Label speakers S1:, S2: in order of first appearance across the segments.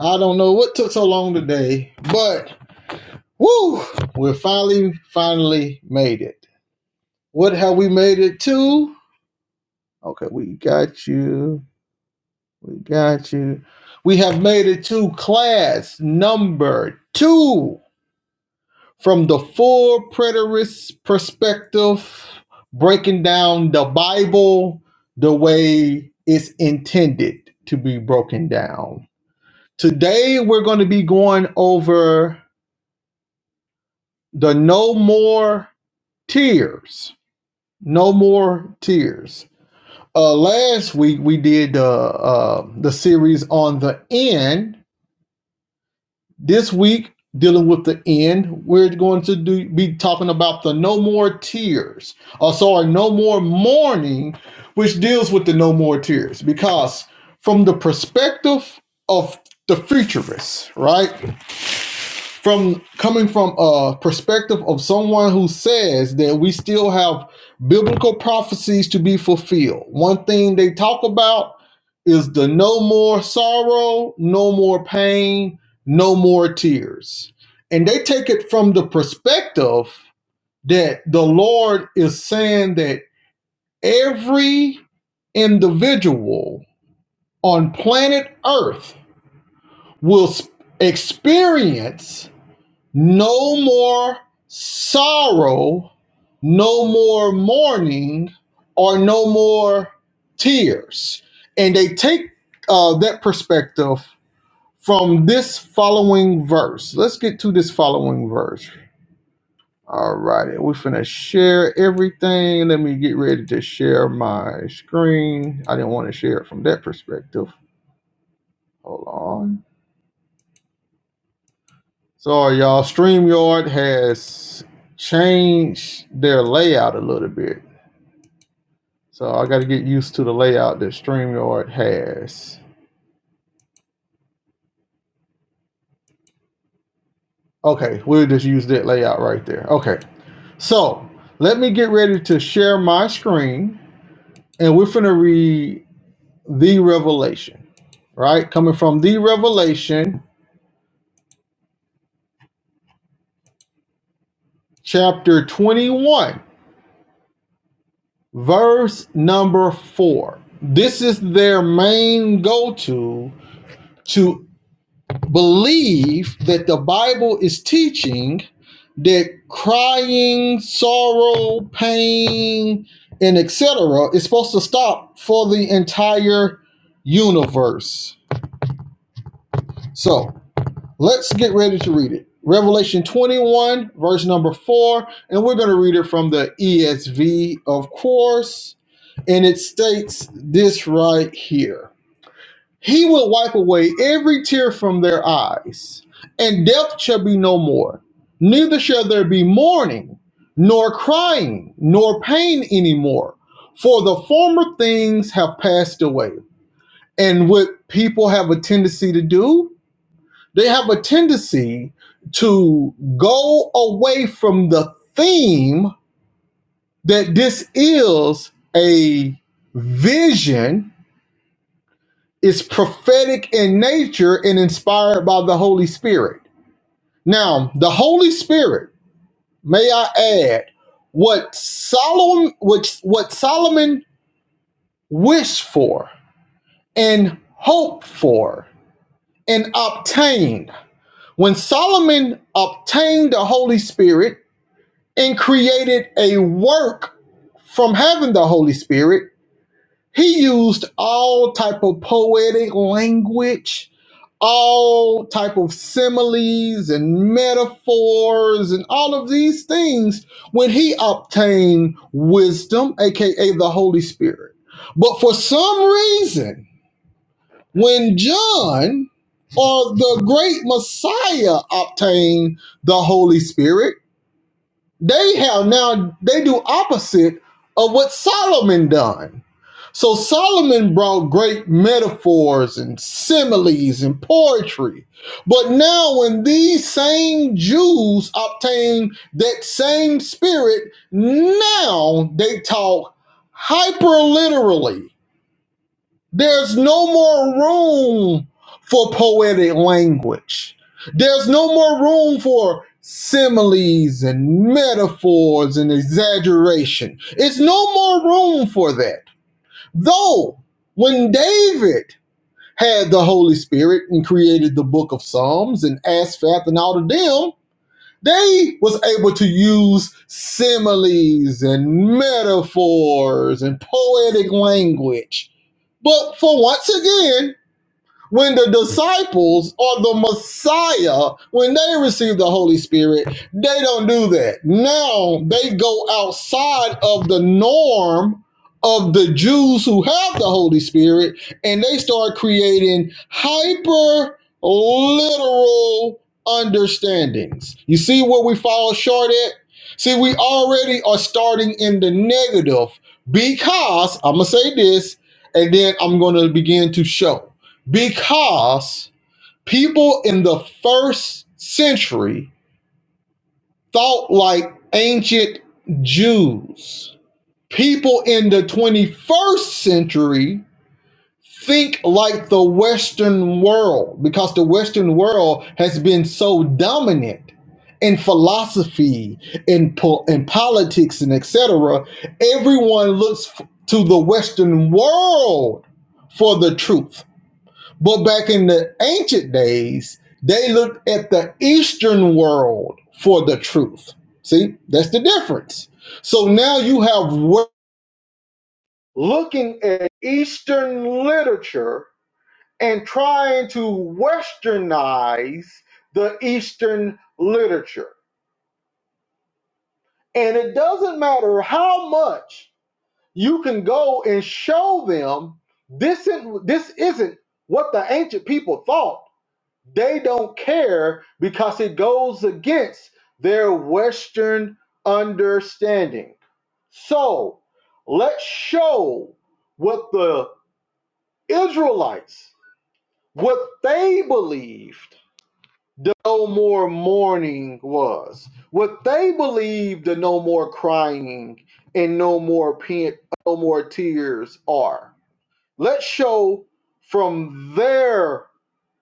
S1: I don't know what took so long today, but woo, we finally, finally made it. What have we made it to? Okay, we got you. We got you. We have made it to class number two from the full preterist perspective, breaking down the Bible the way it's intended to be broken down. Today, we're going to be going over the No More Tears. No More Tears. Uh, last week we did the uh, uh, the series on the end. This week dealing with the end, we're going to do, be talking about the No More Tears. Or sorry, No More Mourning, which deals with the No More Tears because from the perspective of the futurists, right? from coming from a perspective of someone who says that we still have biblical prophecies to be fulfilled. One thing they talk about is the no more sorrow, no more pain, no more tears. And they take it from the perspective that the Lord is saying that every individual on planet Earth will experience no more sorrow, no more mourning, or no more tears. And they take uh, that perspective from this following verse. Let's get to this following verse. All righty, we're finna share everything. Let me get ready to share my screen. I didn't want to share it from that perspective. Hold on. So y'all, StreamYard has changed their layout a little bit. So I got to get used to the layout that StreamYard has. Okay, we'll just use that layout right there. Okay, so let me get ready to share my screen and we're finna read the Revelation, right? Coming from the Revelation, chapter 21, verse number 4. This is their main go to to believe that the Bible is teaching that crying, sorrow, pain, and etc. is supposed to stop for the entire universe. So let's get ready to read it. Revelation 21, verse number 4, and we're going to read it from the ESV, of course. And it states this right here. He will wipe away every tear from their eyes, and death shall be no more. Neither shall there be mourning, nor crying, nor pain anymore, for the former things have passed away. And what people have a tendency to do, they have a tendency to go away from the theme that this is a vision is prophetic in nature and inspired by the Holy Spirit. Now, the Holy Spirit, may I add, what Solomon which what Solomon wished for and hoped for and obtained. When Solomon obtained the Holy Spirit and created a work from having the Holy Spirit, he used all type of poetic language all type of similes and metaphors and all of these things when he obtained wisdom aka the holy spirit but for some reason when john or the great messiah obtained the holy spirit they have now they do opposite of what solomon done so Solomon brought great metaphors and similes and poetry. But now, when these same Jews obtain that same spirit, now they talk hyperliterally. There's no more room for poetic language, there's no more room for similes and metaphors and exaggeration. It's no more room for that. Though, when David had the Holy Spirit and created the book of Psalms and Asaph and all of them, they was able to use similes and metaphors and poetic language. But for once again, when the disciples or the Messiah, when they receive the Holy Spirit, they don't do that. Now they go outside of the norm of the Jews who have the Holy Spirit and they start creating hyper literal understandings. You see where we fall short at? See, we already are starting in the negative because I'm going to say this and then I'm going to begin to show because people in the first century thought like ancient Jews. People in the 21st century think like the Western world because the Western world has been so dominant in philosophy, in, po- in politics, and et cetera, Everyone looks f- to the Western world for the truth But back in the ancient days, they looked at the Eastern world for the truth. See, that's the difference. So now you have wo- looking at Eastern literature and trying to westernize the Eastern literature. And it doesn't matter how much you can go and show them this, isn't- this isn't what the ancient people thought They don't care because it goes against their Western understanding. So let's show what the Israelites, what they believed the no more mourning was, what they believed the no more crying and no more pain, no more tears are. Let's show from their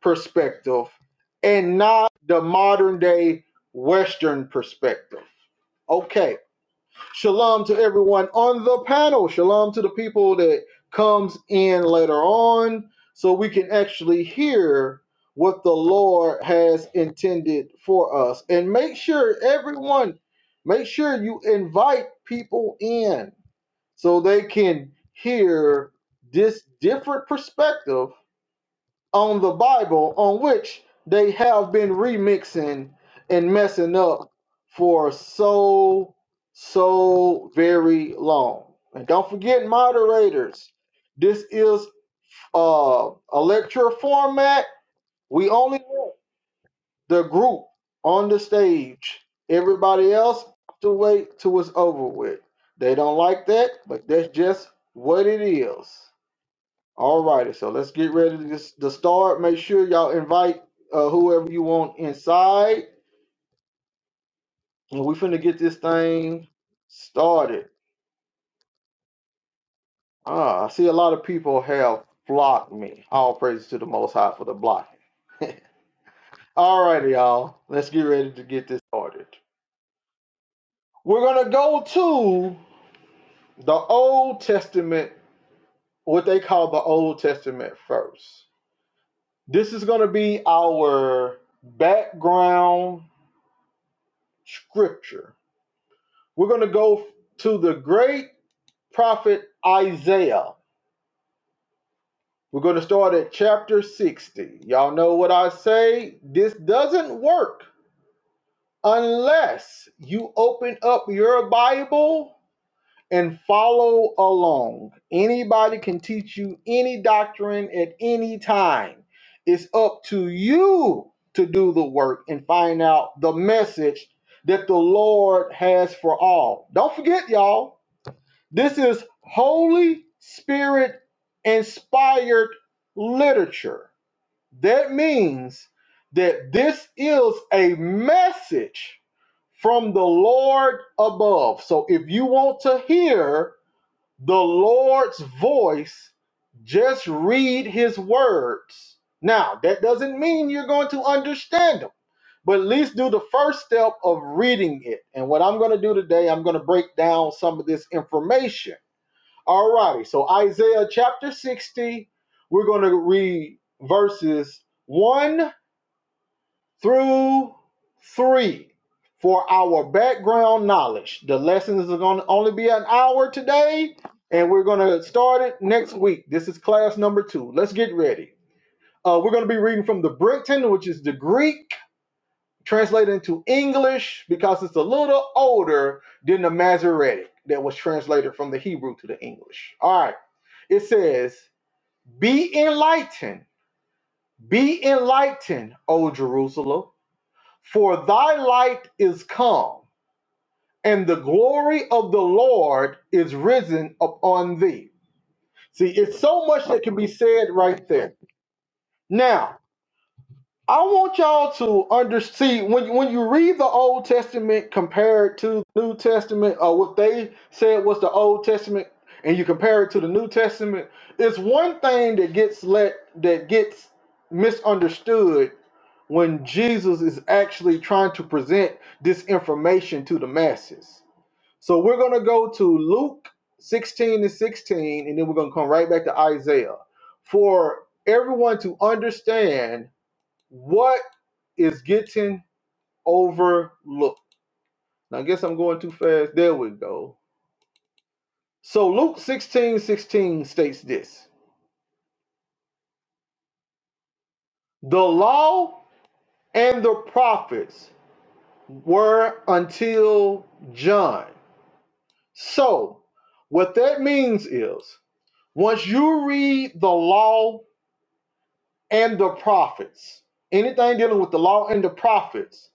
S1: perspective and not the modern day Western perspective. Okay. Shalom to everyone on the panel. Shalom to the people that comes in later on so we can actually hear what the Lord has intended for us. And make sure everyone make sure you invite people in so they can hear this different perspective on the Bible on which they have been remixing and messing up for so, so very long. And don't forget, moderators, this is uh, a lecture format. We only let the group on the stage. Everybody else have to wait till it's over with. They don't like that, but that's just what it is. All righty, so let's get ready to, just, to start. Make sure y'all invite uh, whoever you want inside, and we finna get this thing started. Ah, I see a lot of people have blocked me. All praises to the Most High for the blocking. All righty, y'all. Let's get ready to get this started. We're gonna go to the Old Testament, what they call the Old Testament first. This is gonna be our background scripture We're going to go to the great prophet Isaiah. We're going to start at chapter 60. Y'all know what I say? This doesn't work unless you open up your Bible and follow along. Anybody can teach you any doctrine at any time. It's up to you to do the work and find out the message that the Lord has for all. Don't forget, y'all This is Holy Spirit inspired literature. That means that this is a message from the Lord above. So if you want to hear the Lord's voice, just read his words. Now, that doesn't mean you're going to understand them, but at least do the first step of reading it. And what I'm going to do today, I'm going to break down some of this information Alrighty, so Isaiah chapter 60, we're going to read verses 1 through 3 for our background knowledge. The lessons are going to only be an hour today, and we're going to start it next week. This is class number two. Let's get ready. Uh, we're going to be reading from the Brinkton, which is the Greek, translated into English because it's a little older than the Masoretic that was translated from the Hebrew to the English. All right, it says, be enlightened, be enlightened, O Jerusalem, for thy light is come, and the glory of the Lord is risen upon thee. See, it's so much that can be said right there. Now, I want y'all to understand when when you read the Old Testament compared to the New Testament, or what they said was the Old Testament, and you compare it to the New Testament, it's one thing that gets let that gets misunderstood when Jesus is actually trying to present this information to the masses. So we're going to go to Luke 16 and 16, and then we're going to come right back to Isaiah for everyone to understand what is getting overlooked. Now, I guess I'm going too fast. There we go. So Luke sixteen sixteen states this The law and the prophets were until John. So, what that means is once you read the law and the prophets, anything dealing with the law and the prophets,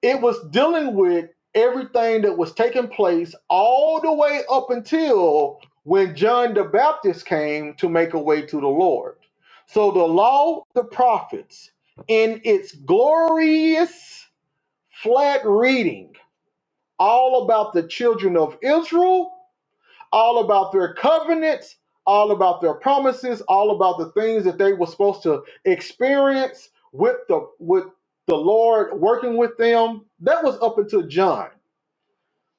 S1: it was dealing with everything that was taking place all the way up until when John the Baptist came to make a way to the Lord. So, the law, the prophets, in its glorious flat reading, all about the children of Israel all about their covenants, all about their promises, all about the things that they were supposed to experience with the with the Lord working with them. That was up until John.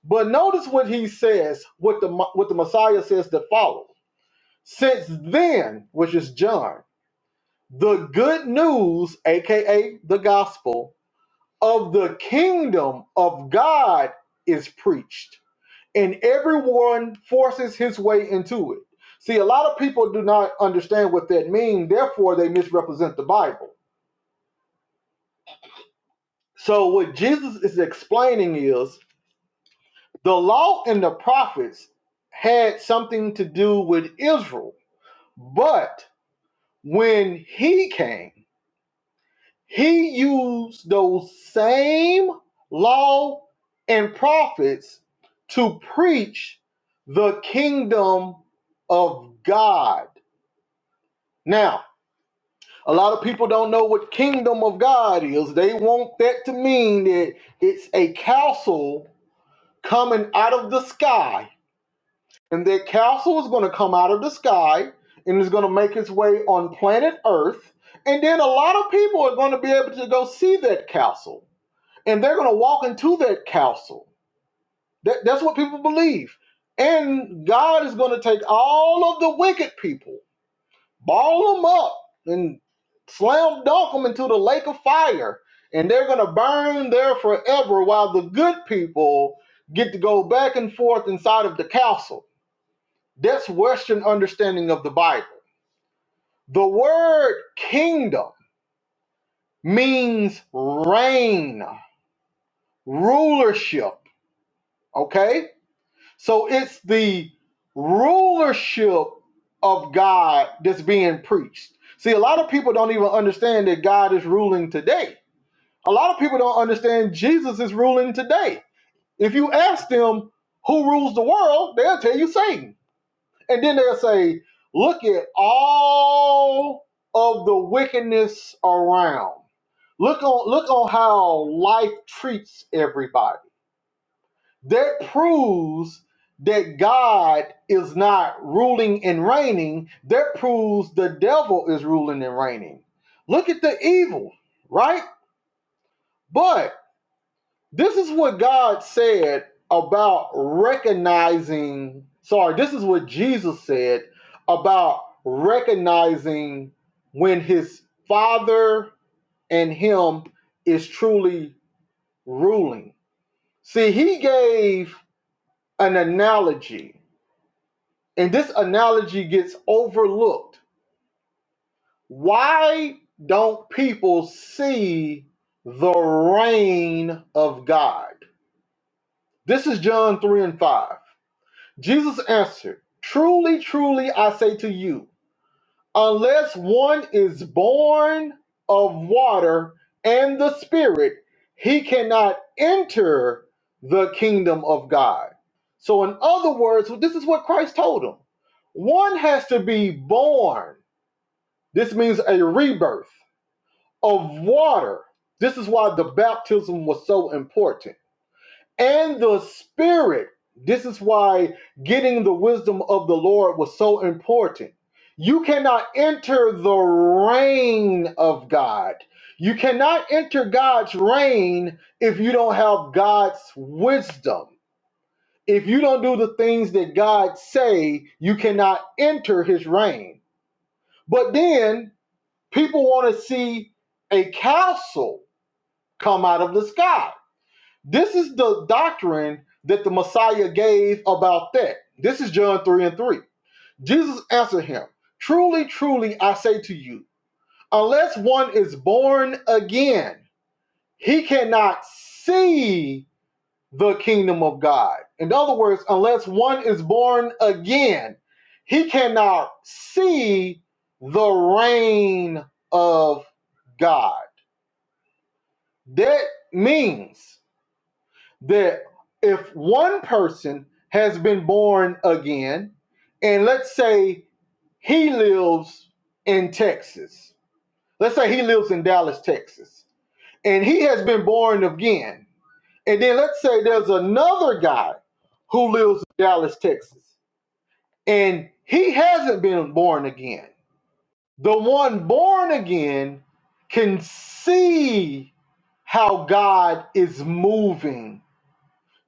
S1: But notice what he says, what the what the Messiah says to follow. Since then, which is John, the good news, aka the gospel of the kingdom of God is preached and everyone forces his way into it. See, a lot of people do not understand what that means, therefore, they misrepresent the Bible. So, what Jesus is explaining is the law and the prophets had something to do with Israel, but when he came, he used those same law and prophets to preach the kingdom of God. Now, A lot of people don't know what kingdom of God is. They want that to mean that it's a castle coming out of the sky. And that castle is going to come out of the sky and is going to make its way on planet Earth. And then a lot of people are going to be able to go see that castle. And they're going to walk into that castle. That, that's what people believe. And God is going to take all of the wicked people ball them up and slam dunk them into the lake of fire and they're going to burn there forever while the good people get to go back and forth inside of the castle that's western understanding of the bible the word kingdom means reign rulership okay so it's the rulership of god that's being preached see a lot of people don't even understand that god is ruling today A lot of people don't understand Jesus is ruling today. If you ask them who rules the world, they'll tell you Satan. And then they'll say, look at all of the wickedness around. Look on look on how life treats everybody. That proves that God is not ruling and reigning. That proves the devil is ruling and reigning. Look at the evil, right? But This is what God said about recognizing, sorry, this is what Jesus said about recognizing when his father and him is truly ruling. See, he gave an analogy, and this analogy gets overlooked. Why don't people see the reign of God? This is John 3 and 5. Jesus answered, Truly, truly, I say to you, unless one is born of water and the Spirit, he cannot enter the kingdom of God. So, in other words, this is what Christ told him one has to be born. This means a rebirth of water. This is why the baptism was so important and the spirit. This is why getting the wisdom of the Lord was so important. You cannot enter the reign of God. You cannot enter God's reign if you don't have God's wisdom. If you don't do the things that God say, you cannot enter his reign. But then people want to see a castle come out of the sky this is the doctrine that the Messiah gave about that. This is John 3 and 3. Jesus answered him, Truly, truly, I say to you, unless one is born again, he cannot see the kingdom of God. In other words, unless one is born again, he cannot see the reign of God. That means that if one person has been born again, and let's say he lives in Texas, let's say he lives in Dallas, Texas, and he has been born again, and then let's say there's another guy who lives in Dallas, Texas, and he hasn't been born again. The one born again can see how God is moving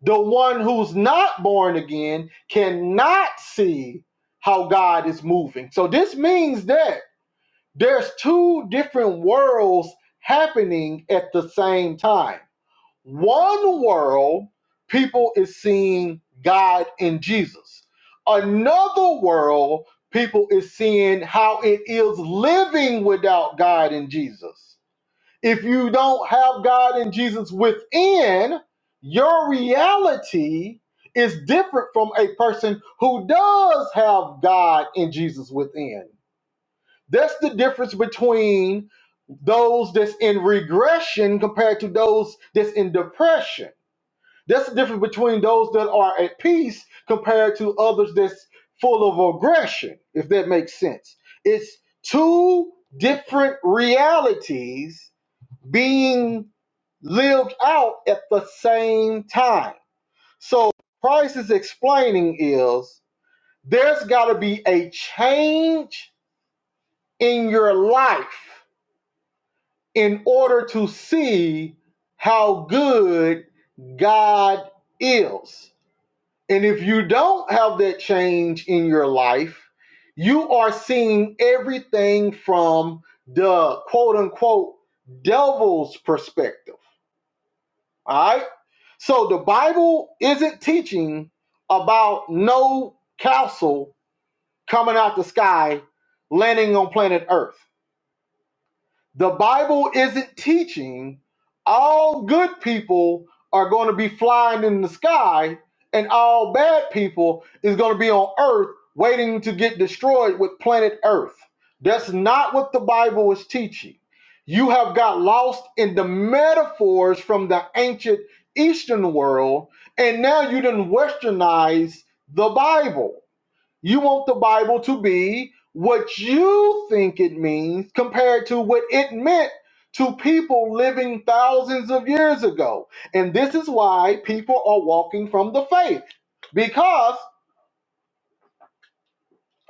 S1: The one who's not born again cannot see how God is moving. So this means that there's two different worlds happening at the same time. One world, people is seeing God in Jesus. Another world, people is seeing how it is living without God and Jesus. If you don't have God and Jesus within, your reality is different from a person who does have God and Jesus within. That's the difference between those that's in regression compared to those that's in depression. That's the difference between those that are at peace compared to others that's full of aggression, if that makes sense. It's two different realities being lived out at the same time. So Christ is explaining is there's got to be a change in your life in order to see how good God is. And if you don't have that change in your life, you are seeing everything from the quote unquote devil's perspective All right. So the Bible isn't teaching about no council coming out the sky, landing on planet Earth. The Bible isn't teaching all good people are going to be flying in the sky and all bad people is going to be on earth waiting to get destroyed with planet earth. That's not what the Bible is teaching. You have got lost in the metaphors from the ancient Eastern world, and now you didn't westernize the Bible. You want the Bible to be what you think it means compared to what it meant to people living thousands of years ago. And this is why people are walking from the faith. Because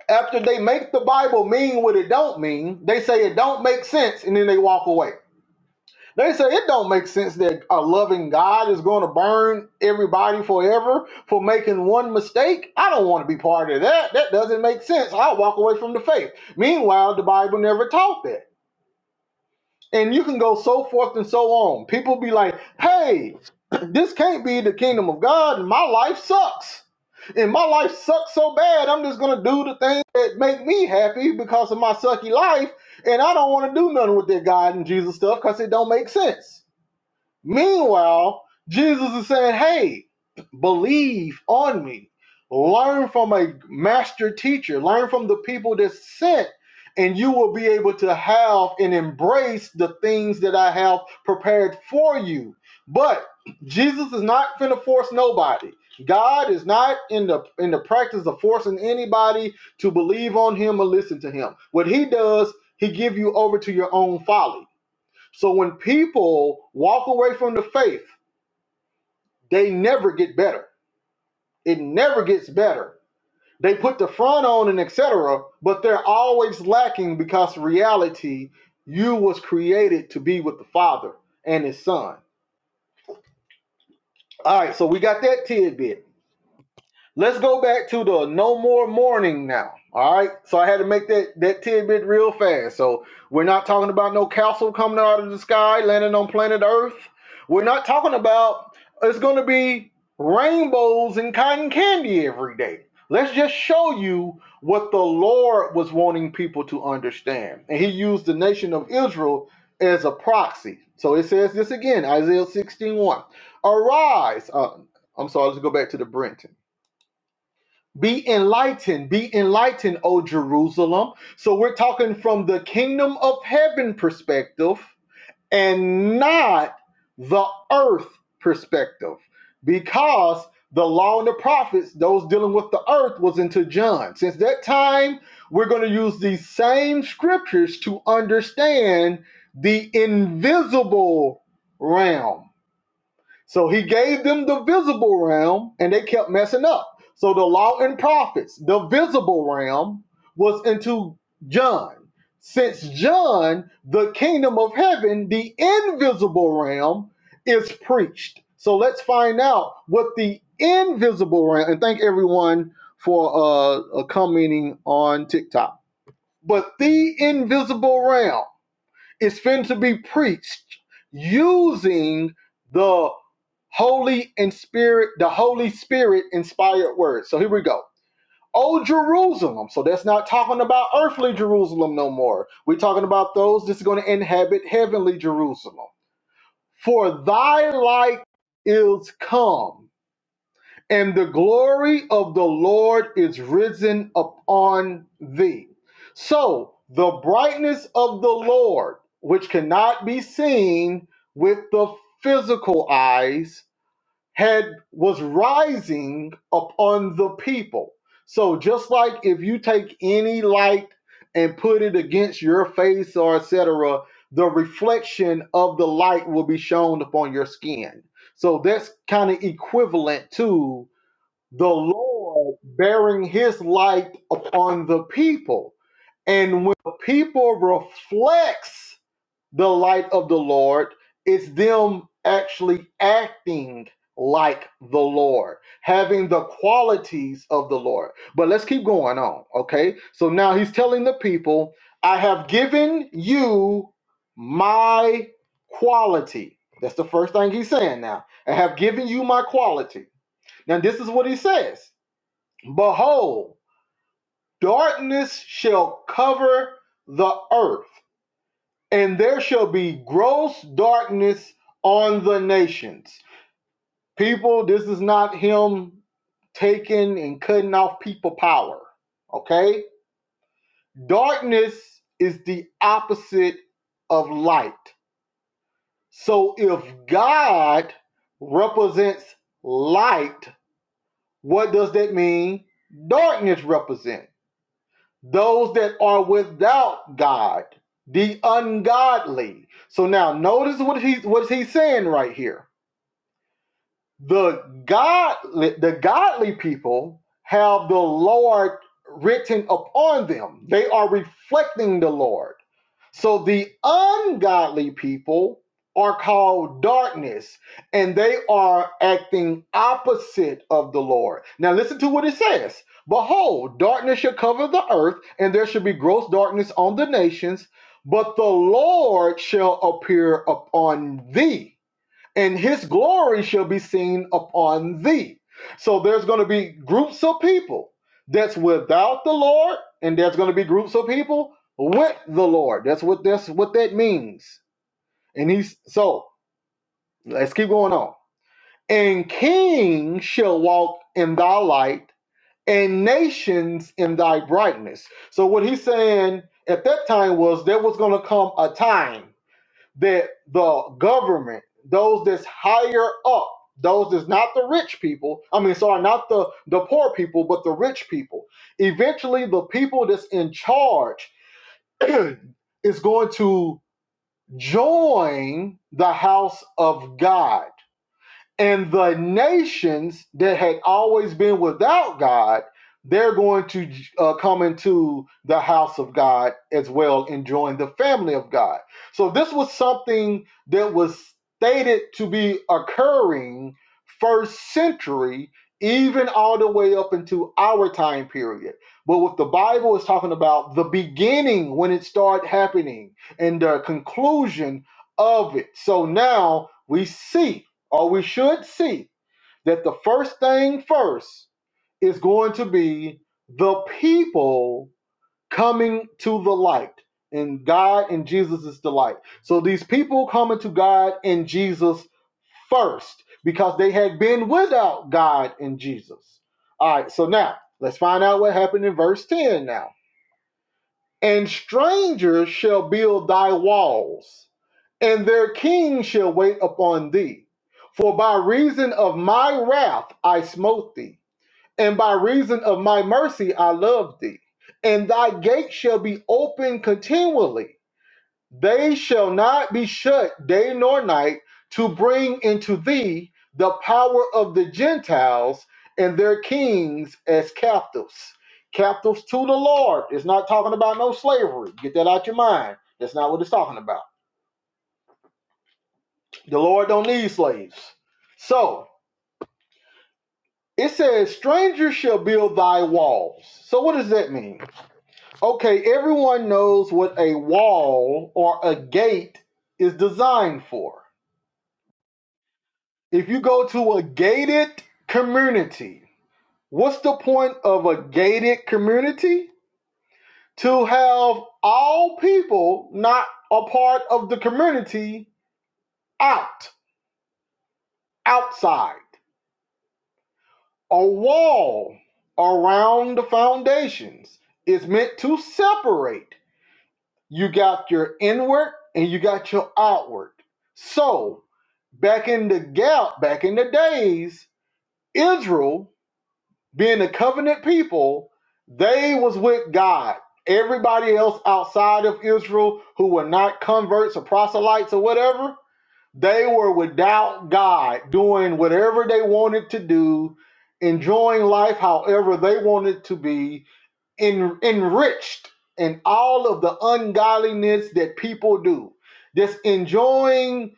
S1: after they make the Bible mean what it don't mean, they say it don't make sense and then they walk away. They say it don't make sense that a loving God is going to burn everybody forever for making one mistake. I don't want to be part of that. That doesn't make sense. I'll walk away from the faith. Meanwhile, the Bible never taught that. And you can go so forth and so on. People be like, hey, this can't be the kingdom of God. and My life sucks. And my life sucks so bad, I'm just going to do the things that make me happy because of my sucky life. And I don't want to do nothing with that God and Jesus stuff because it don't make sense. Meanwhile, Jesus is saying, Hey, believe on me. Learn from a master teacher. Learn from the people that sent, and you will be able to have and embrace the things that I have prepared for you. But Jesus is not going to force nobody. God is not in the in the practice of forcing anybody to believe on him or listen to him. What he does, he give you over to your own folly. So when people walk away from the faith, they never get better. It never gets better. They put the front on and etc., but they're always lacking because reality, you was created to be with the Father and His Son. All right, so we got that tidbit. Let's go back to the no more mourning now. All right. So I had to make that, that tidbit real fast. So we're not talking about no castle coming out of the sky, landing on planet Earth. We're not talking about it's going to be rainbows and cotton candy every day. Let's just show you what the Lord was wanting people to understand. And he used the nation of Israel as a proxy. So it says this again Isaiah 16 one. Arise. Uh, I'm sorry, let's go back to the Brenton. Be enlightened, be enlightened, O Jerusalem. So we're talking from the kingdom of heaven perspective and not the earth perspective. Because the law and the prophets, those dealing with the earth, was into John. Since that time, we're going to use these same scriptures to understand the invisible realm so he gave them the visible realm and they kept messing up. So the law and prophets, the visible realm was into John. Since John, the kingdom of heaven, the invisible realm is preached. So let's find out what the invisible realm and thank everyone for uh, uh commenting on TikTok. But the invisible realm is fit to be preached using the Holy and Spirit, the Holy Spirit inspired word. So here we go. Oh Jerusalem. So that's not talking about earthly Jerusalem no more. We're talking about those that's going to inhabit heavenly Jerusalem. For thy light is come and the glory of the Lord is risen upon thee. So the brightness of the Lord, which cannot be seen with the physical eyes, had was rising upon the people. So just like if you take any light and put it against your face or etc., the reflection of the light will be shown upon your skin. So that's kind of equivalent to the Lord bearing his light upon the people. And when the people reflects the light of the Lord, it's them actually acting like the Lord, having the qualities of the Lord. But let's keep going on, okay? So now he's telling the people, I have given you my quality. That's the first thing he's saying now. I have given you my quality. Now, this is what he says Behold, darkness shall cover the earth, and there shall be gross darkness on the nations. People, this is not him taking and cutting off people power. Okay? Darkness is the opposite of light. So if God represents light, what does that mean? Darkness represents. those that are without God, the ungodly. So now notice what he's what he's saying right here. The godly the godly people have the Lord written upon them. They are reflecting the Lord. So the ungodly people are called darkness, and they are acting opposite of the Lord. Now listen to what it says. Behold, darkness shall cover the earth, and there shall be gross darkness on the nations, but the Lord shall appear upon thee and his glory shall be seen upon thee. So there's going to be groups of people that's without the Lord, and there's going to be groups of people with the Lord. That's what that's what that means. And he's so let's keep going on. And kings shall walk in thy light, and nations in thy brightness. So what he's saying at that time was there was going to come a time that the government, those that's higher up, those that's not the rich people, I mean, sorry, not the, the poor people, but the rich people, eventually the people that's in charge is going to join the house of God and the nations that had always been without God, they're going to uh, come into the house of God as well and join the family of God. So this was something that was stated to be occurring first century, even all the way up into our time period. But what the Bible is talking about, the beginning when it started happening and the conclusion of it. So now we see or we should see that the first thing first is going to be the people coming to the light and God and Jesus is the light. So these people coming to God and Jesus first because they had been without God and Jesus. All right, so now let's find out what happened in verse 10 now. And strangers shall build thy walls and their king shall wait upon thee. For by reason of my wrath I smote thee, and by reason of my mercy I loved thee. And thy gate shall be open continually. They shall not be shut day nor night to bring into thee the power of the Gentiles and their kings as captives. Captives to the Lord. It's not talking about no slavery. Get that out your mind. That's not what it's talking about. The Lord don't need slaves. So it says, Strangers shall build thy walls. So what does that mean? Okay, everyone knows what a wall or a gate is designed for. If you go to a gated community, what's the point of a gated community? To have all people not a part of the community out, outside. A wall around the foundations is meant to separate. You got your inward and you got your outward. So, back in the gap, back in the days, Israel, being a covenant people, they was with God. Everybody else outside of Israel who were not converts or proselytes or whatever, they were without God, doing whatever they wanted to do, enjoying life however they wanted to be, en- enriched in all of the ungodliness that people do. Just enjoying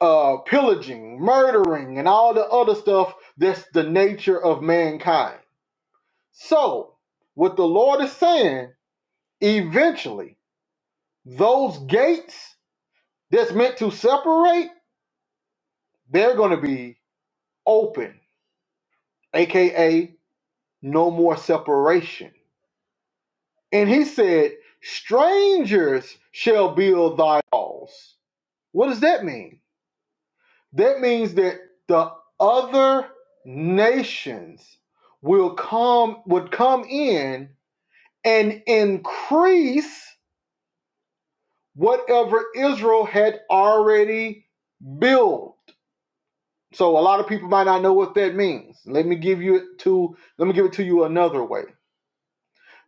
S1: uh, pillaging, murdering, and all the other stuff that's the nature of mankind. So, what the Lord is saying, eventually, those gates that's meant to separate, they're going to be open aka no more separation. And he said, Strangers shall build thy walls. What does that mean? That means that the other nations will come would come in and increase whatever Israel had already built. So a lot of people might not know what that means. Let me give you it to let me give it to you another way.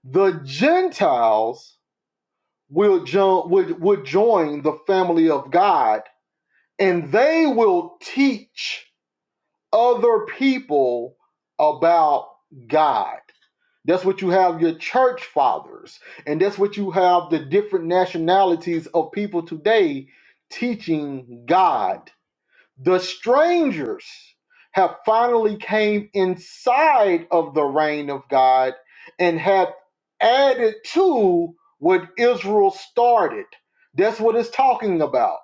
S1: The Gentiles will join would would join the family of God and they will teach other people about God. That's what you have your church fathers and that's what you have the different nationalities of people today teaching God the strangers have finally came inside of the reign of God and have added to what Israel started. That's what it's talking about.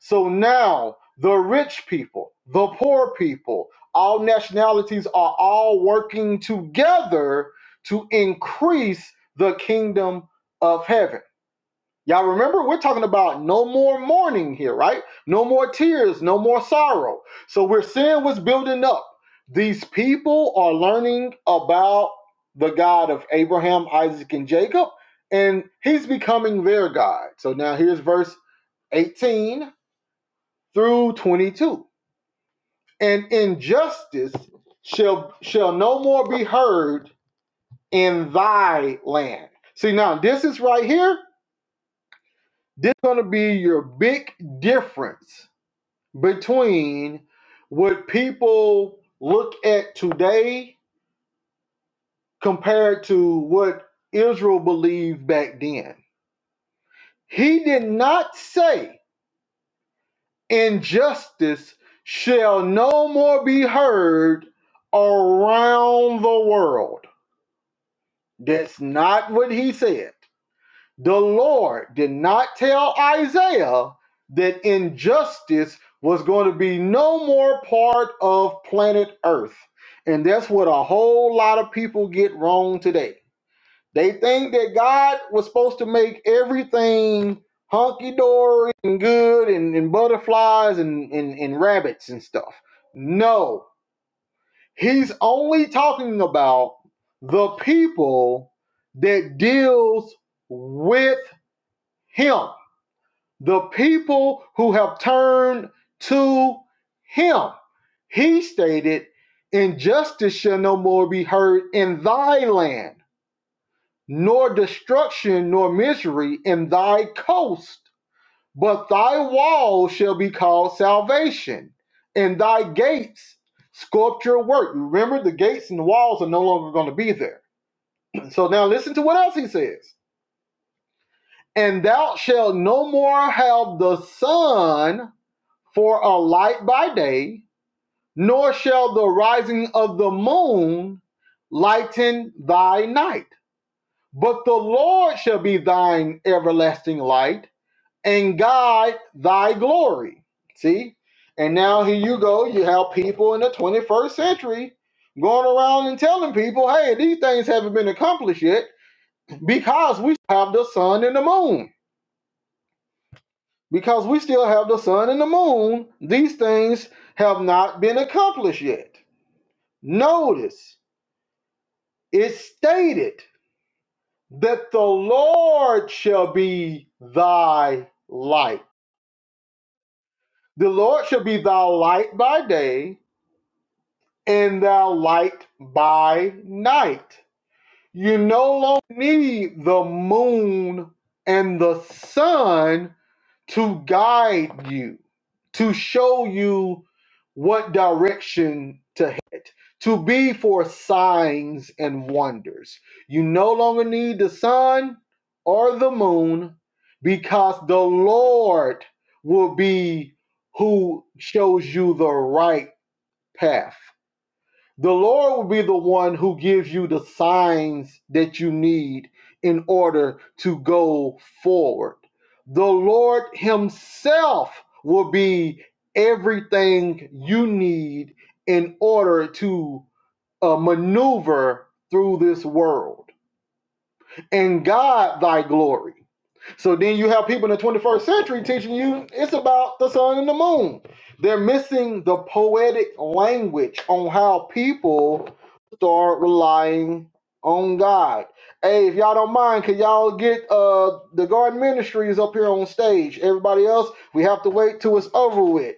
S1: So now the rich people, the poor people, all nationalities are all working together to increase the kingdom of heaven. Y'all remember, we're talking about no more mourning here, right? No more tears, no more sorrow. So we're seeing what's building up. These people are learning about the God of Abraham, Isaac, and Jacob, and he's becoming their God. So now here's verse 18 through 22. And injustice shall shall no more be heard in thy land. See now, this is right here. This is going to be your big difference between what people look at today compared to what Israel believed back then. He did not say injustice shall no more be heard around the world. That's not what he said. The Lord did not tell Isaiah that injustice was going to be no more part of planet Earth. And that's what a whole lot of people get wrong today. They think that God was supposed to make everything hunky dory and good and, and butterflies and, and, and rabbits and stuff. No, he's only talking about the people that deals with him the people who have turned to him. He stated, Injustice shall no more be heard in thy land, nor destruction nor misery in thy coast, but thy wall shall be called salvation, and thy gates sculpture work. Remember, the gates and the walls are no longer going to be there. So now listen to what else he says. And thou shalt no more have the sun for a light by day, nor shall the rising of the moon lighten thy night. But the Lord shall be thine everlasting light and guide thy glory. See? And now here you go. You have people in the 21st century going around and telling people, hey, these things haven't been accomplished yet because we have the sun and the moon. Because we still have the sun and the moon, these things have not been accomplished yet. Notice it's stated that the Lord shall be thy light. The Lord shall be thy light by day and thy light by night. You no longer need the moon and the sun to guide you, to show you what direction to head, to be for signs and wonders. You no longer need the sun or the moon because the Lord will be who shows you the right path. The Lord will be the one who gives you the signs that you need in order to go forward. The Lord Himself will be everything you need in order to uh, maneuver through this world and God thy glory. So then you have people in the 21st century teaching you it's about the sun and the moon. They're missing the poetic language on how people start relying on God. Hey, if y'all don't mind, can y'all get uh the garden ministries up here on stage? Everybody else, we have to wait till it's over with.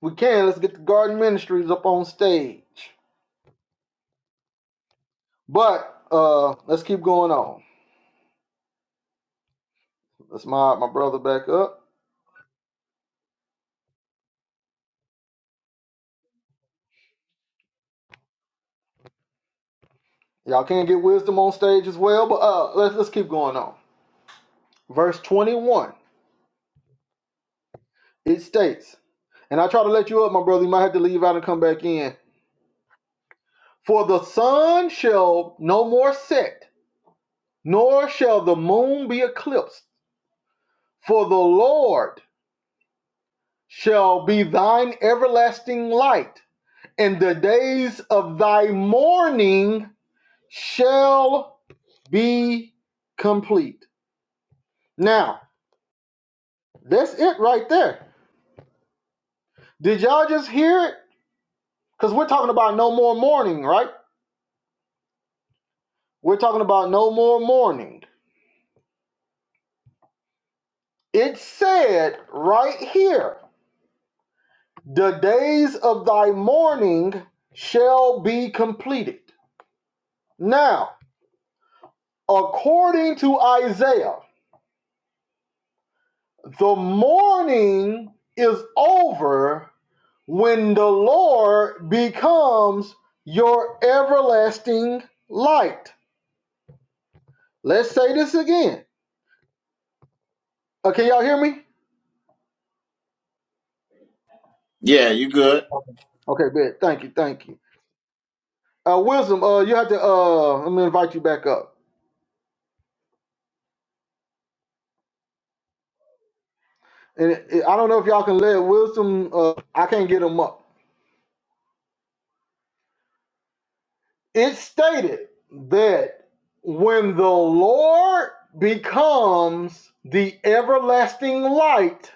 S1: We can, let's get the garden ministries up on stage. But uh let's keep going on. Let's mod my brother back up. Y'all can't get wisdom on stage as well, but uh, let's let's keep going on. Verse twenty-one. It states, and I try to let you up, my brother. You might have to leave out and come back in. For the sun shall no more set, nor shall the moon be eclipsed. For the Lord shall be thine everlasting light, and the days of thy mourning shall be complete. Now, that's it right there. Did y'all just hear it? Because we're talking about no more mourning, right? We're talking about no more mourning. It said right here, the days of thy mourning shall be completed. Now, according to Isaiah, the mourning is over when the Lord becomes your everlasting light. Let's say this again. Uh, can y'all hear me?
S2: Yeah, you good?
S1: Okay, good. Thank you. Thank you. Uh, Wisdom, uh, you have to. Uh, let me invite you back up. And it, it- I don't know if y'all can let Wisdom. Uh, I can't get him up. It stated that when the Lord becomes the everlasting light,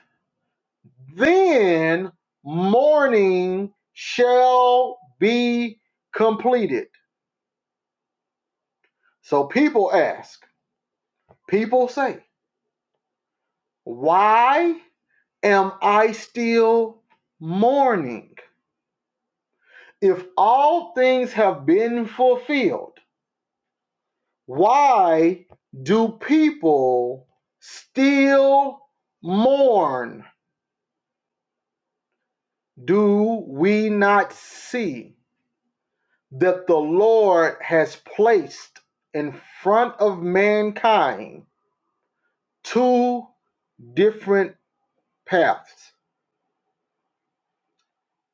S1: then morning shall be completed. So people ask. People say, "Why am I still mourning?" If all things have been fulfilled, why do people still mourn? Do we not see that the Lord has placed in front of mankind two different paths?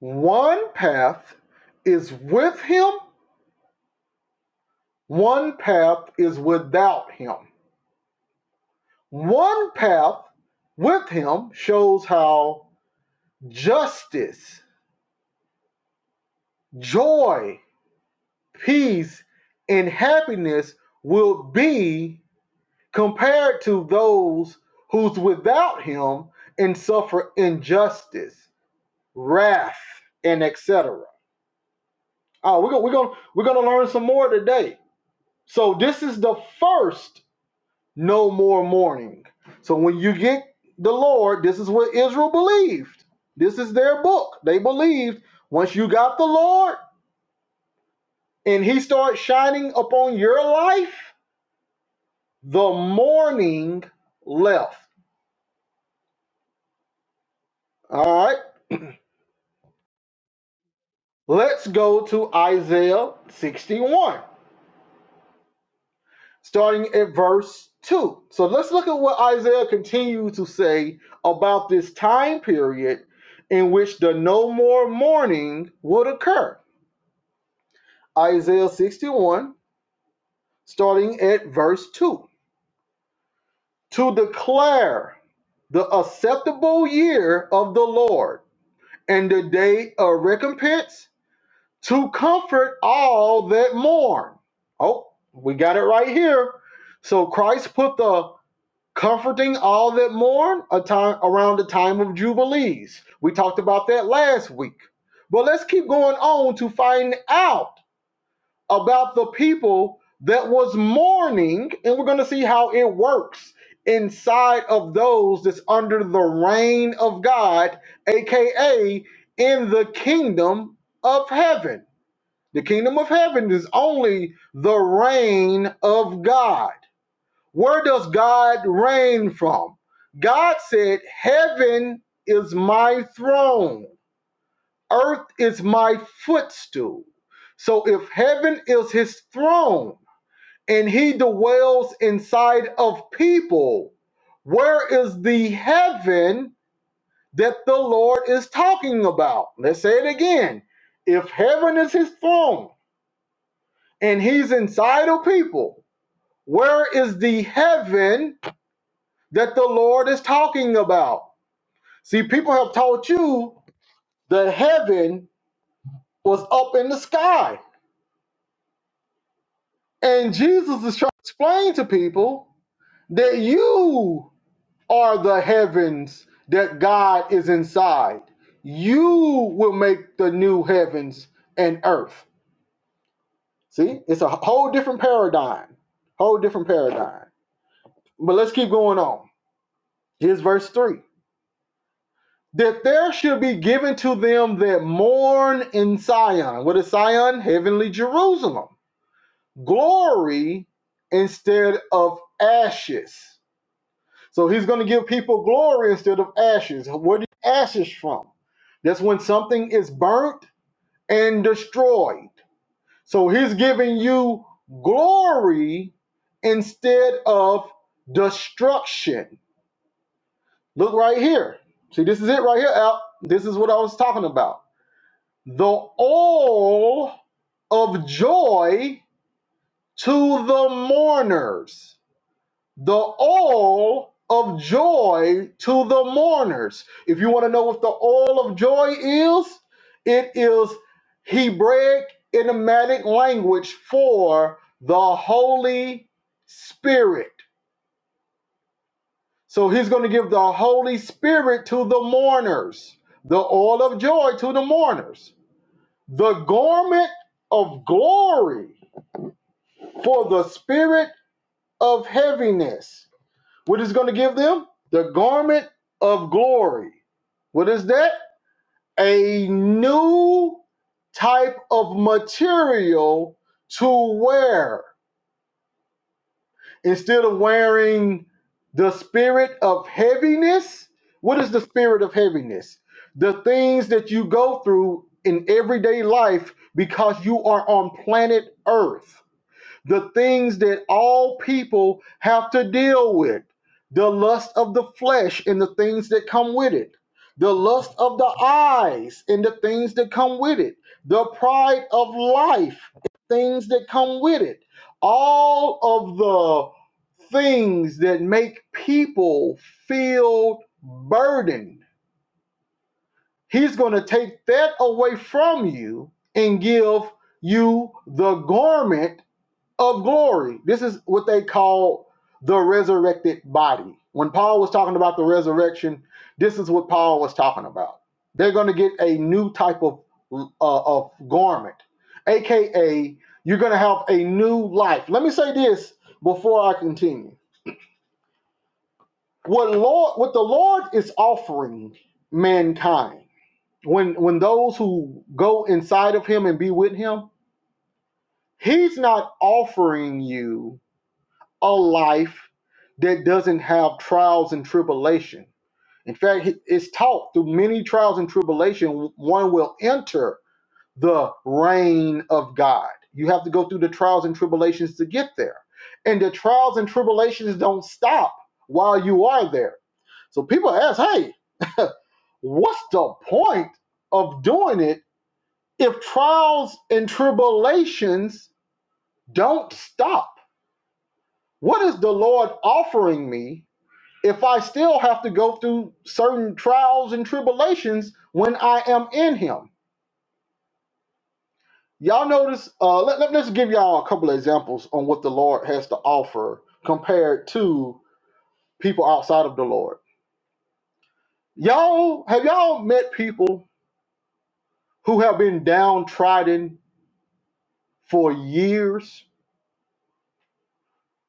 S1: One path is with him, one path is without him. One path with him shows how justice, joy, peace, and happiness will be compared to those who's without him and suffer injustice, wrath, and etc. Oh, we're gonna we're gonna we're gonna learn some more today. So this is the first no more mourning. So when you get the Lord, this is what Israel believed. This is their book. They believed once you got the Lord and he starts shining upon your life, the mourning left. All right. Let's go to Isaiah 61, starting at verse 2. So let's look at what Isaiah continues to say about this time period in which the no more mourning would occur. Isaiah 61, starting at verse 2. To declare the acceptable year of the Lord and the day of recompense, to comfort all that mourn. Oh, we got it right here. So Christ put the comforting all that mourn a time around the time of jubilees. We talked about that last week. But let's keep going on to find out about the people that was mourning, and we're going to see how it works inside of those that's under the reign of God, aka in the kingdom of heaven. The kingdom of heaven is only the reign of God. Where does God reign from? God said, Heaven is my throne, earth is my footstool. So if heaven is his throne, and he dwells inside of people. Where is the heaven that the Lord is talking about? Let's say it again. If heaven is his throne and he's inside of people, where is the heaven that the Lord is talking about? See, people have taught you that heaven was up in the sky. And Jesus is trying to explain to people that you are the heavens that God is inside. You will make the new heavens and earth. See, it's a whole different paradigm. Whole different paradigm. But let's keep going on. Here's verse 3. That there should be given to them that mourn in Sion. What is Sion? Heavenly Jerusalem. Glory instead of ashes. So he's going to give people glory instead of ashes. Where do you ashes from? That's when something is burnt and destroyed. So he's giving you glory instead of destruction. Look right here. See, this is it right here, Al. This is what I was talking about. The all of joy to the mourners. the oil of joy to the mourners. If you want to know what the oil of joy is, it is Hebraic idiomatic language for the Holy Spirit. So he's going to give the Holy Spirit to the mourners, the oil of joy to the mourners, the garment of glory for the spirit of heaviness What is going to give them? The garment of glory. What is that? A new type of material to wear. Instead of wearing the spirit of heaviness, what is the spirit of heaviness? The things that you go through in everyday life because you are on planet Earth the things that all people have to deal with the lust of the flesh and the things that come with it, the lust of the eyes and the things that come with it, the pride of life, things that come with it, all of the things that make people feel burdened. He's going to take that away from you and give you the garment of glory. This is what they call the resurrected body. When Paul was talking about the resurrection, this is what Paul was talking about. They're going to get a new type of uh, of garment, aka you're going to have a new life. Let me say this before I continue. What Lord, what the Lord is offering mankind when when those who go inside of Him and be with Him, He's not offering you a life that doesn't have trials and tribulation. In fact, it's taught through many trials and tribulation, one will enter the reign of God. You have to go through the trials and tribulations to get there. And the trials and tribulations don't stop while you are there. So people ask, hey, what's the point of doing it if trials and tribulations don't stop? What is the Lord offering me if I still have to go through certain trials and tribulations when I am in Him. Y'all notice, uh, let, let, us give y'all a couple of examples on what the Lord has to offer compared to people outside of the Lord. Y'all, have y'all met people who have been downtrodden for years,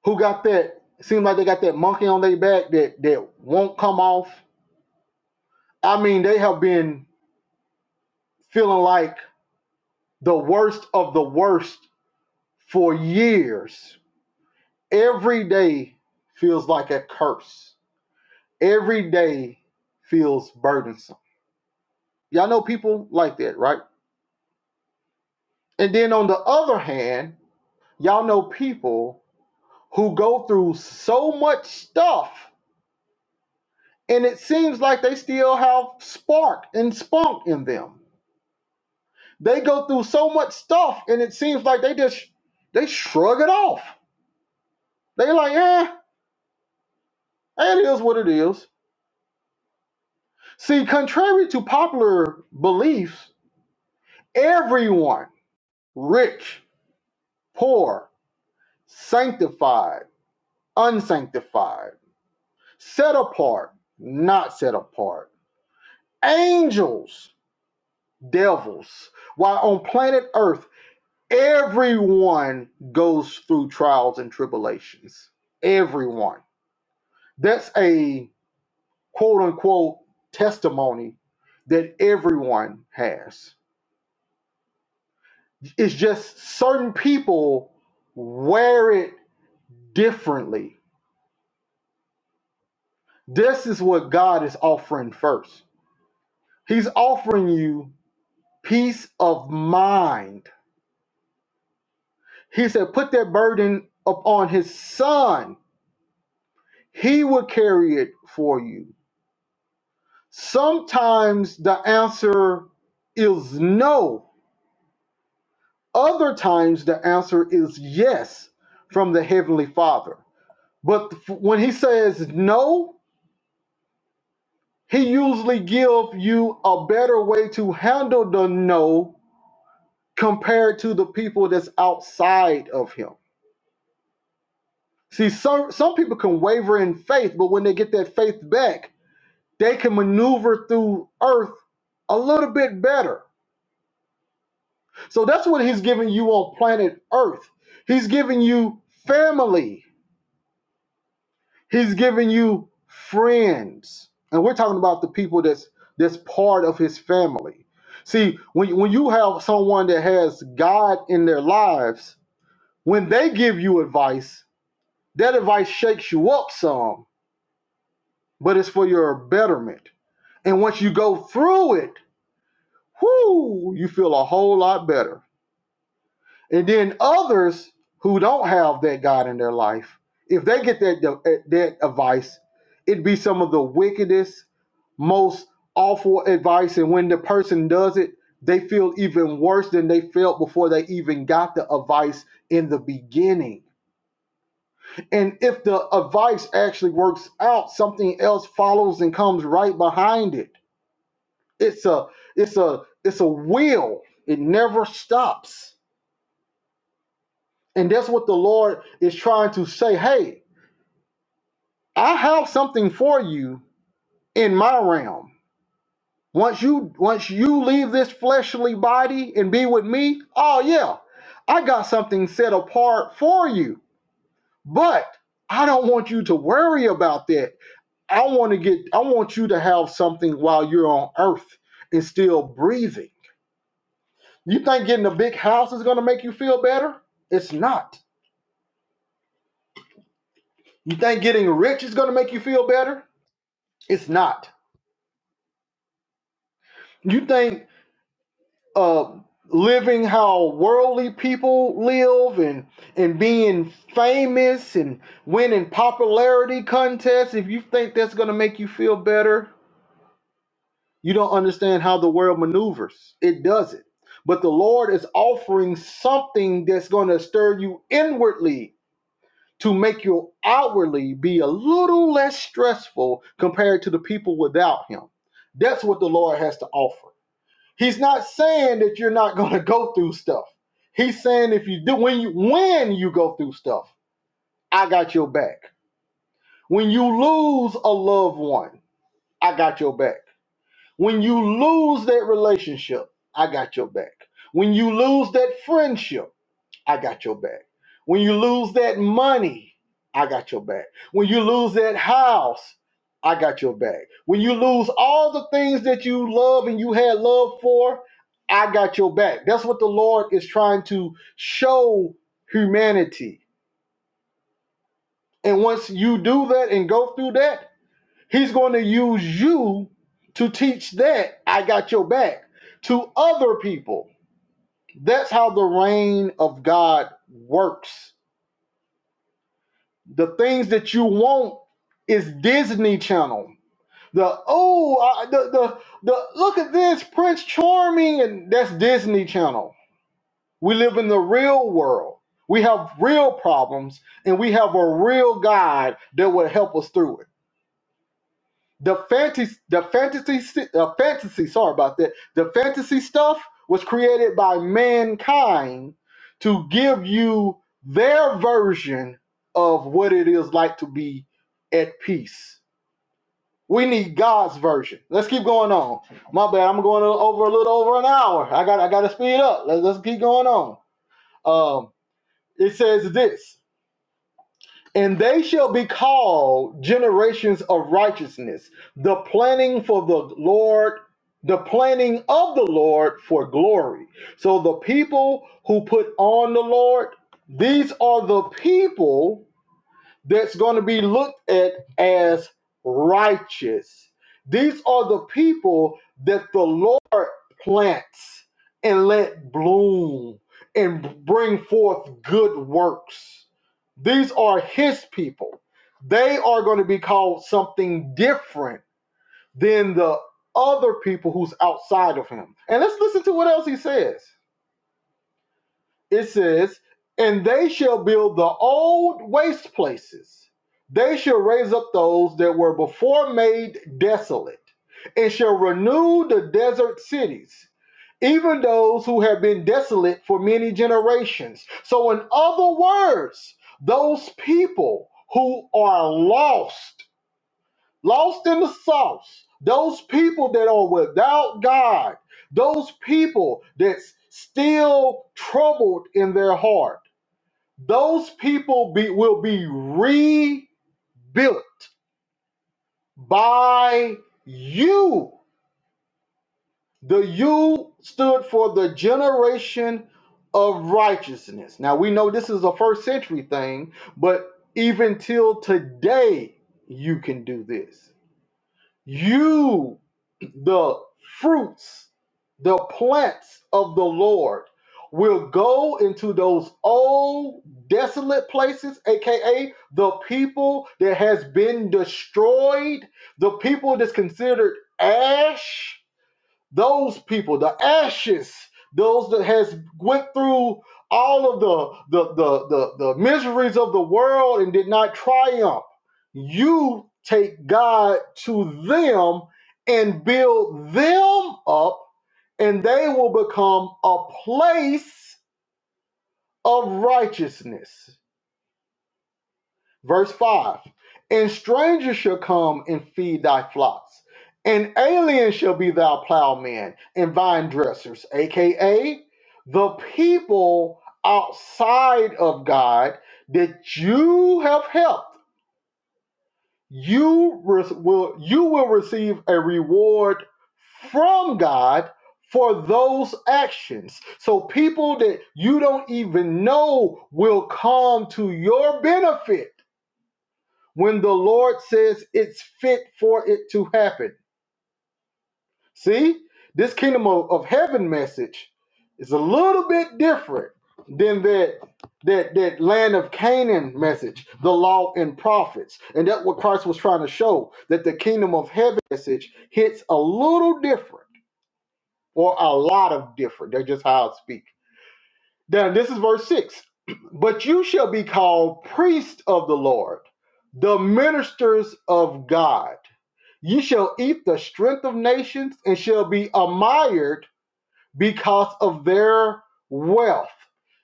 S1: who got that, seem like they got that monkey on their back that, that won't come off? I mean, they have been feeling like the worst of the worst for years, every day feels like a curse. Every day feels burdensome. Y'all know people like that, right? And then on the other hand, y'all know people who go through so much stuff and it seems like they still have spark and spunk in them. They go through so much stuff and it seems like they just they shrug it off. They like, eh, it is what it is See, contrary to popular beliefs, everyone, rich, poor, sanctified, unsanctified, set apart, not set apart, angels, devils, while on planet Earth, everyone goes through trials and tribulations. Everyone. That's a quote unquote testimony that everyone has. It's just certain people wear it differently. This is what God is offering first. He's offering you peace of mind. He said, Put that burden upon His Son, He will carry it for you. Sometimes the answer is no, other times the answer is yes from the Heavenly Father. But when He says no, he usually give you a better way to handle the no compared to the people that's outside of him. See, some some people can waver in faith, but when they get that faith back, they can maneuver through earth a little bit better. So that's what he's giving you on planet Earth. He's giving you family. He's giving you friends. And we're talking about the people that's that's part of his family. See, when, when you have someone that has God in their lives, when they give you advice, that advice shakes you up some, but it's for your betterment. And once you go through it, whoo, you feel a whole lot better. And then others who don't have that God in their life, if they get that that advice, it'd be some of the wickedest most awful advice and when the person does it they feel even worse than they felt before they even got the advice in the beginning and if the advice actually works out something else follows and comes right behind it it's a it's a it's a wheel it never stops and that's what the lord is trying to say hey i have something for you in my realm Once you once you leave this fleshly body and be with me, oh yeah, I got something set apart for you. But I don't want you to worry about that. I want to get I want you to have something while you're on earth and still breathing. You think getting a big house is going to make you feel better? It's not. You think getting rich is going to make you feel better? It's not. You think uh, living how worldly people live and and being famous and winning popularity contests if you think that's going to make you feel better you don't understand how the world maneuvers it doesn't but the lord is offering something that's going to stir you inwardly to make you outwardly be a little less stressful compared to the people without him that's what the lord has to offer He's not saying that you're not going to go through stuff. He's saying if you do when you when you go through stuff, I got your back. When you lose a loved one, I got your back. When you lose that relationship, I got your back. When you lose that friendship, I got your back. When you lose that money, I got your back. When you lose that house, I got your back. When you lose all the things that you love and you had love for, I got your back. That's what the Lord is trying to show humanity. And once you do that and go through that, He's going to use you to teach that I got your back to other people. That's how the reign of God works The things that you want is Disney Channel. The oh, I, the the the look at this Prince Charming, and that's Disney Channel. We live in the real world. We have real problems, and we have a real God that will help us through it the fantasy the fantasy uh, fantasy sorry about that the fantasy stuff was created by mankind to give you their version of what it is like to be at peace we need god's version let's keep going on my bad i'm going over a little over an hour i got i got to speed up let's, let's keep going on um it says this and they shall be called generations of righteousness, the planning for the Lord, the planning of the Lord for glory. So the people who put on the Lord, these are the people that's going to be looked at as righteous. These are the people that the Lord plants and let bloom and bring forth good works. These are his people. They are going to be called something different than the other people who's outside of him. And let's listen to what else he says it says, And they shall build the old waste places. They shall raise up those that were before made desolate, and shall renew the desert cities, even those who have been desolate for many generations. So, in other words, those people who are lost lost in the sauce. Those people that are without God, those people that's still troubled in their heart, those people be, will be rebuilt by you. The you stood for the generation of righteousness. Now we know this is a first century thing, but even till today, you can do this. You the fruits, the plants of the Lord will go into those old desolate places, aka the people that has been destroyed, the people that's considered ash those people the ashes those that has went through all of the the, the the the miseries of the world and did not triumph you take god to them and build them up and they will become a place of righteousness Verse 5 And strangers shall come and feed thy flocks, and aliens shall be thy plowmen and vine dressers, aka the people outside of God that you have helped. You re- will you will receive a reward from God for those actions. So people that you don't even know will come to your benefit when the Lord says it's fit for it to happen. See, this kingdom of, of heaven message is a little bit different than that that that land of Canaan message, the law and prophets. And that's what Christ was trying to show that the kingdom of heaven message hits a little different or a lot of different. That's just how I speak. Now this is verse six. But you shall be called priests of the Lord, the ministers of God. You shall eat the strength of nations and shall be admired because of their wealth.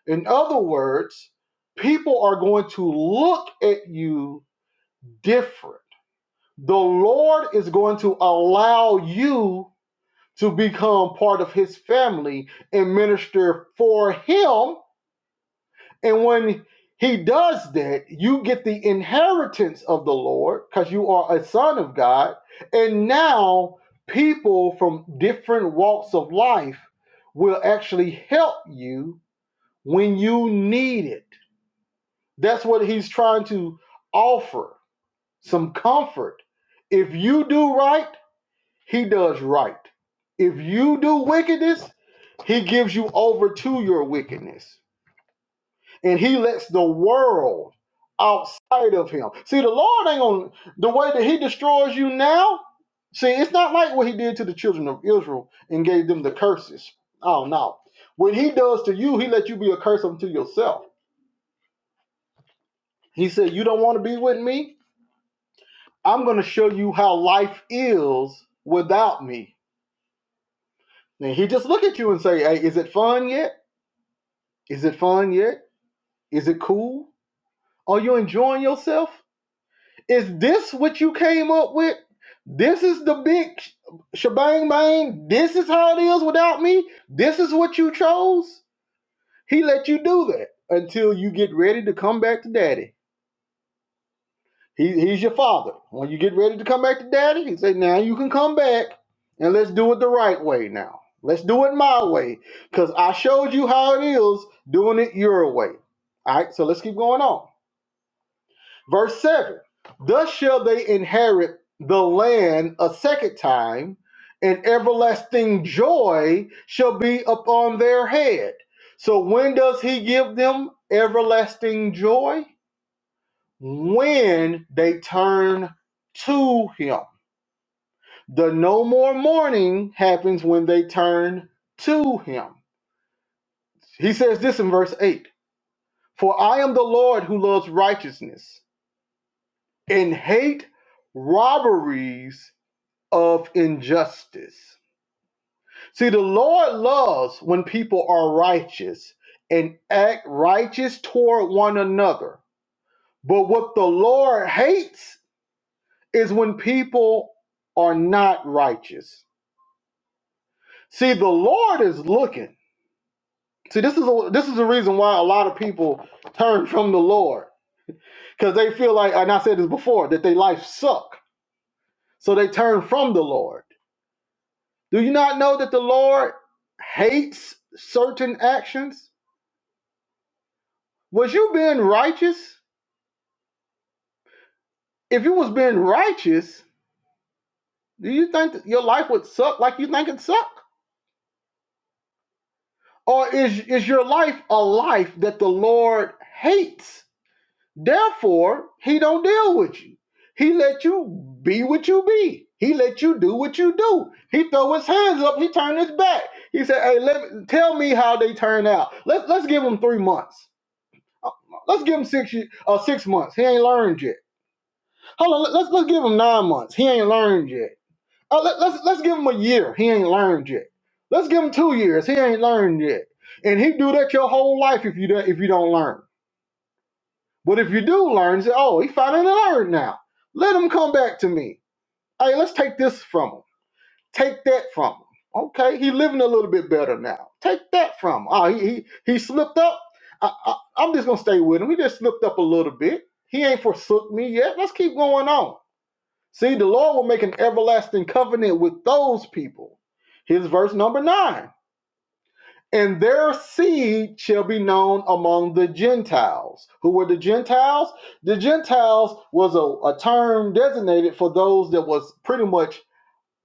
S1: In other words, people are going to look at you different. The Lord is going to allow you to become part of his family and minister for him and when he does that, you get the inheritance of the Lord because you are a son of God. And now people from different walks of life will actually help you when you need it. That's what he's trying to offer some comfort. If you do right, he does right. If you do wickedness, he gives you over to your wickedness. and he lets the world outside of him. See, the Lord ain't on the way that he destroys you now. See, it's not like what he did to the children of Israel and gave them the curses. Oh no. When he does to you, he let you be a curse unto yourself. He said, You don't want to be with me? I'm gonna show you how life is without me. And he just look at you and say, Hey, is it fun yet? Is it fun yet? Is it cool? Are you enjoying yourself? Is this what you came up with? This is the big sh- shebang bang. This is how it is without me. This is what you chose. He let you do that until you get ready to come back to daddy. He, he's your father. When you get ready to come back to daddy, he said, Now you can come back and let's do it the right way now. Let's do it my way because I showed you how it is doing it your way. All right, so let's keep going on. Verse 7 Thus shall they inherit the land a second time, and everlasting joy shall be upon their head. So, when does he give them everlasting joy? When they turn to him. The no more mourning happens when they turn to him. He says this in verse 8 For I am the Lord who loves righteousness and hate robberies of injustice. See, the Lord loves when people are righteous and act righteous toward one another. But what the Lord hates is when people are not righteous. See, the Lord is looking. See, this is a, this is the reason why a lot of people turn from the Lord because they feel like, and I said this before, that their life suck, so they turn from the Lord. Do you not know that the Lord hates certain actions? Was you being righteous? If you was being righteous, do you think that your life would suck like you think it suck? Or is is your life a life that the Lord hates? Therefore, he don't deal with you. He let you be what you be. He let you do what you do. He throw his hands up. He turned his back. He said, "Hey, let me, tell me how they turn out. Let's let's give him three months. Let's give him six uh, six months. He ain't learned yet. Hold on. Let's let's give him nine months. He ain't learned yet. Oh, let, let's let's give him a year. He ain't learned yet. Let's give him two years. He ain't learned yet. And he do that your whole life if you don't if you don't learn. But if you do learn, say, oh, he finally learned now. Let him come back to me. Hey, let's take this from him. Take that from him. Okay, he living a little bit better now. Take that from him. Oh, he he, he slipped up. I, I, I'm just gonna stay with him. He just slipped up a little bit. He ain't forsook me yet. Let's keep going on. See, the Lord will make an everlasting covenant with those people. Here's verse number nine. And their seed shall be known among the Gentiles. Who were the Gentiles? The Gentiles was a, a term designated for those that was pretty much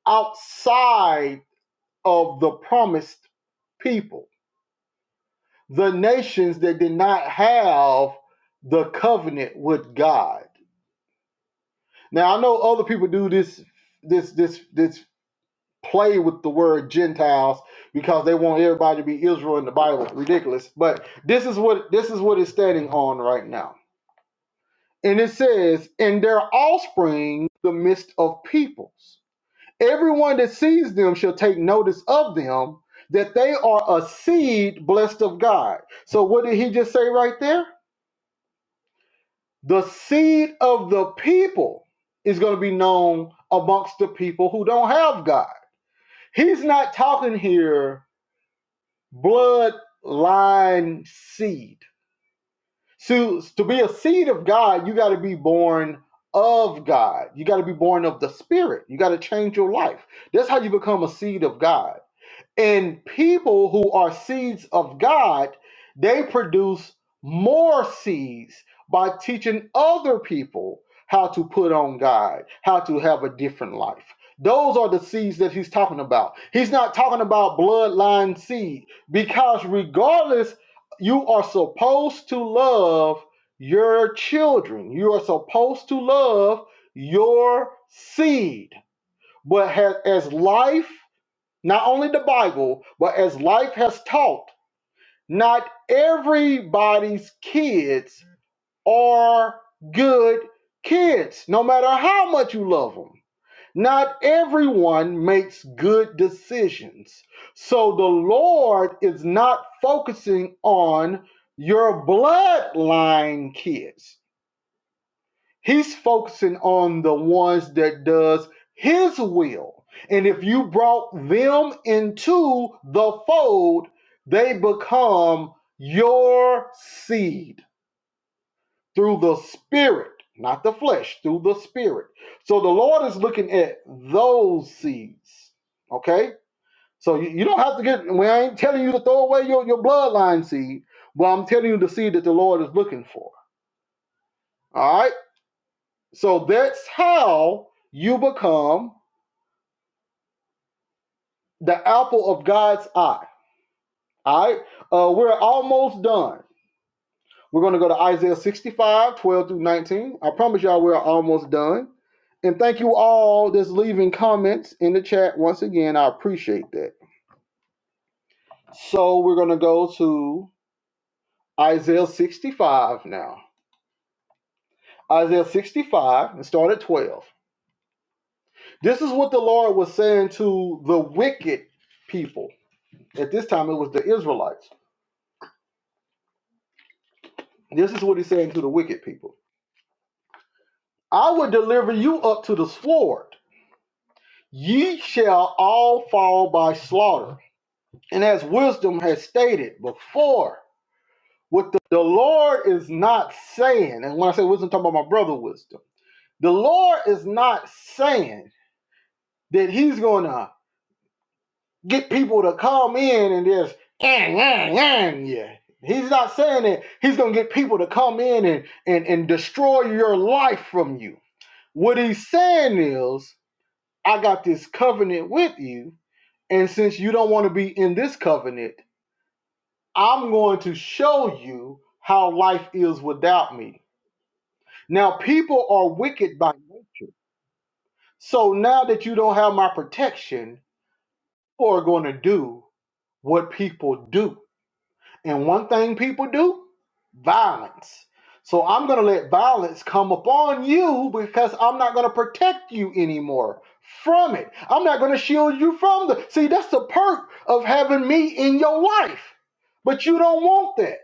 S1: outside of the promised people, the nations that did not have the covenant with God. Now I know other people do this this this this play with the word Gentiles because they want everybody to be Israel in the Bible. Ridiculous. But this is what this is what it's standing on right now. And it says, in their offspring, the midst of peoples. Everyone that sees them shall take notice of them that they are a seed blessed of God. So what did he just say right there? The seed of the people is going to be known amongst the people who don't have God. He's not talking here bloodline seed. So to be a seed of God, you got to be born of God. You got to be born of the Spirit. You got to change your life. That's how you become a seed of God. And people who are seeds of God, they produce more seeds by teaching other people how to put on God, how to have a different life. Those are the seeds that he's talking about. He's not talking about bloodline seed because, regardless, you are supposed to love your children, you are supposed to love your seed. But ha- as life not only the Bible, but as life has taught, not everybody's kids are good kids, no matter how much you love them. Not everyone makes good decisions. So the Lord is not focusing on your bloodline kids. He's focusing on the ones that does his will. And if you brought them into the fold, they become your seed through the spirit, not the flesh, through the spirit. So the Lord is looking at those seeds. Okay? So you, you don't have to get we ain't telling you to throw away your, your bloodline seed, but I'm telling you the seed that the Lord is looking for. All right? So that's how you become the apple of God's eye. All right. Uh, we're almost done. We're going to go to Isaiah 65, 12 through 19. I promise y'all we're almost done. And thank you all that's leaving comments in the chat once again. I appreciate that. So we're going to go to Isaiah 65 now. Isaiah 65 and start at 12. This is what the Lord was saying to the wicked people. At this time, it was the Israelites This is what he's saying to the wicked people I will deliver you up to the sword. Ye shall all fall by slaughter. And as wisdom has stated before, what the, the Lord is not saying, and when I say wisdom, I'm talking about my brother wisdom. The Lord is not saying that he's going to get people to come in and just, eh, eh, eh, yeah. He's not saying that he's going to get people to come in and, and, and destroy your life from you. What he's saying is, I got this covenant with you, and since you don't want to be in this covenant, I'm going to show you how life is without me. Now, people are wicked by nature. So now that you don't have my protection, people are going to do what people do. And one thing people do violence. So I'm going to let violence come upon you because I'm not going to protect you anymore from it. I'm not going to shield you from the. See, that's the perk of having me in your life. But you don't want that.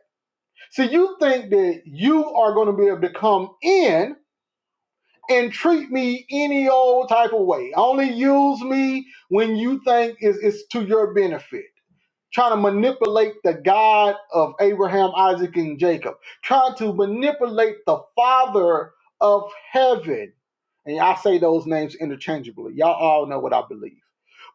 S1: See, you think that you are going to be able to come in and treat me any old type of way. Only use me when you think it's, it's to your benefit trying to manipulate the God of Abraham, Isaac, and Jacob, trying to manipulate the Father of heaven. And I say those names interchangeably. Y'all all know what I believe.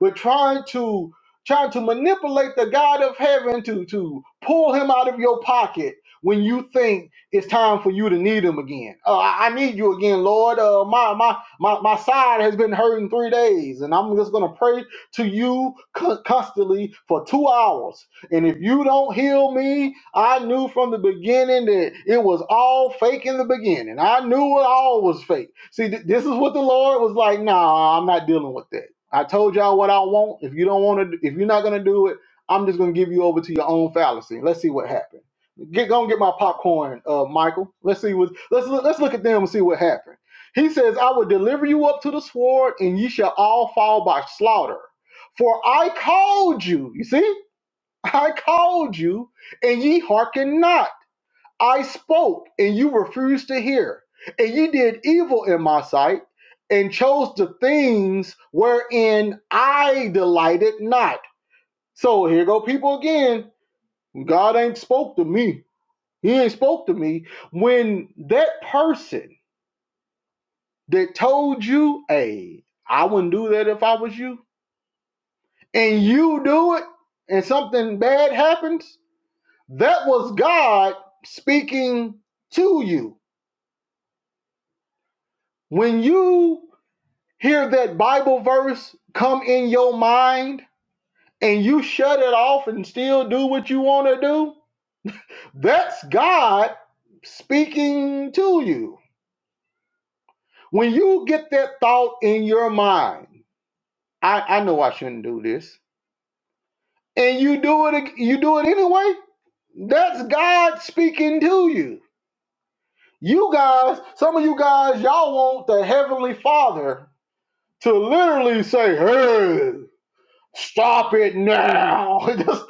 S1: But trying to trying to manipulate the God of heaven to to pull him out of your pocket when you think it's time for you to need him again. Uh, I I need you again, Lord. Uh, my my my my side has been hurting three days, and I'm just gonna pray to you co- constantly for two hours. And if you don't heal me, I knew from the beginning that it was all fake in the beginning. I knew it all was fake. See, th- this is what the Lord was like, nah, I'm not dealing with that. I told y'all what I want. If you don't want to, if you're not going to do it, I'm just going to give you over to your own fallacy. Let's see what happens. Get go and get my popcorn, uh, Michael. Let's see what let's look- let's look at them and see what happened. He says, "I will deliver you up to the sword, and ye shall all fall by slaughter." For I called you, you see, I called you, and ye hearken not. I spoke, and you refused to hear. And ye did evil in my sight, and chose the things wherein I delighted not. So here go people again. God ain't spoke to me. He ain't spoke to me. When that person that told you, hey, I wouldn't do that if I was you, and you do it, and something bad happens, That was God speaking to you. When you hear that Bible verse come in your mind and you shut it off and still do what you want to do, that's God speaking to you. When you get that thought in your mind, I, I know I shouldn't do this, and you do it, you do it anyway. That's God speaking to you. You guys, some of you guys, y'all want the heavenly Father to literally say, "Hey, stop it now." that's,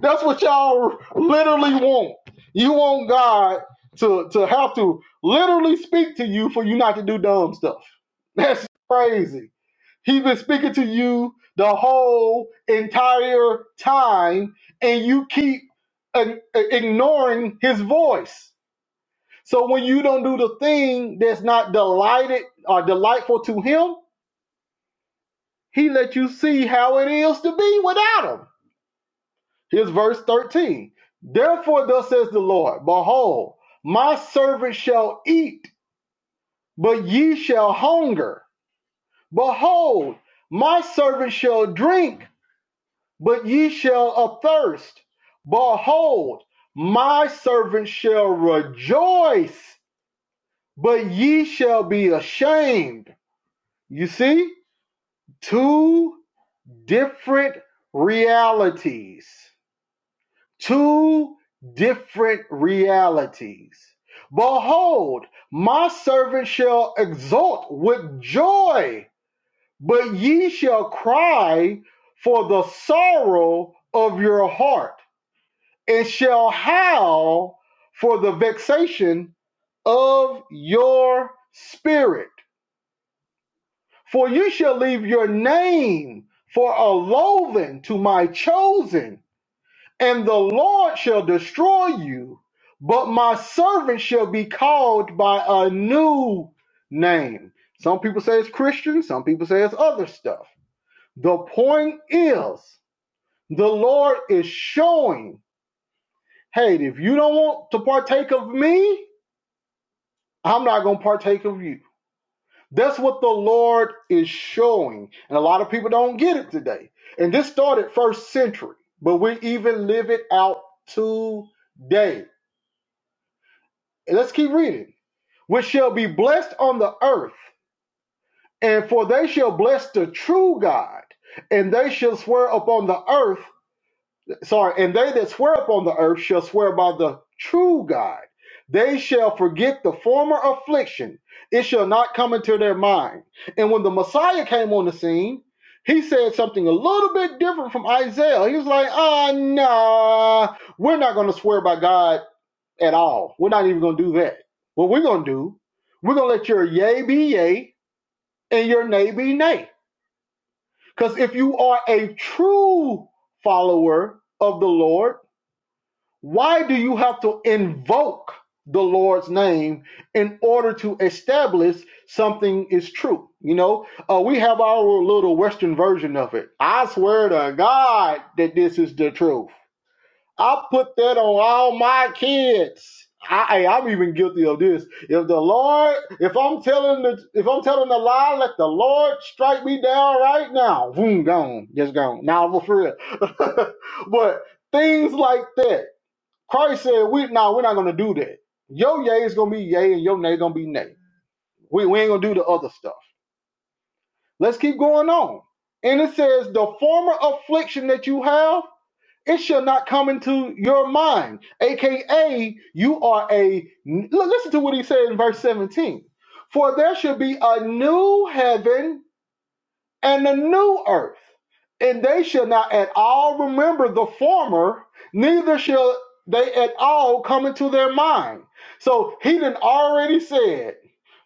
S1: that's what y'all literally want. You want God to to have to literally speak to you for you not to do dumb stuff. That's crazy. He's been speaking to you the whole entire time, and you keep ig- ignoring his voice. So when you don't do the thing that's not delighted or delightful to him, he let you see how it is to be without him. Here's verse 13. Therefore, thus says the Lord, Behold, my servant shall eat, but ye shall hunger. Behold, my servant shall drink, but ye shall athirst. Behold, my servant shall rejoice, but ye shall be ashamed. You see, two different realities two different realities. Behold, my servant shall exult with joy, but ye shall cry for the sorrow of your heart, and shall howl for the vexation of your spirit. For you shall leave your name for a loathing to my chosen, and the Lord shall destroy you, but my servant shall be called by a new name. Some people say it's Christian, some people say it's other stuff. The point is, the Lord is showing, hey, if you don't want to partake of me, I'm not going to partake of you. That's what the Lord is showing. And a lot of people don't get it today. And this started first century, but we even live it out today let's keep reading. Which shall be blessed on the earth, and for they shall bless the true God, and they shall swear upon the earth. Sorry, and they that swear upon the earth shall swear by the true God. They shall forget the former affliction; it shall not come into their mind. And when the Messiah came on the scene, he said something a little bit different from Isaiah. He was like, "Ah, oh, nah, we're not going to swear by God at all. We're not even going to do that. What we're going to do, we're going to let your yay be yay and your nay be nay. Because if you are a true follower of the Lord, why do you have to invoke the Lord's name in order to establish something is true? You know, uh, we have our little Western version of it. I swear to God that this is the truth. I put that on all my kids. I, I- I'm even guilty of this. If the Lord, if I'm telling the, if I'm telling a lie, let the Lord strike me down right now. Boom, gone, just gone. Now nah, for real. but things like that, Christ said, "We no, we're not gonna do that. Your yay is gonna be yay, and your nay gonna be nay. We we ain't gonna do the other stuff. Let's keep going on." And it says, "The former affliction that you have." it shall not come into your mind. AKA, you are a. l- Listen to what he said in verse 17. For there should be a new heaven and a new earth and they shall not at all remember the former, neither shall they at all come into their mind. So he done already said,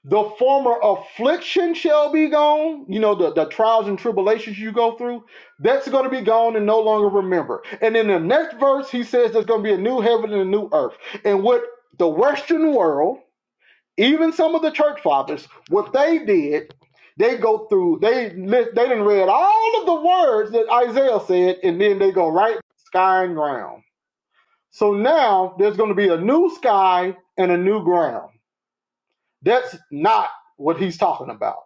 S1: the former affliction shall be gone. You know, the, the trials and tribulations you go through, that's going to be gone and no longer remember. And in the next verse, he says there's going to be a new heaven and a new earth. And what the Western world even some of the church fathers, what they did, they go through, they they didn't read all of the words that Isaiah said, and then they go right sky and ground. So now there's going to be a new sky and a new ground. That's not what he's talking about.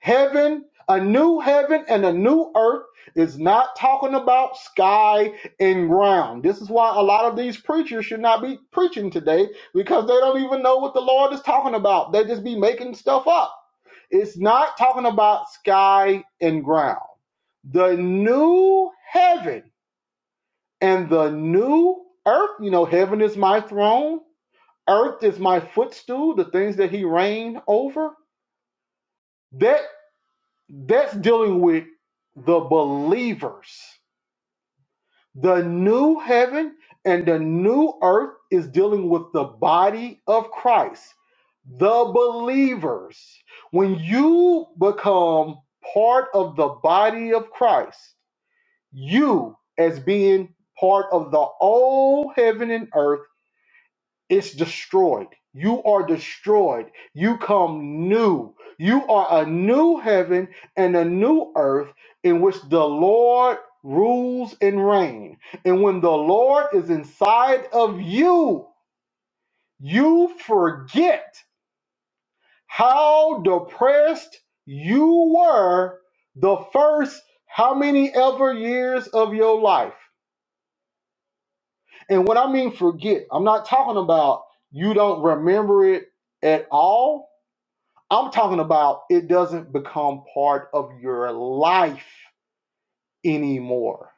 S1: Heaven, a new heaven and a new earth is not talking about sky and ground. This is why a lot of these preachers should not be preaching today because they don't even know what the Lord is talking about. They just be making stuff up. It's not talking about sky and ground. The new heaven and the new earth, you know, heaven is my throne, earth is my footstool, the things that he reigned over. that. That's dealing with the believers. The new heaven and the new earth is dealing with the body of Christ, the believers. When you become part of the body of Christ, you, as being part of the old heaven and earth, it's destroyed. You are destroyed. You come new. You are a new heaven and a new earth in which the Lord rules and reigns. And when the Lord is inside of you, you forget how depressed you were the first how many ever years of your life. And what I mean forget, I'm not talking about you don't remember it at all. I'm talking about it doesn't become part of your life anymore.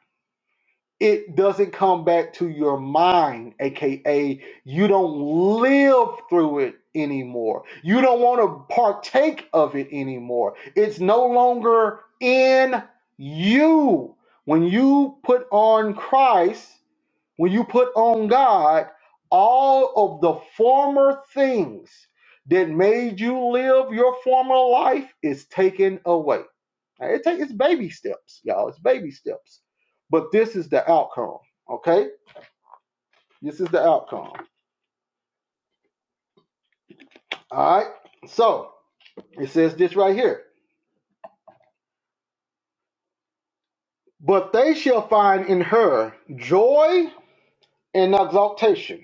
S1: It doesn't come back to your mind, aka you don't live through it anymore. You don't want to partake of it anymore. It's no longer in you. When you put on Christ, when you put on God, all of the former things that made you live your former life is taken away. Now, It take, it's baby steps, y'all. It's baby steps. But this is the outcome, okay? This is the outcome. All right? So, it says this right here. But they shall find in her joy and exaltation.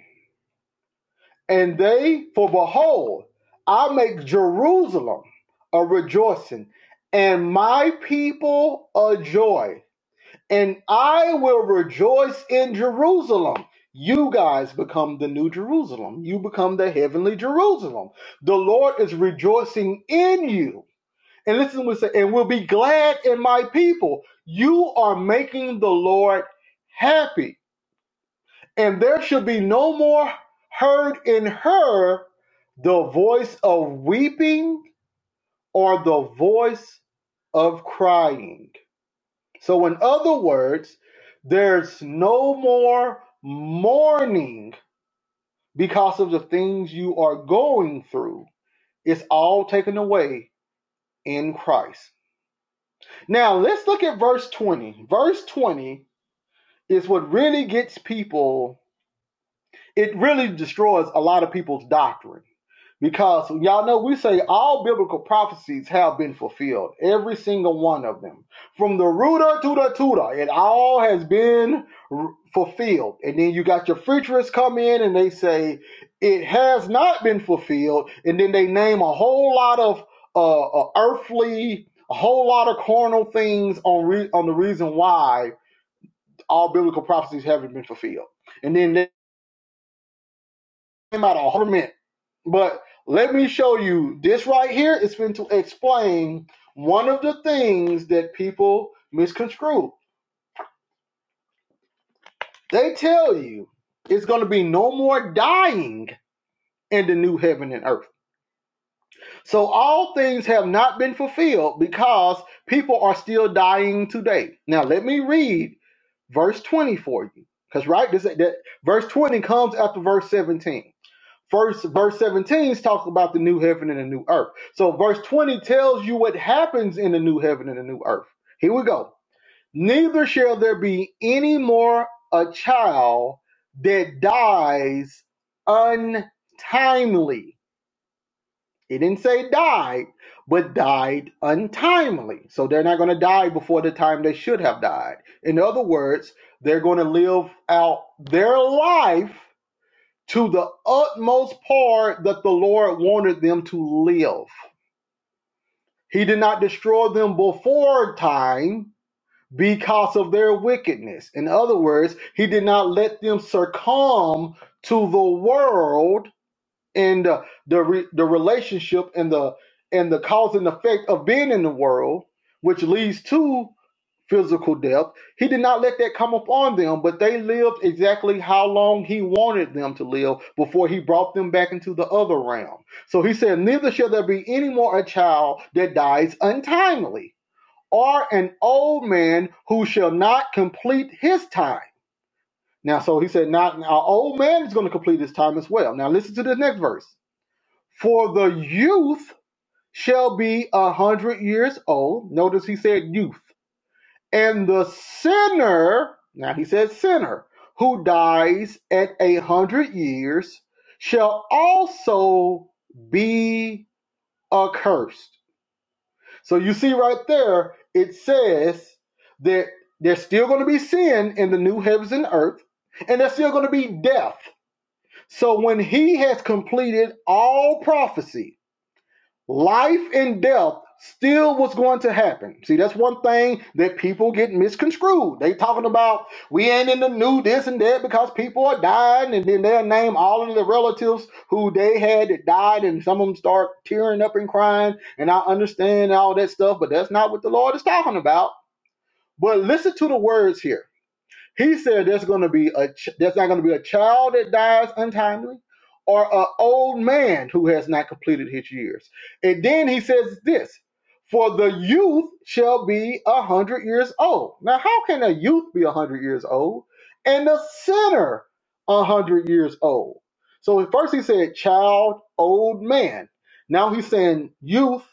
S1: And they, for behold, I make Jerusalem a rejoicing and my people a joy. And I will rejoice in Jerusalem. You guys become the new Jerusalem. You become the heavenly Jerusalem. The Lord is rejoicing in you. And listen what it says, and will be glad in my people. You are making the Lord happy and there shall be no more heard in her the voice of weeping or the voice of crying. So, in other words, there's no more mourning because of the things you are going through. It's all taken away in Christ. Now, let's look at verse 20. Verse 20 is what really gets people, it really destroys a lot of people's doctrine Because y'all know we say all biblical prophecies have been fulfilled, every single one of them, from the ruder to the tutor, it all has been r- fulfilled. And then you got your futurists come in and they say it has not been fulfilled, and then they name a whole lot of uh, uh, earthly, a whole lot of carnal things on re- on the reason why all biblical prophecies haven't been fulfilled, and then they came out a whole lament but let me show you this right here. It's been to explain one of the things that people misconstrue. They tell you it's going to be no more dying in the new heaven and earth. So all things have not been fulfilled because people are still dying today. Now let me read verse 20 for you. Because right, this that verse 20 comes after verse 17. First, verse 17 is talking about the new heaven and the new earth. So verse 20 tells you what happens in the new heaven and the new earth. Here we go. Neither shall there be any more a child that dies untimely. It didn't say died, but died untimely. So they're not going to die before the time they should have died. In other words, they're going to live out their life to the utmost part that the Lord wanted them to live. He did not destroy them before time because of their wickedness. In other words, he did not let them succumb to the world and the the, re- the relationship and the and the cause and effect of being in the world, which leads to physical death. He did not let that come upon them, but they lived exactly how long he wanted them to live before he brought them back into the other realm. So he said, Neither shall there be any more a child that dies untimely, or an old man who shall not complete his time. Now, so he said, Not an old man is going to complete his time as well. Now, listen to the next verse. For the youth shall be a hundred years old. Notice he said youth and the sinner, now he says sinner, who dies at a hundred years shall also be accursed. So you see right there, it says that there's still going to be sin in the new heavens and earth, and there's still going to be death. So when he has completed all prophecy, Life and death still was going to happen. See, that's one thing that people get misconstrued. They talking about we ain't in the new this and that because people are dying, and then they'll name all of the relatives who they had that died, and some of them start tearing up and crying. And I understand all that stuff, but that's not what the Lord is talking about. But listen to the words here. He said there's going to be a ch- there's not going to be a child that dies untimely or an old man who has not completed his years. And then he says this, for the youth shall be a hundred years old. Now, how can a youth be a hundred years old and a sinner a hundred years old? So at first he said child, old man. Now he's saying youth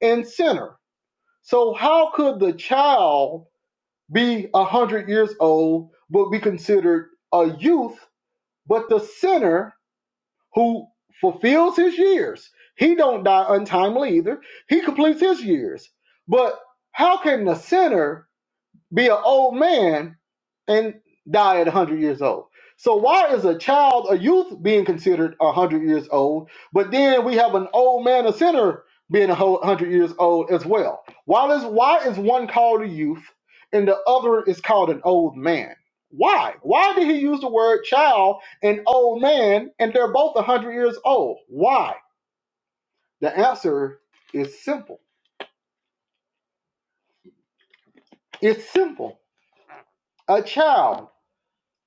S1: and sinner. So how could the child be a hundred years old, but be considered a youth. But the sinner who fulfills his years, he don't die untimely either. He completes his years. But how can the sinner be an old man and die at 100 years old. So why is a child, a youth, being considered 100 years old, but then we have an old man, a sinner, being a 100 years old as well? Why is why is one called a youth and the other is called an old man? Why? Why did he use the word child and old man, and they're both 100 years old? Why? The answer is simple. It's simple. A child,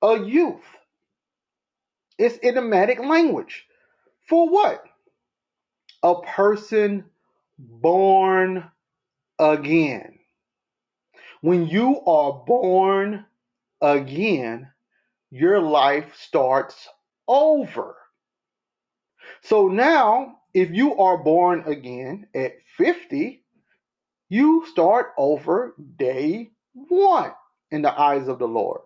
S1: a youth. It's idiomatic language. For what? a person born again. When you are born again, your life starts over. So now, if you are born again at 50, you start over day one in the eyes of the Lord.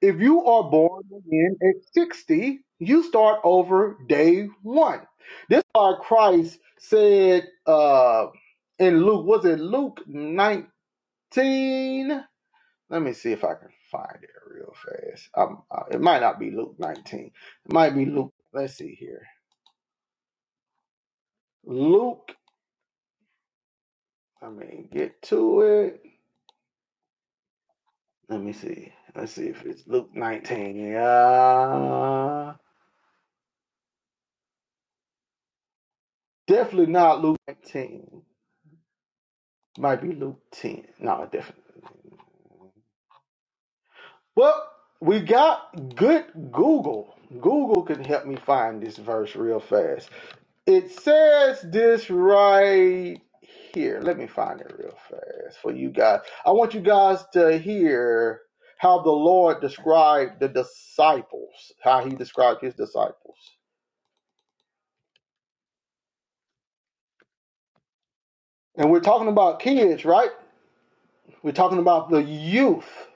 S1: If you are born again at 60, you start over day one. This is why Christ said uh, in Luke, was it Luke 19? Let me see if I can find it real fast. Um, uh, it might not be Luke 19. It might be Luke. Let's see here. Luke, I mean, get to it. Let me see. Let's see if it's Luke 19. Yeah. Definitely not Luke 19. Might be Luke 10. No, definitely. Well, we got good Google. Google can help me find this verse real fast. It says this right here. Let me find it real fast for you guys. I want you guys to hear how the Lord described the disciples, how he described his disciples. And we're talking about kids, right? We're talking about the youth.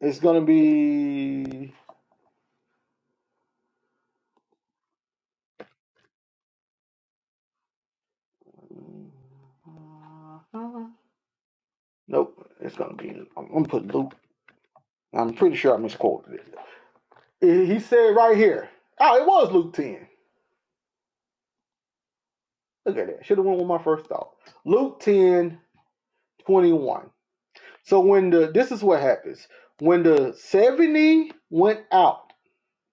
S1: It's going to be. Nope, it's gonna be. I'm gonna put Luke. I'm pretty sure I misquoted it. Eh, He said right here. Oh, it was Luke 10. Look at that. Should have went with my first thought. Luke 10 21. So when the this is what happens. When the 70 went out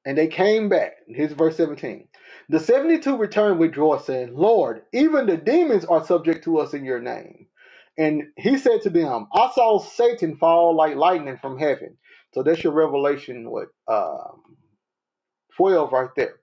S1: And they came back. Here's verse 17. The 72 returned with joy, saying, Lord, even the demons are subject to us in your name. And he said to them, I saw Satan fall like lightning from heaven. So that's your revelation, what, um, 12 right there.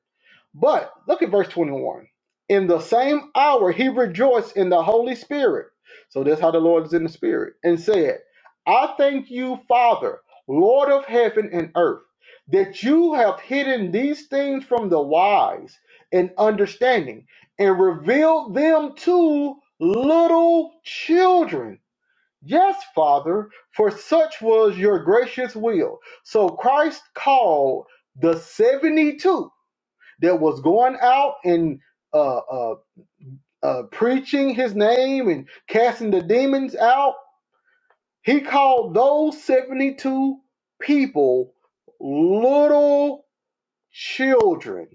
S1: But look at verse 21. In the same hour he rejoiced in the Holy Spirit. So that's how the Lord is in the Spirit. And said, I thank you, Father, Lord of heaven and earth, that you have hidden these things from the wise and understanding and revealed them to little children. Yes, Father, for such was your gracious will. So Christ called the 72 that was going out and uh, uh, uh, preaching his name and casting the demons out, he called those 72 people little children.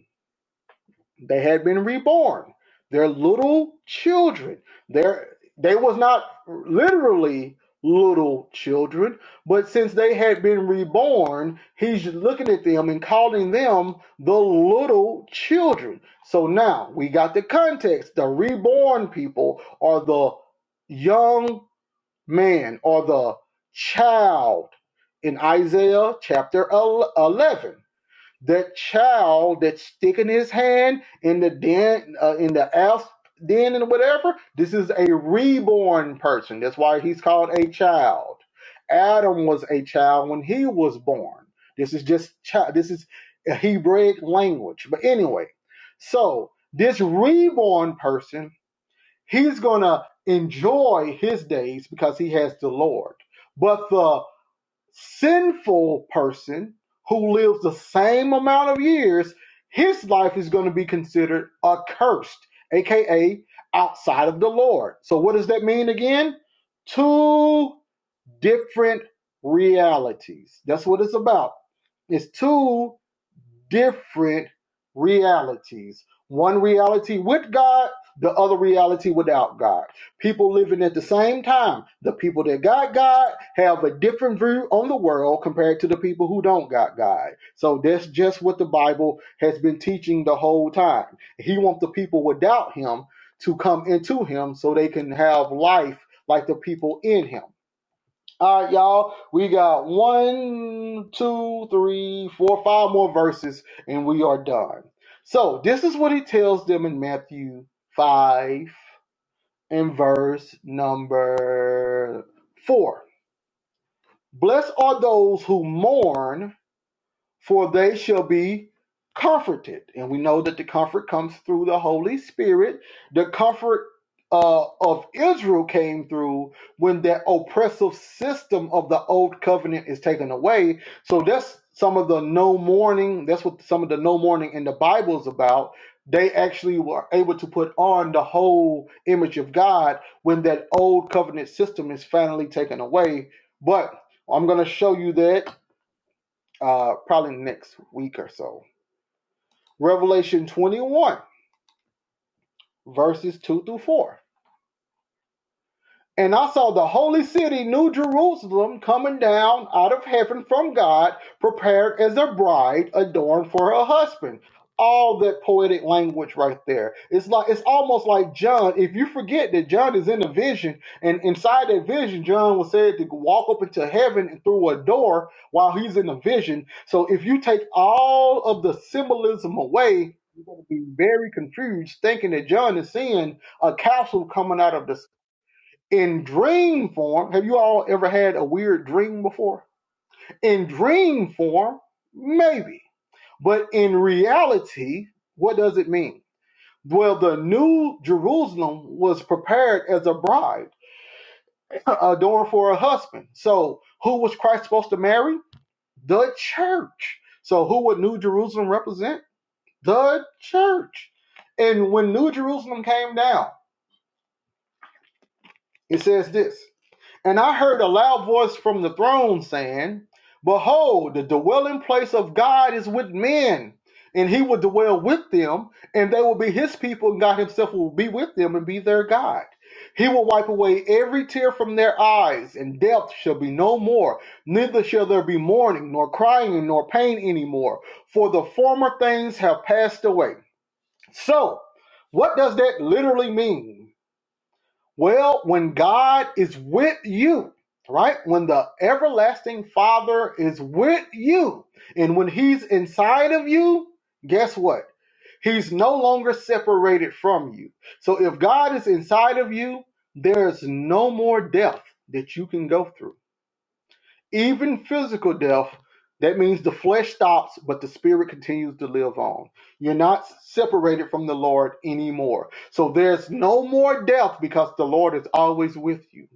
S1: They had been reborn. They're little children. They're, they was not literally little children, but since they had been reborn, he's looking at them and calling them the little children. So now we got the context. The reborn people are the young man or the child in Isaiah chapter 11 that child that's sticking his hand in the den, uh, in the asp den and whatever, this is a reborn person. That's why he's called a child. Adam was a child when he was born. This is just child. This is a Hebraic language. But anyway, so this reborn person, he's gonna enjoy his days because he has the Lord. But the sinful person who lives the same amount of years, his life is going to be considered accursed, aka outside of the Lord. So, what does that mean again? Two different realities. That's what it's about. It's two different realities. One reality with God, the other reality without God. People living at the same time. The people that got God have a different view on the world compared to the people who don't got God. So that's just what the Bible has been teaching the whole time. He wants the people without Him to come into Him so they can have life like the people in Him. All right, y'all. We got one, two, three, four, five more verses, and we are done. So this is what he tells them in Matthew five and verse number four. Blessed are those who mourn, for they shall be comforted. And we know that the comfort comes through the Holy Spirit. The comfort uh, of Israel came through when that oppressive system of the old covenant is taken away. So that's some of the no mourning. That's what some of the no mourning in the Bible is about. They actually were able to put on the whole image of God when that old covenant system is finally taken away. But I'm going to show you that uh, probably next week or so. Revelation 21, verses 2 through 4. And I saw the holy city, New Jerusalem, coming down out of heaven from God, prepared as a bride adorned for her husband. All that poetic language right there. It's like it's almost like John. If you forget that John is in a vision, and inside that vision, John was said to walk up into heaven and through a door while he's in the vision. So if you take all of the symbolism away, you're going to be very confused, thinking that John is seeing a capsule coming out of the in dream form, have you all ever had a weird dream before? In dream form, maybe. But in reality, what does it mean? Well, the new Jerusalem was prepared as a bride adorned for a husband. So, who was Christ supposed to marry? The church. So, who would New Jerusalem represent? The church. And when New Jerusalem came down, it says this And I heard a loud voice from the throne saying, Behold, the dwelling place of God is with men, and he will dwell with them, and they will be his people, and God himself will be with them and be their God. He will wipe away every tear from their eyes, and death shall be no more. Neither shall there be mourning, nor crying, nor pain anymore, for the former things have passed away. So, what does that literally mean? Well, when God is with you, right? When the everlasting Father is with you, and when He's inside of you, guess what? He's no longer separated from you. So if God is inside of you, there's no more death that you can go through. Even physical death, that means the flesh stops, but the spirit continues to live on. You're not separated from the Lord anymore. So there's no more death because the Lord is always with you.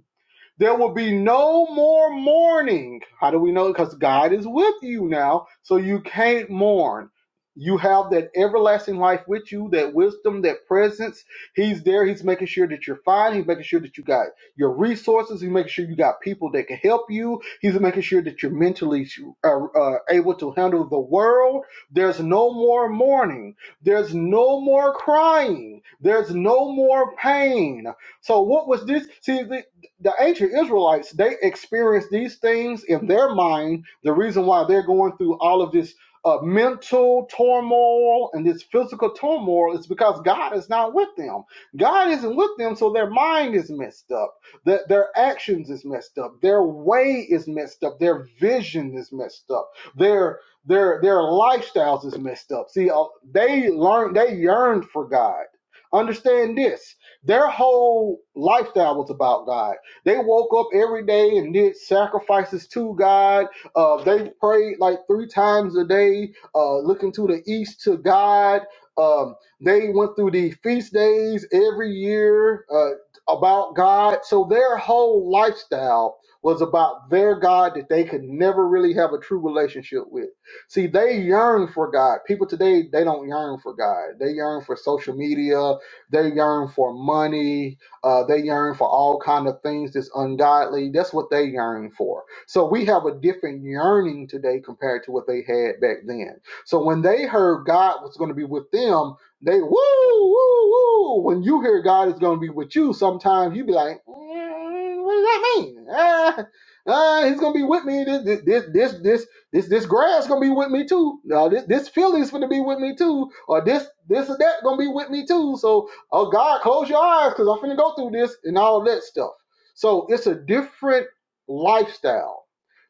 S1: There will be no more mourning. How do we know? Because God is with you now, so you can't mourn. You have that everlasting life with you, that wisdom, that presence. He's there. He's making sure that you're fine. He's making sure that you got your resources. He's making sure you got people that can help you. He's making sure that you're mentally uh, uh, able to handle the world. There's no more mourning. There's no more crying. There's no more pain. So what was this? See, the the ancient Israelites, they experienced these things in their mind. The reason why they're going through all of this uh, mental turmoil and this physical turmoil is because God is not with them. God isn't with them, so their mind is messed up. Their, their actions is messed up. Their way is messed up. Their vision is messed up. Their their their lifestyles is messed up. See, uh, they learned they yearned for God. Understand this their whole lifestyle was about God. They woke up every day and did sacrifices to God. Uh, they prayed like three times a day, uh, looking to the east to God. Um, they went through the feast days every year uh, about God. So their whole lifestyle was about their God that they could never really have a true relationship with. See, they yearn for God. People today, they don't yearn for God. They yearn for social media. They yearn for money uh, they yearn for all kind of things that's ungodly. That's what they yearn for. So we have a different yearning today compared to what they had back then. So when they heard God was going to be with them, they woo woo woo. When you hear God is going to be with you, sometimes you be like, "Mm, what does that mean? Ah, ah, he's going to be with me. This this this this this this this grass gonna be with me too. No, this this feeling's gonna be with me too. Or this this or that gonna be with me too. So Oh God, close your eyes because I'm finna go through this and all that stuff. So it's a different lifestyle.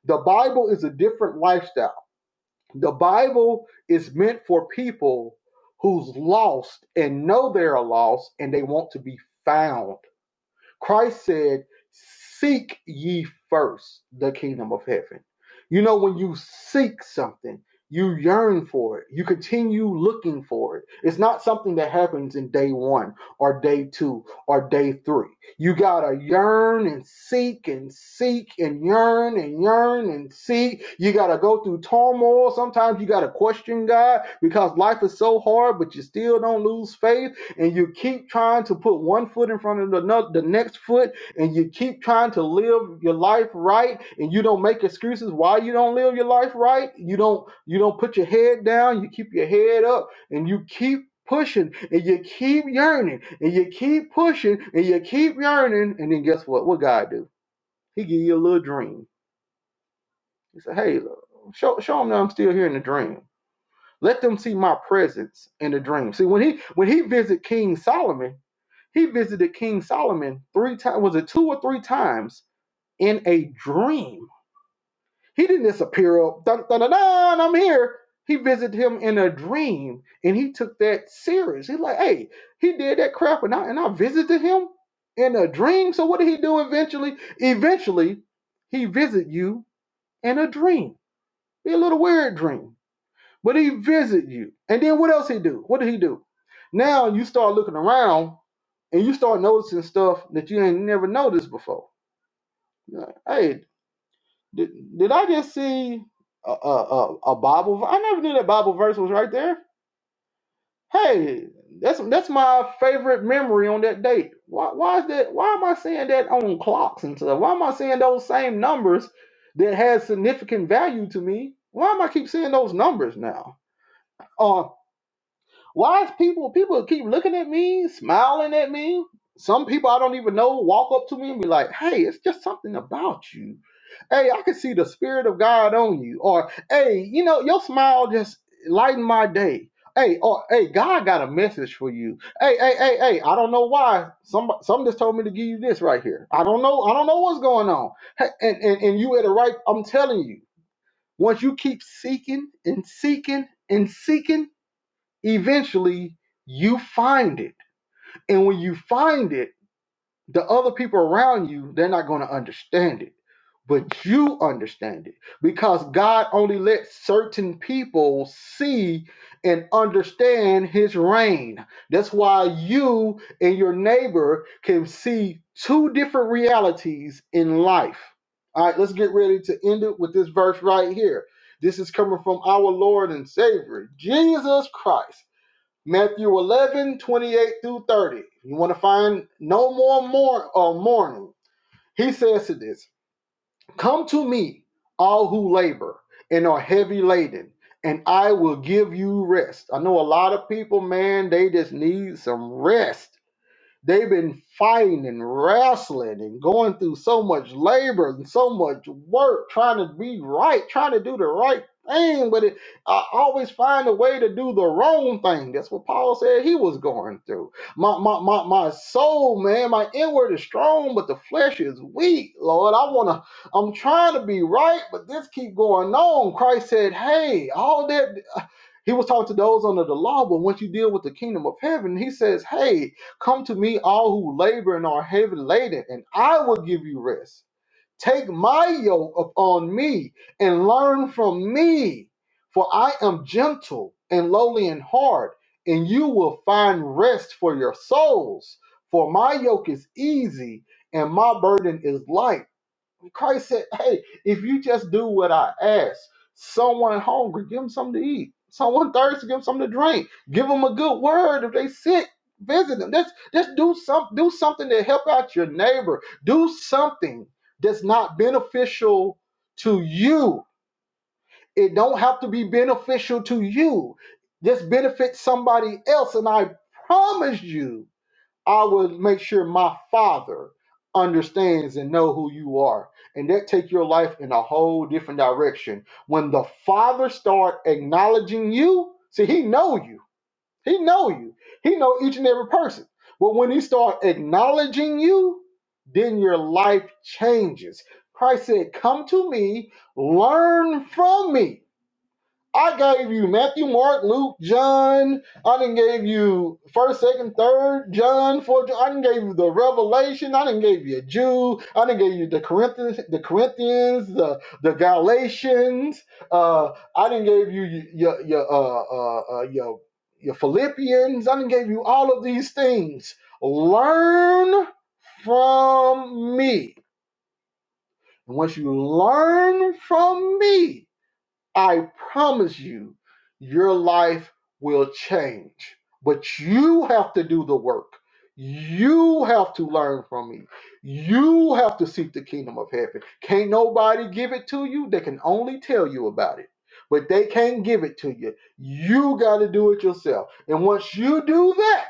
S1: The Bible is a different lifestyle. The Bible is meant for people who's lost and know they're lost and they want to be found. Christ said, Seek ye first the kingdom of heaven. You know, when you seek something, you yearn for it. You continue looking for it. It's not something that happens in day one or day two or day three. You gotta yearn and seek and seek and yearn and yearn and seek. You gotta go through turmoil. Sometimes you gotta question God because life is so hard, but you still don't lose faith and you keep trying to put one foot in front of the, no- the next foot and you keep trying to live your life right and you don't make excuses why you don't live your life right you don't you don't put your head down you keep your head up and you keep pushing and you keep yearning and you keep pushing and you keep yearning and then guess what what god do he give you a little dream he said hey show, show them that i'm still here in the dream let them see my presence in the dream see when he when he visit king solomon he visited King Solomon three times. Was it two or three times in a dream? He didn't disappear. oh, Dun, dun, dun, dun, I'm here. He visited him in a dream, and he took that serious. He's like, hey, he did that crap, and I and I visited him in a dream. So what did he do eventually? Eventually, he visited you in a dream. Be a little weird dream but he visit you. And then what else he do? What did he do? Now you start looking around and you start noticing stuff that you ain't never noticed before. You're like, hey, did, did I just see a, a, a, a Bible? ver- I never knew that Bible verse was right there. Hey, that's that's my favorite memory on that date. Why, why is that? Why am I seeing that on clocks and stuff? Why am I seeing those same numbers that had significant value to me? Why am I keep seeing those numbers now? Uh, Why is people people keep looking at me, smiling at me? Some people I don't even know walk up to me and be like, "Hey, it's just something about you. Hey, I can see the spirit of God on you." Or, "Hey, you know, your smile just lightened my day." Hey, or hey, God got a message for you. Hey, hey, hey, hey, I don't know why. Some some just told me to give you this right here. I don't know. I don't know what's going on. Hey, and, and and you at the right. I'm telling you. Once you keep seeking and seeking and seeking eventually you find it. And when you find it, the other people around you, they're not going to understand it. But you understand it because God only lets certain people see and understand his reign. That's why you and your neighbor can see two different realities in life. All right, let's get ready to end it with this verse right here. This is coming from our Lord and Savior, Jesus Christ. Matthew 11 28 through 30. You want to find no more mor- uh, mourning. He says to this Come to me, all who labor and are heavy laden, and I will give you rest. I know a lot of people, man, they just need some rest. They've been fighting and wrestling and going through so much labor and so much work trying to be right, trying to do the right thing, but it I always find a way to do the wrong thing. That's what Paul said he was going through. My my my, my soul, man, my inward is strong, but the flesh is weak. Lord, I wanna I'm trying to be right, but this keep going on. Christ said, Hey, all that. He was talking to those under the law, but once you deal with the kingdom of heaven, he says, Hey, come to me, all who labor and are heavy laden, and I will give you rest. Take my yoke upon me and learn from me, for I am gentle and lowly in heart, and you will find rest for your souls. For my yoke is easy and my burden is light. Christ said, Hey, if you just do what I ask, someone hungry, give them something to eat. Someone thirsty, give them something to drink. Give them a good word. If they sick, visit them. Let's let's do some, do something to help out your neighbor. Do something that's not beneficial to you. It don't have to be beneficial to you. Just benefit somebody else. And I promise you, I would make sure my father understands and know who you are. And that take your life in a whole different direction. When the father start acknowledging you, see he know you. He know you. He know each and every person. But when he start acknowledging you, then your life changes. Christ said, "Come to me, learn from me." I gave you Matthew, Mark, Luke, John. I didn't gave you first, second, third, John, fourth. I didn't gave you the Revelation. I didn't gave you Jude. I didn't gave you the Corinthians, the Corinthians, the the Galatians. Uh, I didn't gave you your your uh, uh, uh, your your Philippians. I didn't gave you all of these things. Learn from me. And once you learn from me, I promise you, your life will change. But you have to do the work. You have to learn from me. You have to seek the kingdom of heaven. Can't nobody give it to you. They can only tell you about it, but they can't give it to you. You got to do it yourself. And once you do that,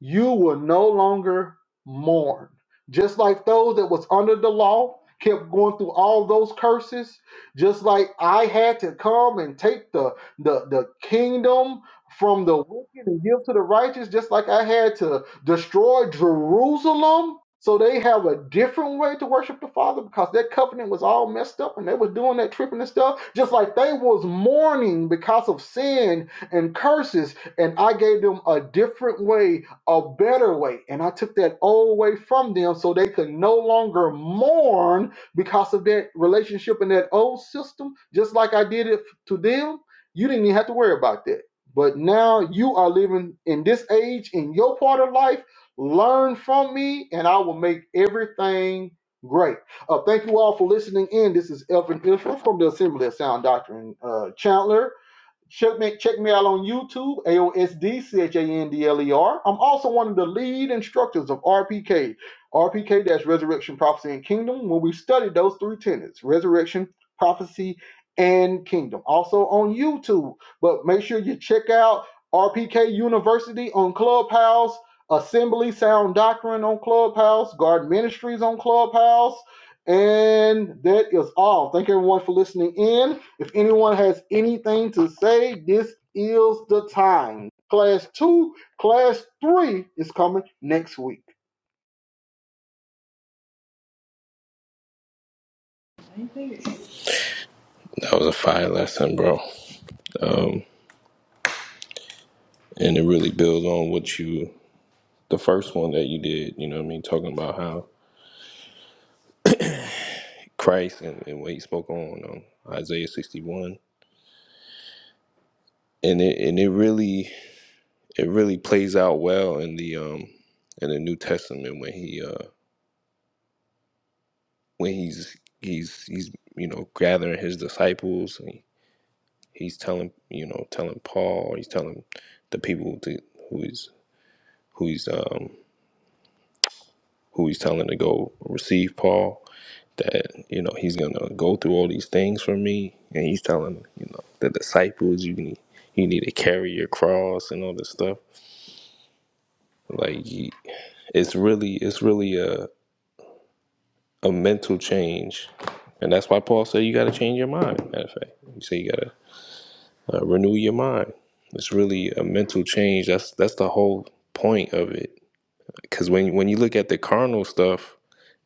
S1: you will no longer mourn. Just like those that was under the law kept going through all those curses, just like I had to come and take the the, the kingdom from the wicked and give to the righteous, just like I had to destroy Jerusalem. So they have a different way to worship the Father because their covenant was all messed up and they was doing that tripping and stuff, just like they was mourning because of sin and curses and I gave them a different way a better way. And I took that old way from them so they could no longer mourn because of that relationship and that old system, just like I did it to them. You didn't even have to worry about that. But now you are living in this age in your part of life. Learn from me, and I will make everything great. Uh, thank you all for listening in. This is Elvin Israel from the Assembly of Sound Doctrine uh, Chandler. Check me, check me out on YouTube, A-O-S-D-C-H-A-N-D-L-E-R. I'm also one of the lead instructors of RPK, RPK that's Resurrection, Prophecy, and Kingdom, where we study those three tenets, resurrection, prophecy, and kingdom. Also on YouTube, but make sure you check out RPK University on Clubhouse, Assembly Sound Doctrine on Clubhouse, Garden Ministries on Clubhouse, and that is all. Thank everyone for listening in. If anyone has anything to say, this is the time. Class two, class three is coming next week.
S3: That was a fire lesson, bro. And it really builds on what you, the first one that you did, you know what I mean? Talking about how Christ and, and what he spoke on, on Isaiah 61. And it, and it really, it really plays out well in the, um, in the New Testament when he, uh, when he's, he's, he's, you know, gathering his disciples and he's telling, you know, telling Paul, he's telling the people to, who he's, who he's, um, who he's telling to go receive Paul that you know he's gonna go through all these things for me and he's telling you know the disciples you need you need to carry your cross and all this stuff like he- it's really it's really a, a mental change and that's why paul said you got to change your mind matter of fact he said you got to uh, renew your mind it's really a mental change that's that's the whole point of it because when, when you look at the carnal stuff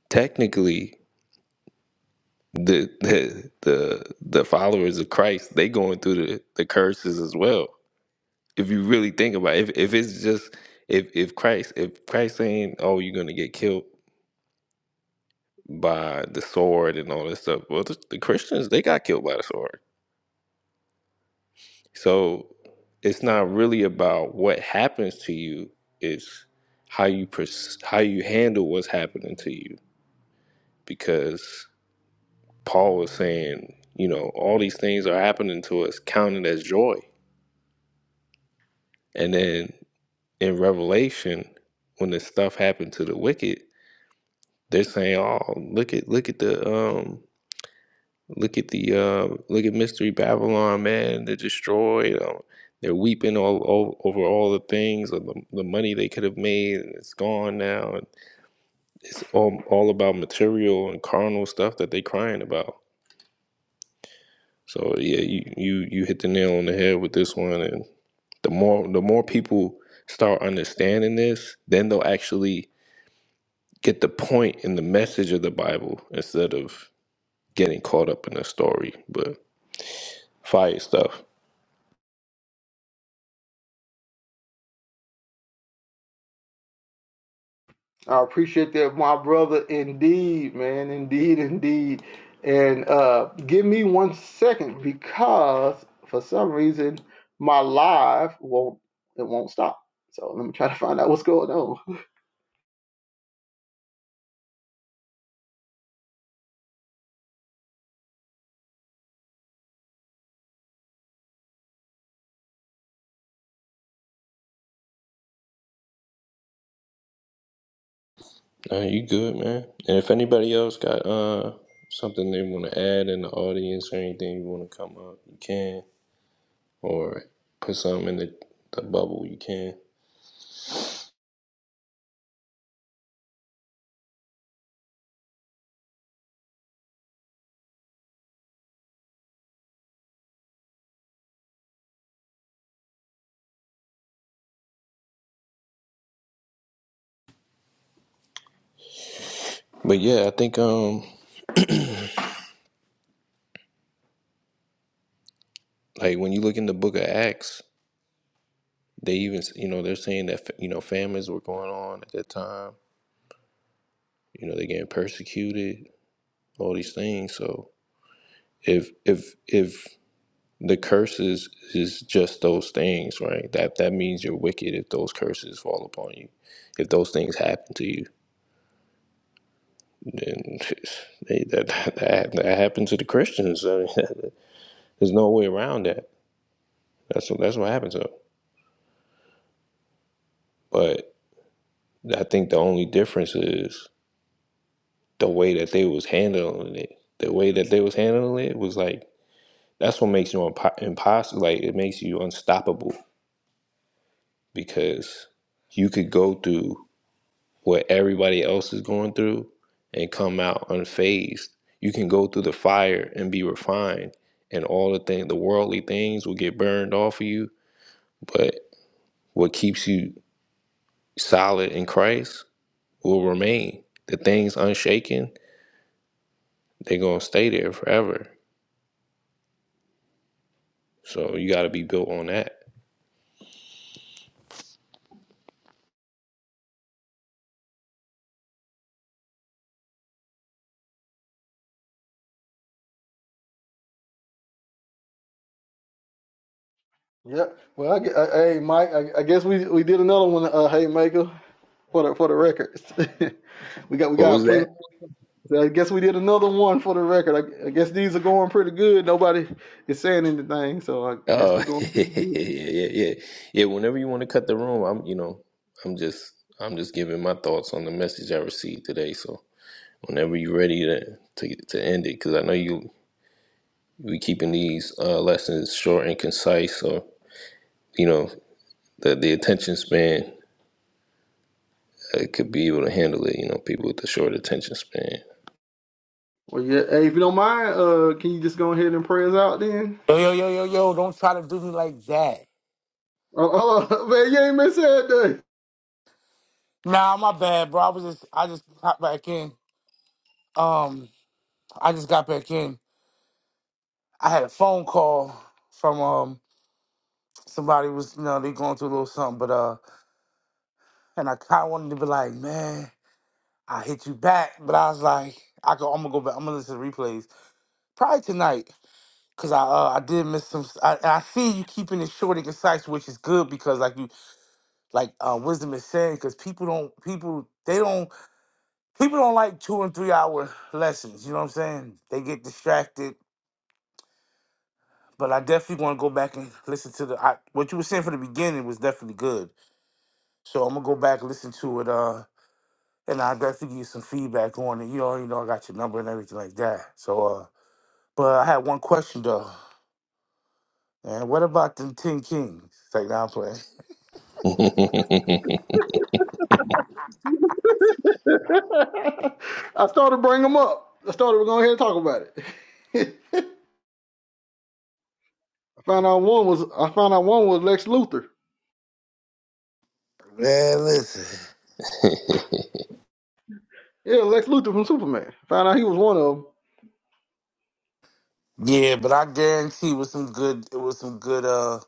S3: technically the the the, the followers of Christ, they going through the, the curses as well. If you really think about it, if, if it's just if if Christ if Christ saying, Oh, you're gonna get killed by the sword and all this stuff, well the, the Christians they got killed by the sword. So it's not really about what happens to you, it's how you pers- how you handle what's happening to you. Because Paul was saying, you know, all these things are happening to us, counting as joy And then in Revelation, when this stuff happened to the wicked, they're saying, "Oh, look at look at the um look at the uh look at mystery Babylon, man. They're destroyed. Um, they're weeping all, all over all the things, of the, the money they could have made, and it's gone now. And it's all all about material and carnal stuff that they're crying about. So yeah, you you you hit the nail on the head with this one. And the more the more people start understanding this, then they'll actually get the point and the message of the Bible instead of getting caught up in the story. But fire stuff.
S1: I appreciate that, my brother. Indeed, man. Indeed, indeed. And uh, give me one second because for some reason my live won't it won't stop. So let me try to find out what's going on.
S3: Nah, you good, man. And if anybody else got uh something they want to add in the audience or anything you want to come up, you can. Or put something in the, the bubble, you can. But yeah, I think um like when you look in the book of Acts, they even you know they're saying that you know famines were going on at that time. You know they're getting persecuted, all these things. So if if if the curses is just those things, right? That that means you're wicked if those curses fall upon you. If those things happen to you, then they, that, that that happened to the Christians. I mean, there's no way around that. That's what that's what happened to them. But I think the only difference is the way that they was handling it. The way that they was handling it was like that's what makes you impo- impossible. Like it makes you unstoppable because you could go through what everybody else is going through and come out unfazed. You can go through the fire and be refined, and all the thing, the worldly things will get burned off of you. But what keeps you solid in Christ will remain. The things unshaken, they're gonna stay there forever. So you got to be built on that.
S1: Yep. Well, I, gue- uh, hey Mike, I, I guess we we did another one. Uh, hey Michael, for the for the records, we got we
S3: What was
S1: got plenty.
S3: that?
S1: So I guess we did another one for the record. I, I guess these are going pretty good. Nobody is saying anything, so I, I guess they're
S3: Oh,
S1: going
S3: yeah,
S1: pretty good.
S3: yeah, yeah, yeah. Whenever you want to cut the room, I'm, you know, I'm just, I'm just giving my thoughts on the message I received today. So. whenever you're ready to to, to end it because i know you we keeping these uh, lessons short and concise so you know the, the attention span uh, could be able to handle it you know people with the short attention span
S1: Well, yeah. Hey, if you don't mind, uh, can you just go ahead and pray us out then?
S4: Yo, yo, yo, yo, yo, don't try to do me like that.
S1: Oh, oh, man, you ain't been said
S4: Nah, my bad, bro. I was just I just popped back in. Um, I just got back in. I had a phone call from um somebody was you know, they going through a little something, but uh and I kinda wanted to be like, man, I hit you back, but I was like, I go I'm gonna go back, I'm gonna listen to replays. Probably tonight. Cause I uh, I did miss some I, I see you keeping it short and concise, which is good because like you like uh wisdom is saying, because people don't people they don't people don't like two and three hour lessons. You know what I'm saying? They get distracted. But I definitely want to go back and listen to the I, what you were saying from the beginning was definitely good. So I'm gonna go back listen to it. Uh, and I will definitely give you some feedback on it. You know, you know, I got your number and everything like that. So, uh, but I had one question though. Man, what about them Ten Kings? It's like now I'm playing.
S1: that. I started bringing them up. I started going ahead and talk about it. I found out one was I found out one was Lex Luthor.
S4: Man, listen.
S1: Yeah, Lex Luthor from Superman. Found out he was one of them.
S4: Yeah, but I guarantee it was some good. It was some good. Uh.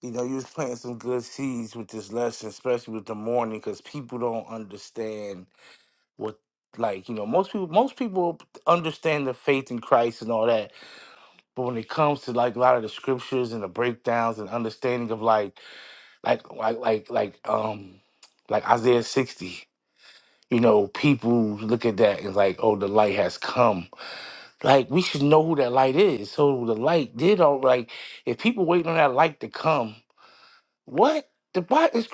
S4: you know, you was planting some good seeds with this lesson, especially with the morning, because people don't understand what, like, you know, most people, most people understand the faith in Christ and all that, but when it comes to like a lot of the scriptures and the breakdowns and understanding of like, like, like, like, like, um, like Isaiah sixty. You know, people look at that and like, oh, the light has come. Like, we should know who that light is. So the light did all like if people waiting on that light to come What? The Bible is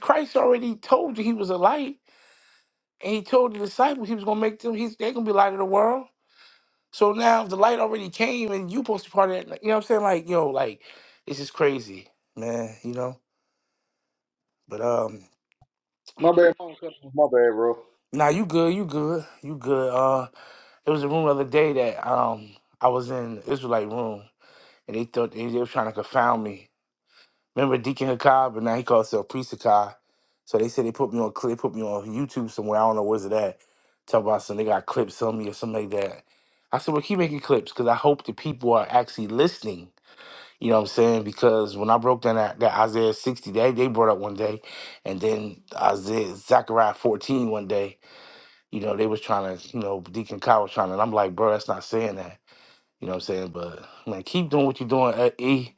S4: Christ already told you he was a light, and he told the disciples he was gonna make them. He's they're gonna be light of the world. So now if the light already came, and you supposed to be part of that. like, You know what I'm saying? Like yo, like this is crazy, man. You know. But um,
S1: My bad. My bad, bro.
S4: now nah, you good, you good, you good. Uh, it was a room the other day that um I was in Israelite room, and they thought they, they were trying to confound me Remember Deacon Hakab, and now he calls himself Priest Hakab. So they said they put me on clip, put me on YouTube somewhere. I don't know where's it at. Talk about some they got clips on me or something like that. I said, well, keep making clips because I hope the people are actually listening. You know what I'm saying? Because when I broke down that, that Isaiah 60, they they brought up one day, and then Isaiah Zechariah 14 one day. You know they was trying to, you know, Deacon Kyle was trying, to, and I'm like, bro, that's not saying that. You know what I'm saying? But man, keep doing what you're doing at E.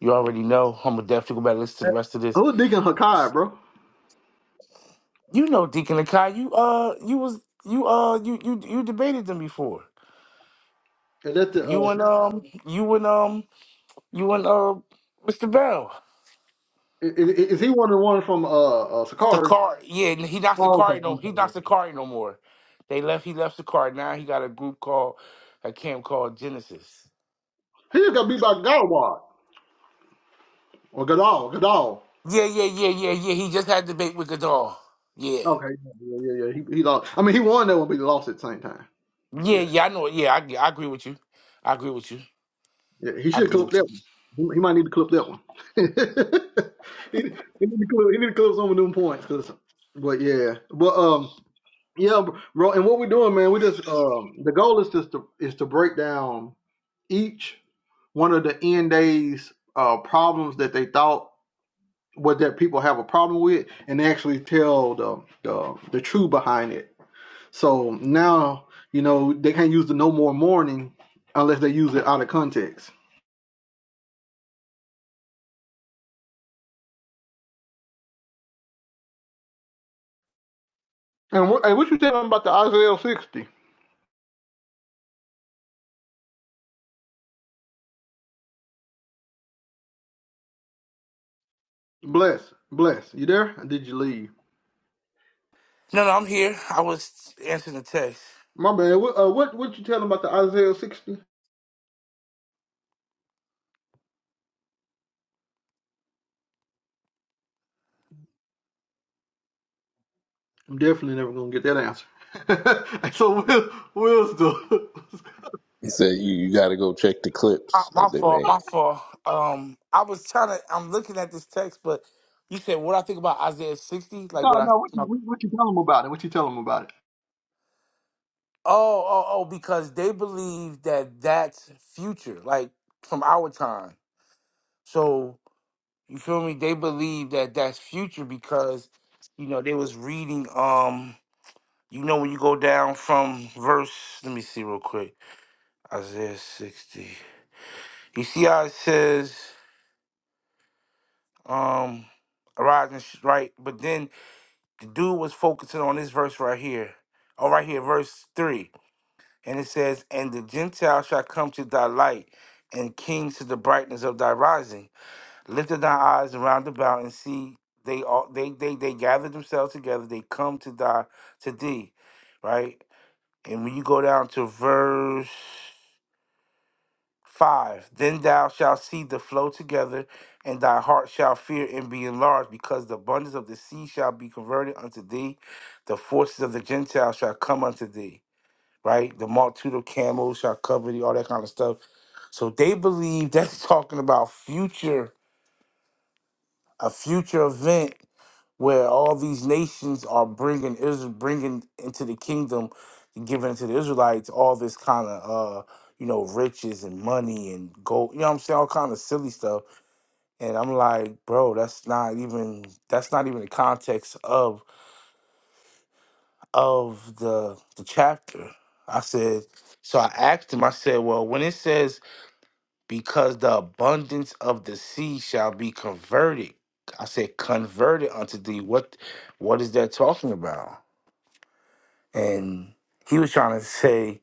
S4: You already know. I'm gonna definitely go back and listen to the rest of this.
S1: Who's Deacon Hakai, bro?
S4: You know, Deacon Akai, you uh you was you uh you you you debated them before.
S1: Is that the uh,
S4: You and um you and um you and uh Mr. Bell.
S1: Is, is he one of the ones from uh, uh Sakari?
S4: Sakari, yeah, and he not
S1: Oh, okay,
S4: Sakari no
S1: okay.
S4: he not
S1: okay.
S4: Sakari no more. They left he left Sakari. Now he got a group called a camp called Genesis.
S1: He just got beat by Godwad or Godal, Godal.
S4: Yeah, yeah, yeah, yeah, yeah. He just had a debate with Gadol. Yeah.
S1: Okay, yeah, yeah, yeah. He, he lost. I mean, he won that one, but he lost at the same time. So
S4: Yeah,
S1: yeah,
S4: yeah, I know. Yeah, I, I agree with you. I agree with you.
S1: yeah. He
S4: I
S1: should
S4: agree
S1: clip
S4: with
S1: that
S4: you.
S1: one. He, he might need to clip that one. he, he need to clip, he need to clip some of them points, 'cause- But yeah, but um, yeah, bro. And what we're doing, man, we just um, the goal is just to is to break down each one of the end days uh problems that they thought what that people have a problem with and actually tell the the, the true behind it. So now you know they can't use the no more mourning unless they use it out of context. And what, hey, what you telling about the Isaiah sixty? Bless, bless. You there? Or did you leave?
S4: No, no, I'm here. I was answering the text.
S1: My man, what uh, what what you telling about the Isaiah sixty? I'm definitely never gonna get that answer. so Will, Will's the
S3: he said you, you got to go check the
S4: Uh,
S3: clips
S4: My
S3: that they
S4: fault.
S3: made
S4: My fault. Um, I was trying to. I'm looking at this text, but you said what I think about Isaiah 60, like
S1: no
S4: what I.
S1: no. What, you-
S4: My,
S1: what, what you tell him about it? What you tell him about
S4: oh, oh, oh, because they believe that that's future, like from our time. So you feel me? They believe that that's future because you know they was reading. Um, you know when you go down from verse. Let me see real quick. Isaiah 60. You see how it says. um arise and sh- right but then the dude was focusing on this verse right here oh right here verse 3 and it says and the gentiles shall come to thy light and kings to the brightness of thy rising lift up thy eyes around about and see they all they they they gather themselves together they come to thy to thee right and when you go down to verse 5. Then thou shalt see the flow together, and thy heart shall fear and be enlarged, because the abundance of the sea shall be converted unto thee. The forces of the Gentiles shall come unto thee, right? The multitude of camels shall cover thee, all that kind of stuff. So they believe that's talking about future, a future event where all these nations are bringing Israel, bringing into the kingdom, and giving to the Israelites all this kind of, uh, you know, riches and money and gold. You know what I'm saying? All kind of silly stuff. And I'm like, bro, that's not even that's not even the context of of the the chapter. I said, so I asked him. I said, well, when it says because the abundance of the sea shall be converted, I said, converted unto thee. What what is that talking about? and he was trying to say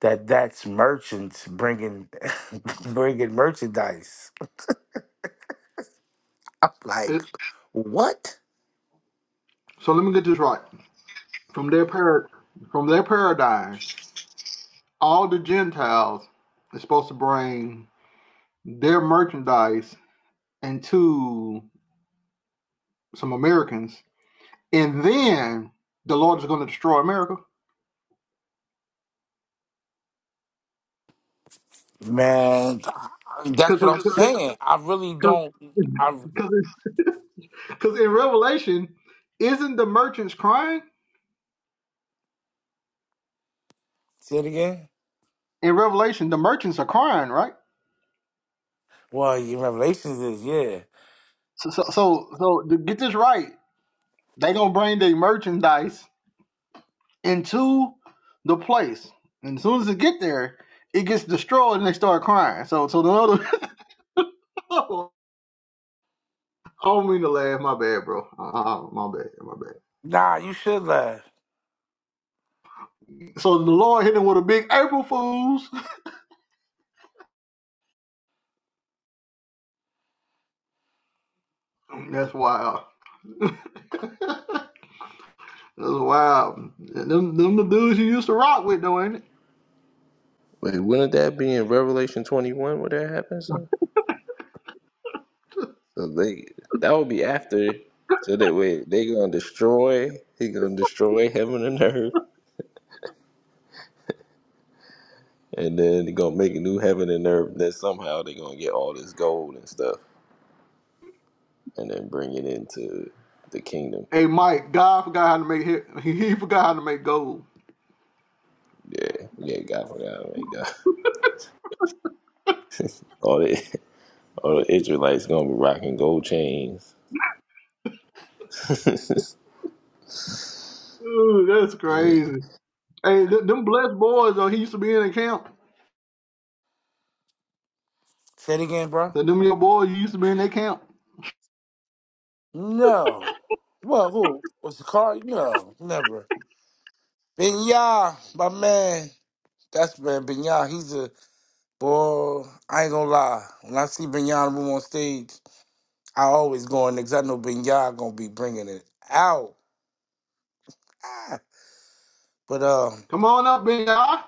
S4: that that's merchants bringing bringing merchandise. I'm
S1: it?
S4: like,
S1: it?
S4: what,
S1: So let me get this right. from their par- from their paradigm, all the Gentiles is supposed to bring their merchandise into some Americans, and then the Lord is going to destroy America
S4: man? That's what
S1: because
S4: I'm saying. I really don't. I
S1: in Revelation, isn't the merchants crying?
S4: say it again.
S1: In Revelation, the merchants are crying, right?
S4: Well, your revelations is yeah.
S1: So so so, so to get this right, they gonna bring their merchandise into the place. And as soon as it get there, it gets destroyed and they start crying. So so the Lord, I don't mean to laugh, my bad, bro. Uh, my bad, my bad.
S4: Nah, you should laugh.
S1: So the Lord hit him with a big April Fools. That's wild. That's wild. Them, them the dudes you used to rock with, though, ain't it?
S3: Wait, wouldn't that be in revelation 21 where that happens though? so they that would be after so that way they gonna destroy he gonna destroy heaven and earth and then they're gonna make a new heaven and earth. That somehow they're gonna get all this gold and stuff, and then bring it into the kingdom.
S1: Hey, Mike, God forgot how to make hit. He forgot how to make gold.
S3: Yeah, yeah, God forgot, man, God. All the all the Israelites gonna be rocking gold chains. yeah,
S1: Ooh, that's
S3: Yeah,
S1: crazy. Hey, th- them blessed boys, though, he used to be in the camp.
S4: Say it again, bro.
S1: So them your boys, you used to be in their camp.
S4: No. Well, who was the car? No, never. Binya, my man. That's man. Binya. He's a Boy, I ain't gonna lie. When I see Binyana room on stage, I always go in because I know Binyana gonna be bringing it out. Ah. But um,
S1: Come on up, big I.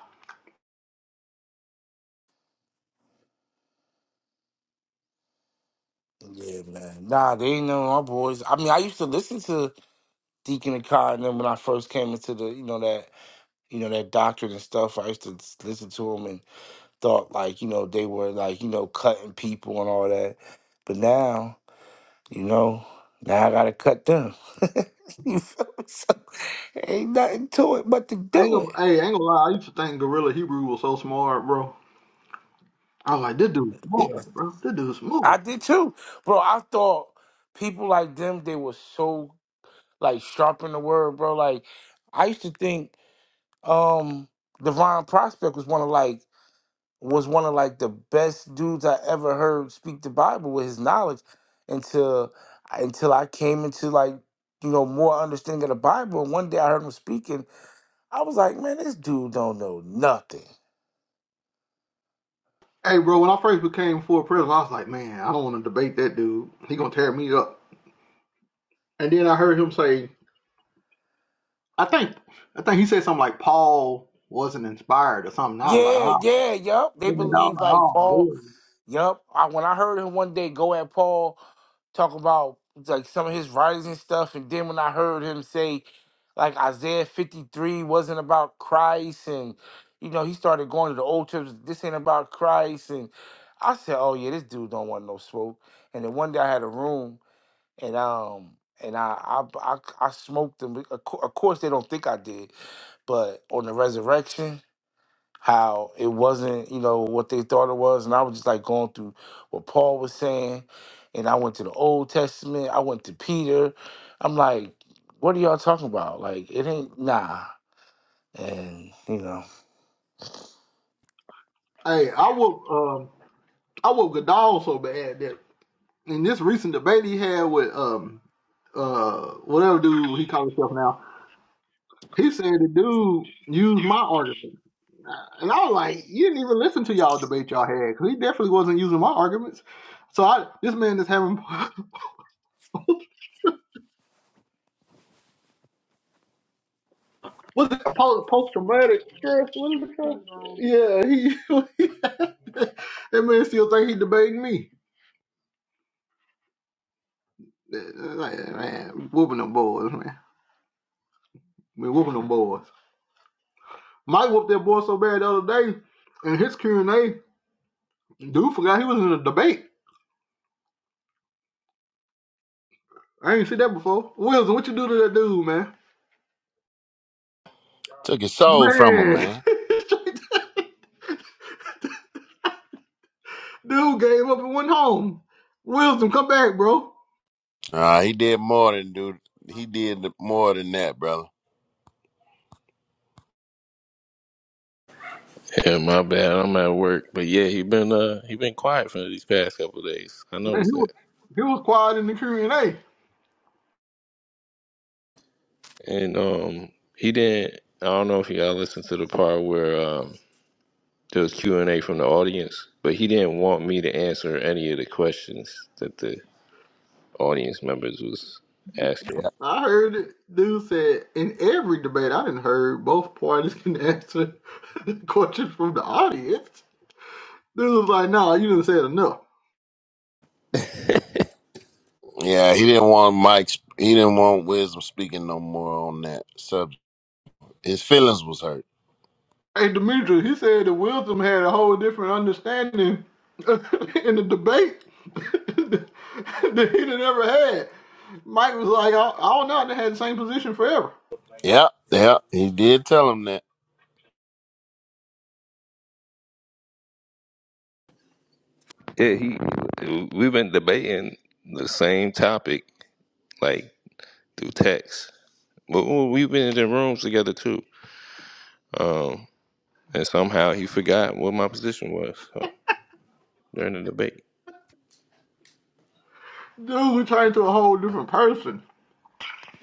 S4: yeah, man. Nah, they ain't none of my boys. I mean, I used to listen to Deacon and Kai, and then when I first came into the, you know that, you know that doctrine and stuff, I used to s- listen to them and thought like, you know, they were like, you know, cutting people and all that. But now. You know, now I gotta cut them. you feel me? So ain't nothing to it but to
S1: I ain't
S4: do
S1: gonna,
S4: it.
S1: hey, I ain't gonna lie. I used to think Gorilla Hebrew was so smart, bro. I was like, this dude's smart,
S4: Yeah,
S1: bro. This dude's smooth.
S4: I did too, bro. I thought people like them they were so like sharp in the word, bro. Like I used to think um Divine Prospect was one of like was one of like the best dudes I ever heard speak the Bible with his knowledge until until I came into like you know more understanding of the Bible. And one day I heard him speaking. I was like, man, this dude don't know nothing.
S1: Hey, bro, when I first became full president, I was like, man, I don't want to debate that dude. He gonna tear me up. And then I heard him say, I think, I think he said something like Paul wasn't inspired or something. I was like,
S4: Yeah,
S1: oh,
S4: yeah, yup. They
S1: I was
S4: believe
S1: like,
S4: like Paul.
S1: oh,
S4: Yup. I, when I heard him one day go at Paul talk about like some of his writings and stuff, and then when I heard him say like Isaiah fifty three wasn't about Christ, and you know he started going to the old church. This ain't about Christ, and I said, oh yeah, this dude don't want no smoke. And then one day I had a room, and um, and I I I, I smoked him. Of cour- of course, they don't think I did but on the resurrection, how it wasn't, you know, what they thought it was. And I was just like going through what Paul was saying. And I went to the Old Testament, I went to Peter. I'm like, what are y'all talking about? Like, it ain't, nah. And, you know,
S1: man. hey, I whooped, um, I whooped Godal so bad that in this recent debate he had with um, uh, whatever dude he calls himself now. He said the dude used my argument. And I was like, you didn't even listen to y'all debate y'all had because he definitely wasn't using my arguments. So I, this man is having was it post traumatic stress? What is it called? Yeah, he that man still think he debating me. Like, man, whooping them boys, man. Man, whooping them boys. Mike whooped that boy so bad the other day, and his Q and A dude forgot he was in a debate. I ain't seen that before. Wilson, what you do to that dude, man?
S2: Took his soul from him,
S1: Man,
S2: man.
S1: dude gave up and went home. Wisdom, come back, bro.
S2: Uh, he did more than dude. He did more than that, brother.
S3: my bad. I'm at work, but yeah, he been uh he been quiet for these past couple of days. I
S1: Man, he
S3: noticed
S1: was,
S3: that,
S1: he was quiet in the Q and A.
S3: and um he didn't. I don't know if y'all listened to the part where um there was Q and A from the audience, but he didn't want me to answer any of the questions that the audience members was asking.
S1: I heard it. Dude said in every debate, I didn't heard both parties can answer the questions from the audience. Dude was like, "Nah, you didn't say enough."
S2: Yeah, he didn't want Mike's. He didn't want Wisdom speaking no more on that subject. His feelings was hurt.
S1: Hey, Demetrius, he said that Wilson had a whole different understanding in the debate that he done ever had. Mike was like, "I, all night not had the same position forever."
S2: Yep, yep. He did tell him that.
S3: Yeah, he. We've been debating the same topic like through text, but we- have been in the rooms together too. Um, and somehow he forgot what my position was so, during the debate.
S1: Dude turned into a whole different person.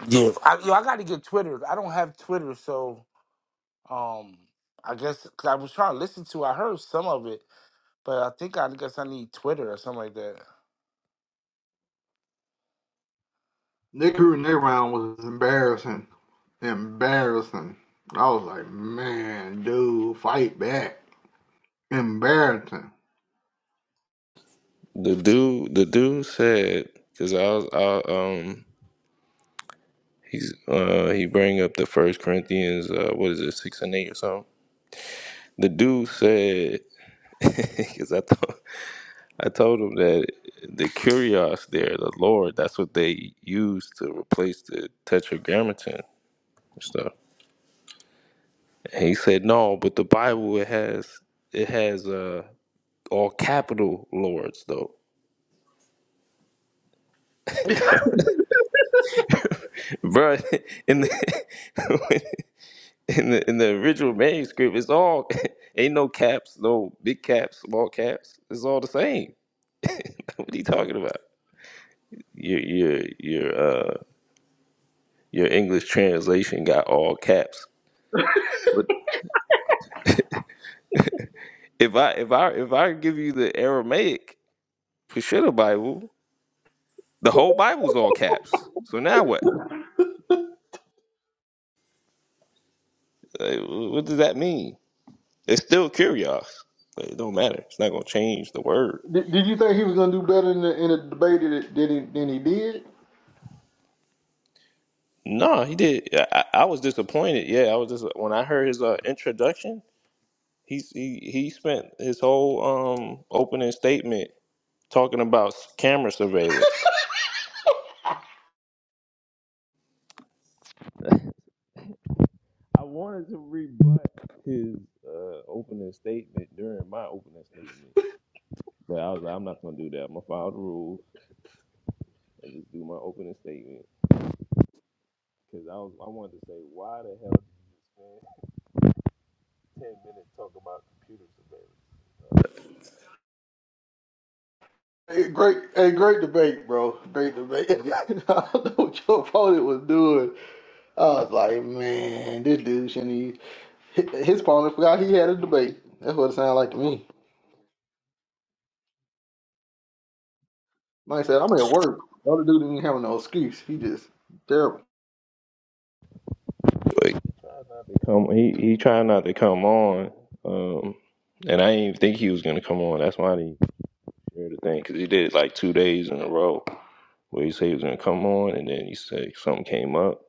S4: yeah, I, yo, I got to get Twitter. I don't have Twitter, so um, I guess, cause I was trying to listen to, I heard some of it, but I think I guess I need Twitter or something like that.
S1: Nick Renee round was embarrassing. Embarrassing. I was like, man, dude, fight back. Embarrassing.
S3: The dude, the dude said, because I was, I, um, he's uh, he bring up the First Corinthians, uh, what is it, six and eight or something. The dude said, because I thought. I told him that the curios there, the Lord, that's what they use to replace the tetragrammaton and stuff. And he said, No, but the Bible it has it has uh all capital lords though. bro." in the in the in the original manuscript it's all ain't no caps, no big caps, small caps. It's all the same. what are you talking about? Your your your uh your English translation got all caps. If I if I if I give you the Aramaic Peshitta Bible, the whole Bible's all caps. So now what? Like, wh- what does that mean? It's still curios. Like, it don't matter. It's not gonna change the word.
S1: Did, did you think he was gonna do better in the in the debate than he, than he did?
S3: No, he did. I, I I was disappointed. Yeah, I was just when I heard his uh, introduction. He's he he spent his whole um opening statement talking about s- camera surveillance. I wanted to rebut his uh, opening statement during my opening statement. But I was like, I'm not gonna do that. I'm gonna follow the rules and just do my opening statement. Cause I was, I wanted to say, why the hell did you spend ten minutes talking about computer
S1: Hey, great, a great debate, bro. Great debate. I don't know what your opponent was doing. I was like, man, this dude shouldn't. He, his opponent forgot he had a debate. That's what it sounded like to me. Like I said, I'm at work. The other dude didn't have no excuse. He just terrible.
S3: surveillance? Like, He tried not to come. He he tried not to come on. Um, and I didn't even think he was gonna come on. That's why I didn't share the thing. Cause he did it like two days in a row where he said he was gonna come on, and then he said something came up.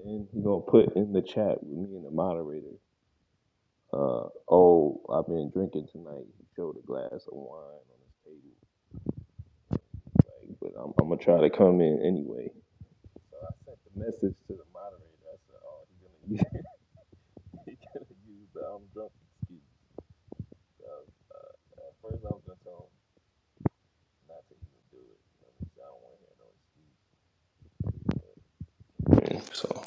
S3: And then he gonna put in the chat with me and the moderator. Uh, oh, I've been drinking tonight. He showed a glass of wine on his table. Like, but I'm, I'm gonna try to come in anyway. So I sent the message to the moderator. I said, "Oh, he's gonna use, He's gonna use the I'm drunk excuse." At first, I was gonna tell him not to even do it. You know, I don't want to hear no excuse. So,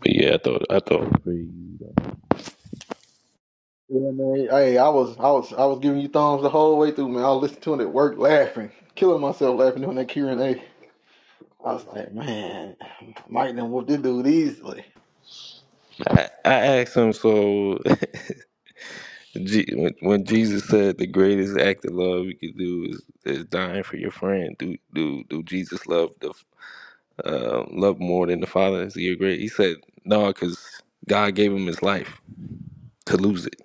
S3: but yeah, I thought I thought it was pretty easy though.
S1: You know what I mean? Hey, I was, I was, I was giving you thumbs the whole way through, man. I was listening to it at work, laughing, killing myself laughing doing that Q and A. I was like, man, Mike done whooped this dude easily.
S3: I, I asked him so. Je- when, when Jesus said the greatest act of love you could do is, is dying for your friend, do do do Jesus love the uh, love more than the Father? Is he a great? He said, no, because God gave him his life to lose it.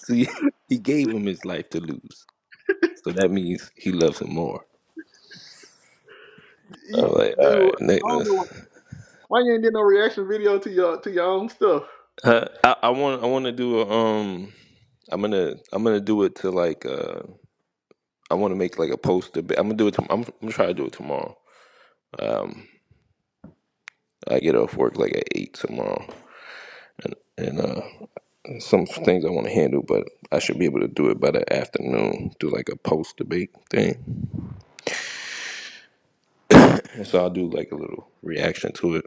S3: See, he gave him his life to lose. So that means he loves him more.
S1: You,
S3: I'm like,
S1: dude, I
S3: all right,
S1: don't know
S3: Nicholas.
S1: why you ain't did no reaction video to your to your own stuff,
S3: Uh, I, I want, I want to do a, um, I'm gonna, I'm gonna do it to like, uh, I want to make like a poster. but I'm gonna do it. To, I'm, I'm gonna try to do it tomorrow. Um, I get off work like at eight tomorrow, and uh, some things I want to handle, but I should be able to do it by the afternoon, do like a post debate thing. And so I'll do like a little reaction to it.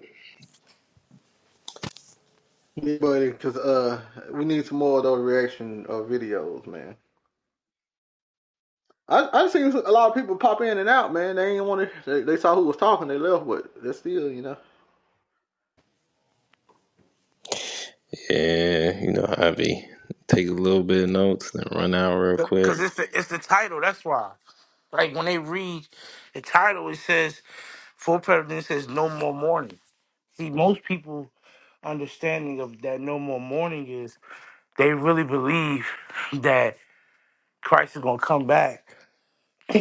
S1: yeah, buddy. Because uh, we need some more of those reaction uh, videos, man. I I seen a lot of people pop in and out, man. They ain't want to. They, they saw who was talking, they left, but they are still, you know.
S3: Yeah, you know, Ivy, take a little bit of notes, then run out real quick.
S4: Because it's the, it's the title, that's why. Like when they read the title, it says full president says no more mourning. See, most people understanding of that no more mourning is they really believe that Christ is gonna come back, so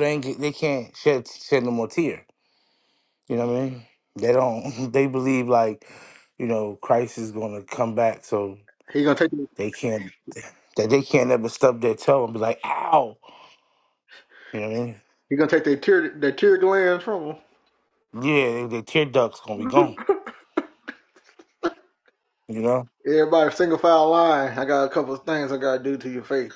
S4: they ain't get, they can't shed shed no more tear. You know what I mean? They don't. They believe like you know Christ is gonna come back, so
S1: He gonna take
S4: they can't that they can't ever stub their toe and be like ow. You know what I mean?
S1: he gonna take their tear their tear glands from
S4: yeah, their tear ducts gonna be
S1: them.
S4: gone. You know.
S1: Everybody single file line. I got a couple of things I gotta do to your face.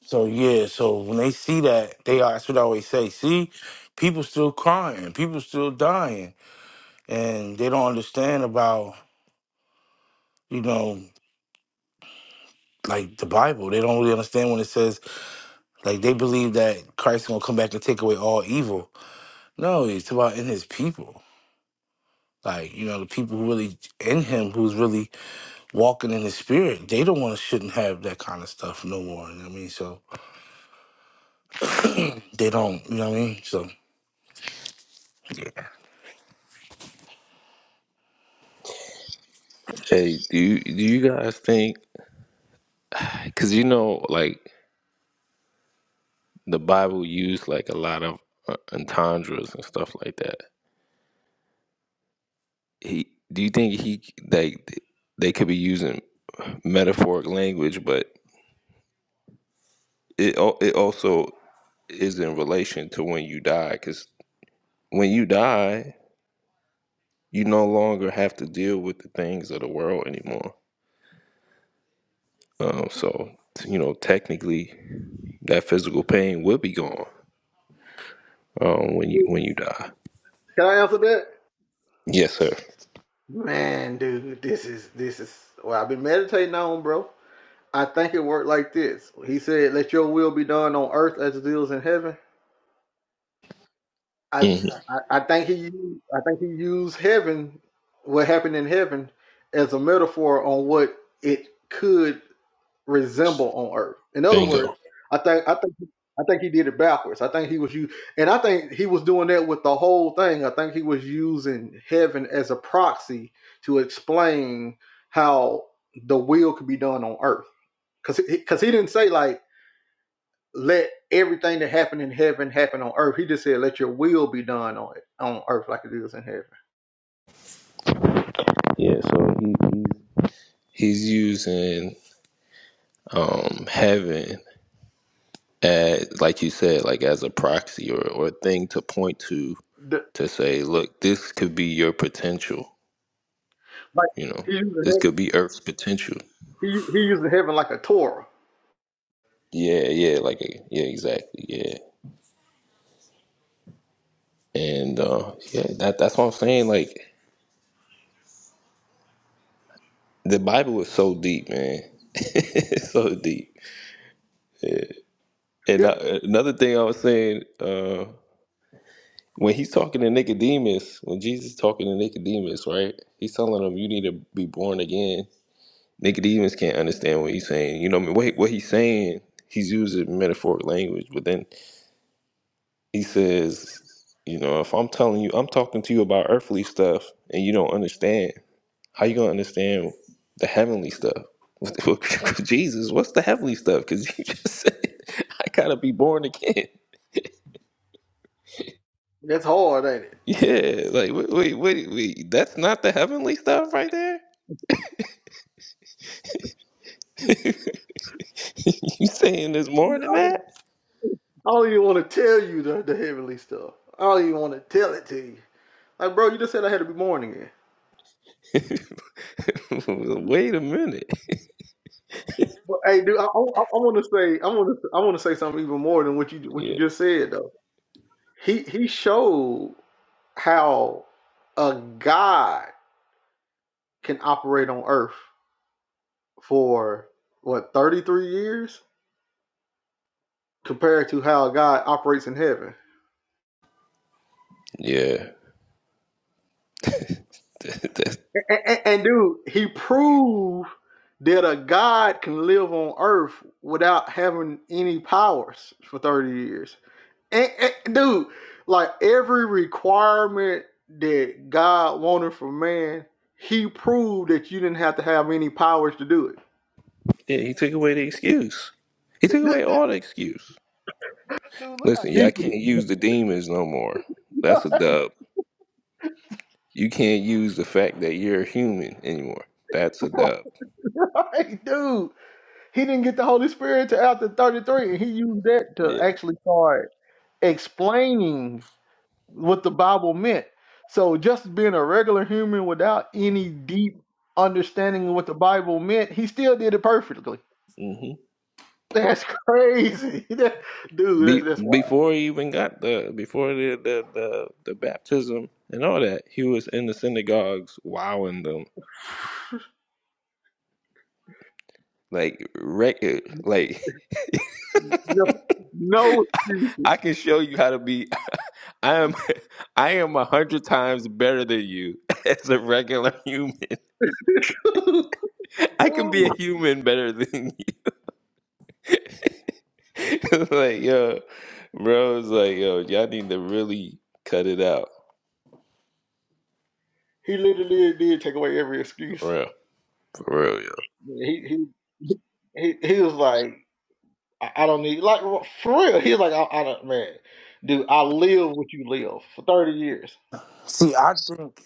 S4: So yeah, so when they see that, they are- that's what I always say. See, people still crying, people still dying, and they don't understand about you know like the Bible. They don't really understand when it says like they believe that Christ gonna come back and take away all evil. No, it's about in His people. Like you know, the people who really in Him, who's really walking in His Spirit, they don't want to shouldn't have that kind of stuff no more. You know what I mean? So they don't. You know what I mean? So.
S3: Hey, do you, do you guys think, because you know, like the Bible used like a lot of uh, entendres and stuff like that. He, do you think he, like, they could be using metaphoric language, but it al- it also is in relation to when you die because when you die you no longer have to deal with the things of the world anymore um, so you know technically that physical pain will be gone um, when you
S1: Can
S3: when you die
S1: I answer that?
S3: yes sir
S1: Man, dude, this is this is well I've been meditating on, bro. I think it worked like this. He said, "Let your will be done on earth as it is in heaven." I
S3: hmm
S1: I, I think he used, I think he used heaven, what happened in heaven, as a metaphor on what it could resemble on earth. In other words,
S3: bingo
S1: I think I think I think he did it backwards. I think he was you and I think he was doing that with the whole thing. I think he was using heaven as a proxy to explain how the will could be done on earth. Cause cause he didn't say like let everything that happened in heaven happen on earth. He just said let your will be done on it on earth like it is in heaven.
S3: yeah so he, he's, he's using um, heaven as like you said like as a proxy or, or a thing to point to
S1: The,
S3: to say look this could be your potential
S1: like
S3: you know
S1: he used,
S3: this could be earth's potential
S1: he, he used heaven like a Torah.
S3: Yeah, yeah, like yeah, exactly, yeah, and uh, yeah, that that's what I'm saying. Like the Bible is so deep, man, It's so deep. And
S1: Yep,
S3: uh, another thing I was saying uh, when he's talking to Nicodemus, when Jesus is talking to Nicodemus, right? He's telling him you need to be born again. Nicodemus can't understand what he's saying. You know, what I mean, what what he's saying, he's using metaphoric language, but then he says, you know, if I'm telling you, I'm talking to you about earthly stuff, and you don't understand How you gonna understand the heavenly stuff? With- Jesus, what's the heavenly stuff? Because you just said I gotta be born again.
S1: that's hard, ain't it?
S3: Yeah, like wait, wait, wait, wait. That's not the heavenly stuff right there. you saying there's more than that?
S1: I don't even want to tell you the, the heavenly stuff. I don't even want to tell it to you. Like, bro, you just said I had to be born again.
S3: wait a minute.
S1: But hey, dude, I, I, I want to say, I want to, I want to say something even more than what you what you
S3: Yeah,
S1: just said though. He he showed how a God can operate on Earth for what thirty three years compared to how God operates in heaven.
S3: yeah. That-
S1: And, and, and dude, he proved that a god can live on Earth without having any powers for thirty years. And, and dude, like every requirement that God wanted from man, he proved that you didn't have to have any powers to do it.
S3: yeah, he took away the excuse. He took
S1: Dude,
S3: away all the excuse.
S1: dude, look how
S3: Listen, y'all
S1: deep
S3: can't
S1: it is.
S3: use the demons no more. That's a dub. You can't use the fact that you're human anymore. That's a dub.
S1: Right, dude. He didn't get the Holy Spirit to after 33, and he used that to
S3: Yeah.
S1: actually start explaining what the Bible meant. So just being a regular human without any deep understanding of what the Bible meant, he still did it perfectly.
S3: hmm
S1: That's crazy, That- dude. That's
S3: Be-
S1: that's wild.
S3: before he even got the before the, the the the baptism and all that, he was in the synagogues wowing them like wreck like
S1: No, no excuses.
S3: I can show you how to be. I am I am a hundred times better than you as a regular human. I can be a human better than you. like yo, bro, it's like yo, y'all need to really cut it out.
S1: he literally did take away every excuse.
S3: for real. For real,
S1: He he he, he was like, I, I don't need like for real. He was like, I, I don't man, dude. I live what you live for thirty years.
S4: See, I think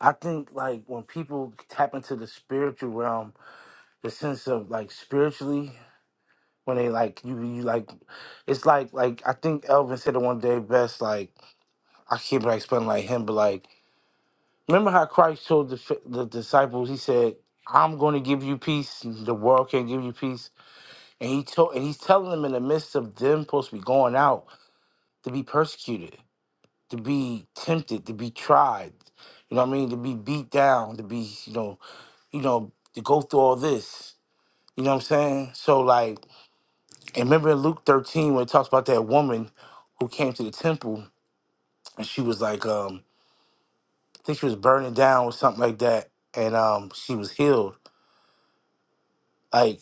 S4: I think like when people tap into the spiritual realm, the sense of like spiritually when they like you you like it's like like I think Elvin said it one day best like I keep like explaining like him but like remember how Christ told the f- the disciples he said I'm going to give you peace the world can't give you peace and he told and he's telling them in the midst of them supposed to be going out to be persecuted to be tempted to be tried you know what I mean to be beat down to be you know you know, to go through all this. You know what I'm saying? So like, and remember in Luke 13 when it talks about that woman who came to the temple and she was like, um, I think she was burning down or something like that, and um, she was healed. Like,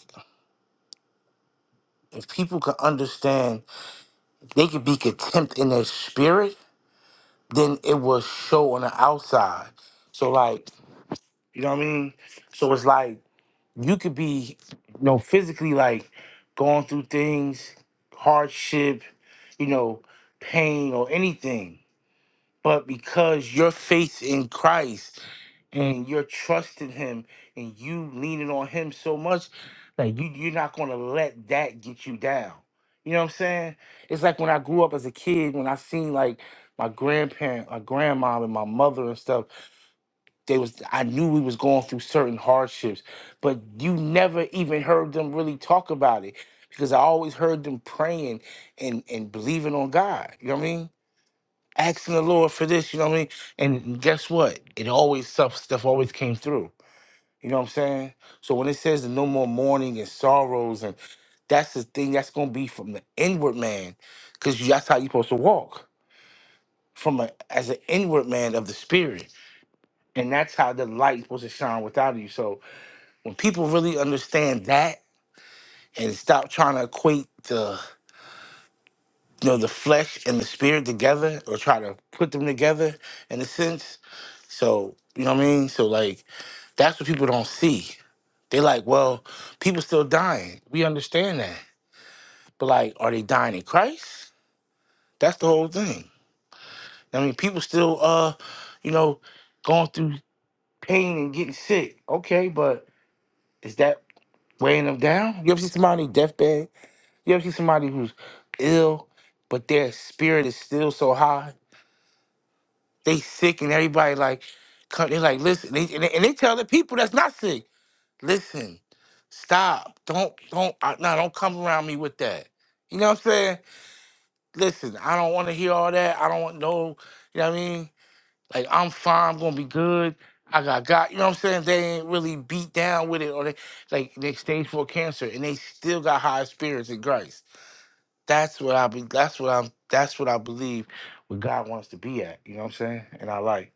S4: if people could understand, they could be contempt in their spirit, then it will show on the outside. So like, you know what I mean? So it's like you could be, you know, physically like going through things, hardship, you know, pain or anything. But because your faith in Christ and you're trusting Him and you leaning on Him so much, like you, you're not gonna let that get you down. You know what I'm saying? It's like when I grew up as a kid, when I seen like my grandparent, my grandma, and my mother and stuff they was I knew we was going through certain hardships, but you never even heard them really talk about it because I always heard them praying and and believing on God. You know what I mean? Asking the Lord for this. You know what I mean? And guess what? It always stuff stuff always came through. You know what I'm saying? So when it says the no more mourning and sorrows and that's the thing that's gonna be from the inward man, because that's how you're supposed to walk from a as an inward man of the spirit, and that's how the light supposed to shine without you. So When people really understand that and stop trying to equate the you know the flesh and the spirit together or try to put them together in a sense. So you know what I mean? So like that's what people don't see. They like, well, people still dying. We understand that. But like, are they dying in Christ? That's the whole thing. I mean, people still uh, you know, going through pain and getting sick. Okay, but is that weighing them down? You ever see somebody on their deathbed You ever see somebody who's ill, but their spirit is still so high? They sick and everybody like, come- they like listen, they, and, they, and they tell the people that's not sick, listen, stop, don't, don't, uh, no, don't come around me with that. You know what I'm saying? Listen, I don't want to hear all that. I don't want no, you know what I mean? Like I'm fine, I'm gonna be good. I got God. You know what I'm saying? They ain't really beat down with it, or they like they stage four cancer and they still got high spirits in Christ. That's what I be. That's what I'm. That's what I believe. Where God wants to be at. You know what I'm saying? And I like.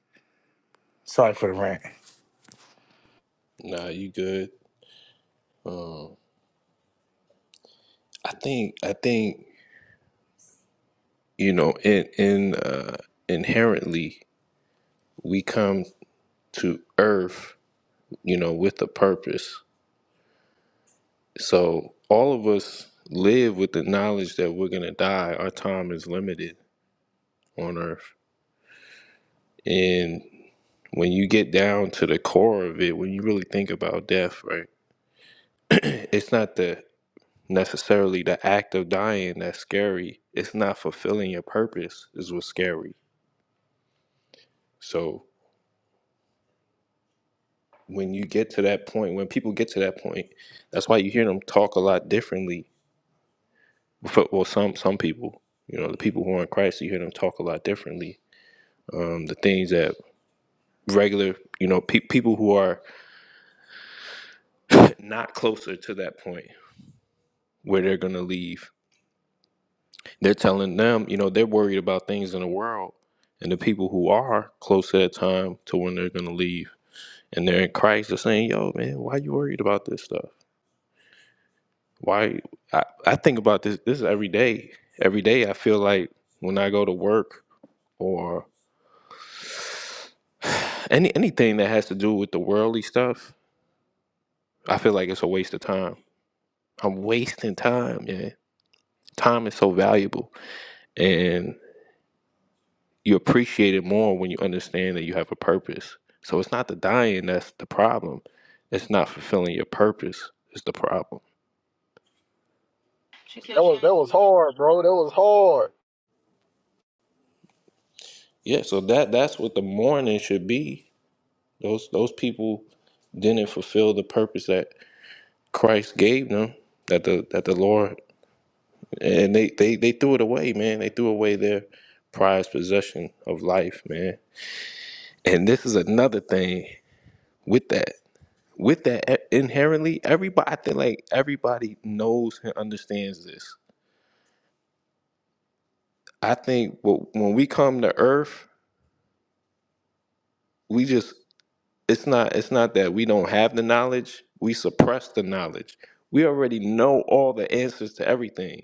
S4: Sorry for the rant.
S3: yeah. Nah, you good. I think I think you know in in uh, inherently we come to Earth, you know, with a purpose. So all of us live with the knowledge that we're gonna die. Our time is limited on Earth, and when you get down to the core of it, when you really think about death, right? it's not the necessarily the act of dying that's scary. It's not fulfilling your purpose is what's scary. So when you get to that point, when people get to that point, that's why you hear them talk a lot differently. For- Well, some some people, you know, the people who are in Christ, you hear them talk a lot differently. Um, the things that regular, you know, pe- people who are not closer to that point where they're gonna leave, they're telling them, you know, they're worried about things in the world, and the people who are close to that time to when they're gonna leave and they're in Christ are saying, "Yo, man, why you worried about this stuff?" Why? I, I think about this. This is every day. Every day, I feel like when I go to work or any anything that has to do with the worldly stuff, I feel like it's a waste of time. I'm wasting time, man. Time is so valuable, and you appreciate it more when you understand that you have a purpose. So it's not the dying that's the problem. It's not fulfilling your purpose is the problem.
S1: That was that was hard, bro. That was hard.
S3: Yeah. So that that's what the mourning should be. Those those people didn't fulfill the purpose that Christ gave them, that the that the Lord and they, they, they threw it away, man. They threw away their prized possession of life, man. And this is another thing with that. With that e- inherently, everybody I think like everybody knows and understands this. I think wh- when we come to earth, we just it's not it's not that we don't have the knowledge, we suppress the knowledge. We already know all the answers to everything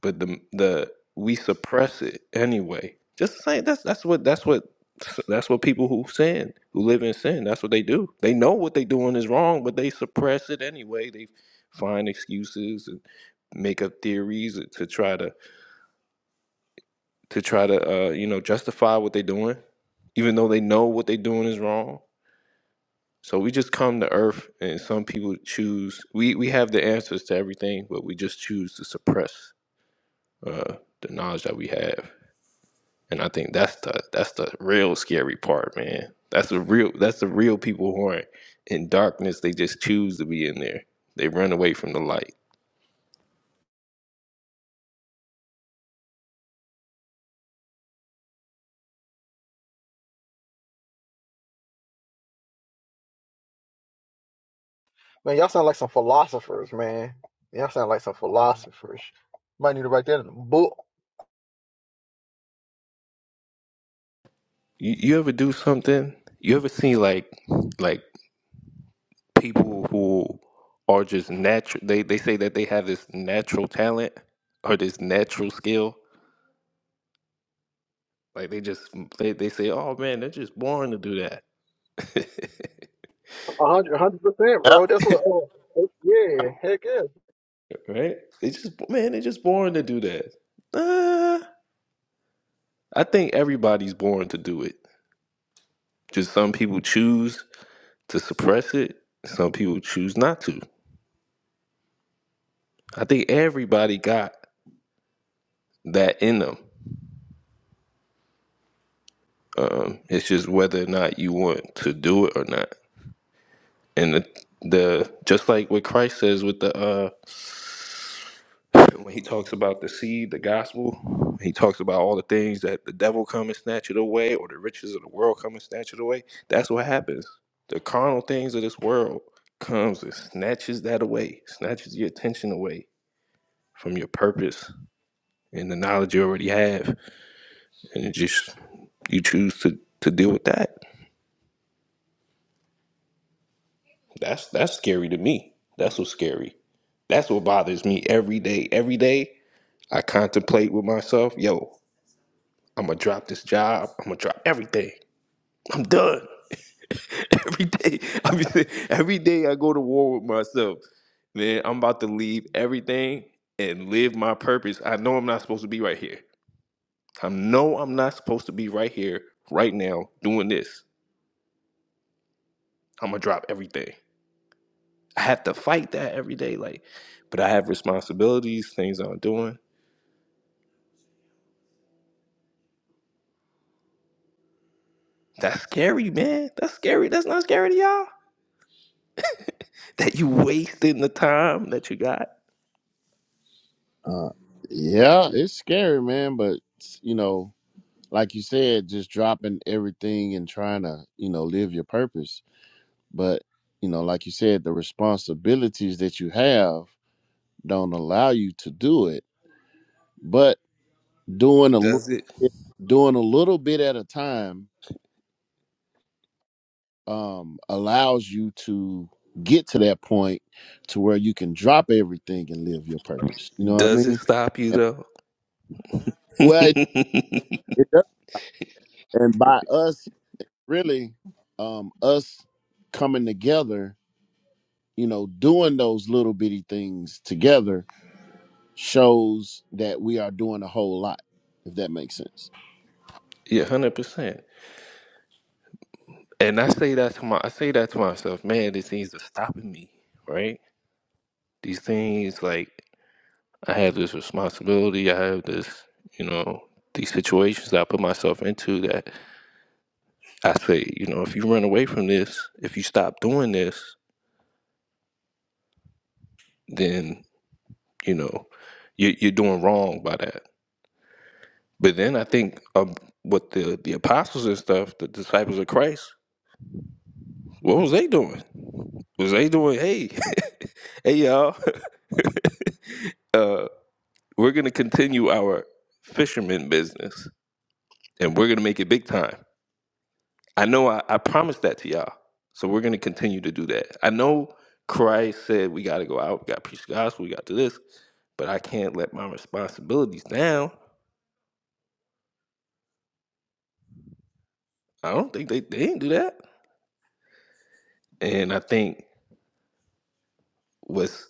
S3: but the the we suppress it anyway. Just saying that's that's what that's what that's what people who sin who live in sin that's what they do. They know what they're doing is wrong, but they suppress it anyway. They find excuses and make up theories to try to to try to uh, you know justify what they're doing, even though they know what they're doing is wrong. So we just come to earth, and some people choose. We we have the answers to everything, but we just choose to suppress uh, the knowledge that we have. And I think that's the that's the real scary part, man. That's the real that's the real people who aren't in darkness. They just choose to be in there. They run away from the light.
S1: Man, y'all sound like some philosophers, man. Y'all sound like some philosophers. Might need to write that in a book.
S3: You, you ever do something? You ever see like like people who are just natural? They they say that they have this natural talent or this natural skill. Like they just they, they say, oh man, they're just born to do that,
S1: A hundred, a hundred percent,
S2: Yep.
S1: bro. That's what. Oh, oh, yeah, heck yeah.
S3: right? They just man, they're just born to do that. Uh, I think everybody's born to do it. Just some people choose to suppress it, some people choose not to. I think everybody got that in them. Um, it's just whether or not you want to do it or not. And the, the just like what Christ says with the uh, And when he talks about the seed, the gospel, he talks about all the things that the devil come and snatch it away, or the riches of the world come and snatch it away. That's what happens. The carnal things of this world comes and snatches that away, snatches your attention away from your purpose and the knowledge you already have, and it just you choose to to deal with that. That's that's scary to me. That's what's scary. That's what bothers me every day. Every day I contemplate with myself, yo, I'm gonna drop this job. I'm gonna drop everything. I'm done. every day, I be saying, every day I go to war with myself. Man, I'm about to leave everything and live my purpose. I know I'm not supposed to be right here. I know I'm not supposed to be right here, right now, doing this. I'm gonna drop everything. I have to fight that every day, like, but I have responsibilities, things I'm doing. That's scary, man. That's scary. That's not scary to y'all. That you wasting the time that you got.
S2: Uh, yeah, it's scary, man. But you know, like you said, just dropping everything and trying to, you know, live your purpose. But you know, like you said, the responsibilities that you have don't allow you to do it but doing a little
S3: Does it?
S2: bit- doing a little bit at a time um, allows you to get to that point to where you can drop everything and live your purpose. You know what I
S3: Does it
S2: mean?
S3: stop you
S2: And,
S3: though?
S2: well, it, it does. and by us really um, us coming together, you know, doing those little bitty things together shows that we are doing a whole lot. If that makes sense.
S3: Yeah, hundred percent. And I say that to my, I say that to myself, man. These things are stopping me, right? These things, like I have this responsibility, I have this, you know, these situations that I put myself into. That I say, you know, if you run away from this, if you stop doing this, then you know, you, you're doing wrong by that. But then I think um, what the the apostles and stuff, the disciples of Christ, what was they doing? Was they doing? Hey, hey, y'all. uh, we're going to continue our fisherman business and we're going to make it big time. I know I, I promised that to y'all. So we're going to continue to do that. I know Christ said we got to go out, we got to preach the gospel, we got to do this, but I can't let my responsibilities down. I don't think they, they didn't do that. And I think what's,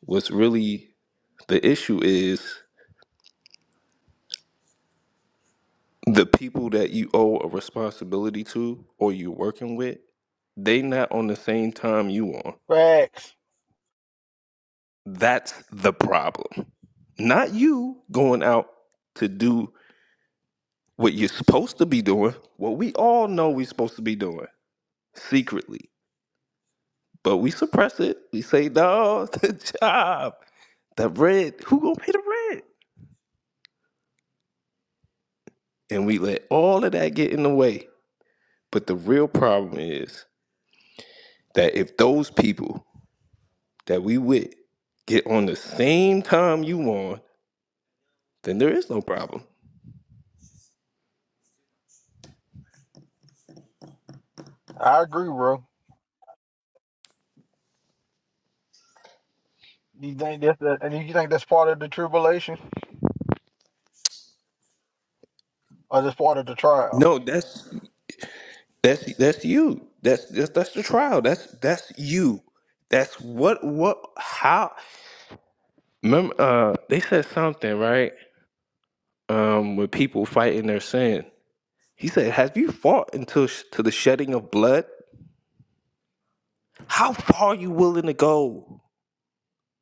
S3: what's really the issue is the people that you owe a responsibility to or you're working with, they not on the same time you on
S1: Facts.
S3: That's the problem. Not you going out to do what you're supposed to be doing, what we all know we're supposed to be doing secretly. But we suppress it. We say, no, the job, the rent, who gonna pay the rent? And we let all of that get in the way. But the real problem is that if those people that we with get on the same time you on, then there is no problem.
S1: I agree, bro. You think that's that, and you think that's part of the tribulation or just part of the trial?
S3: No, that's That's that's you. That's that's, that's the trial. That's that's you. That's what what how. Remember, uh, they said something right. Um, with people fighting their sin, he said, "Have you fought until sh- to the shedding of blood? How far are you willing to go?"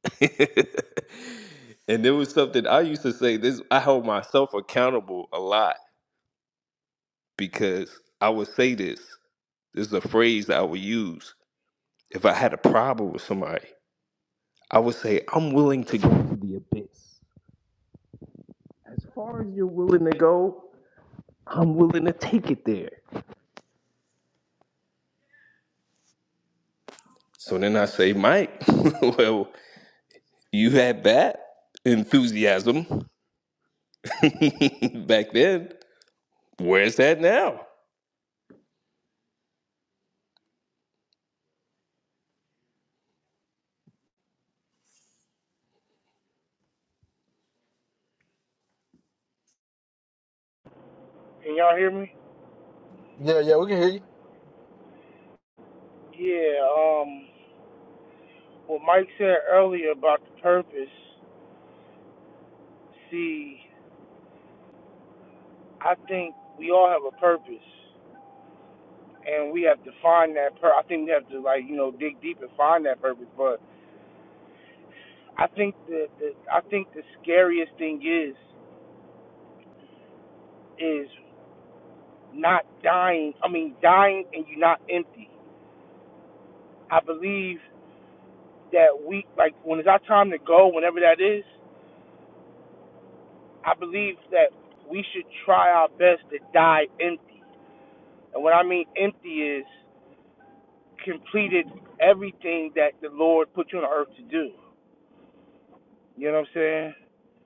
S3: and there was something I used to say. This I hold myself accountable a lot because I would say this. This is a phrase I would use if I had a problem with somebody. I would say I'm willing to go to the abyss. As far as you're willing to go, I'm willing to take it there. So then I say, Mike, well, you had that enthusiasm back then. Where's that now?
S4: Can y'all hear me?
S1: Yeah, yeah, we can hear you.
S4: Yeah, um, what Mike said earlier about the purpose. See, I think we all have a purpose, and we have to find that. Pur- I think we have to like you know dig deep and find that purpose. But I think the, the I think the scariest thing is is not dying. I mean, dying and you're not empty. I believe. that we like when it's our time to go, whenever that is, I believe that we should try our best to die empty. And what I mean empty is completed everything that the Lord put you on earth to do. You know what I'm saying?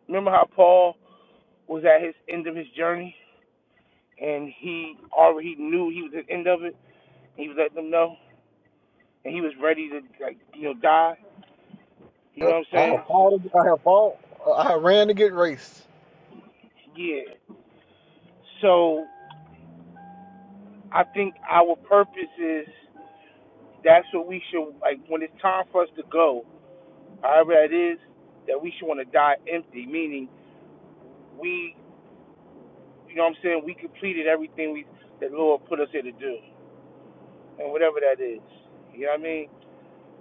S4: Remember how Paul was at his end of his journey and he already knew he was at the end of it. And he was letting them know and he was ready to like you know die. You know
S1: Yep.
S4: what I'm
S1: I
S4: saying?
S1: have
S4: just-
S1: fought. I have fought. I have ran to get race.
S4: yeah. So I think our purpose is That's what we should like when it's time for us to go, however that is, that we should want to die empty, meaning we you know what I'm saying, we completed everything we that Lord put us here to do. And whatever that is. You know what I mean?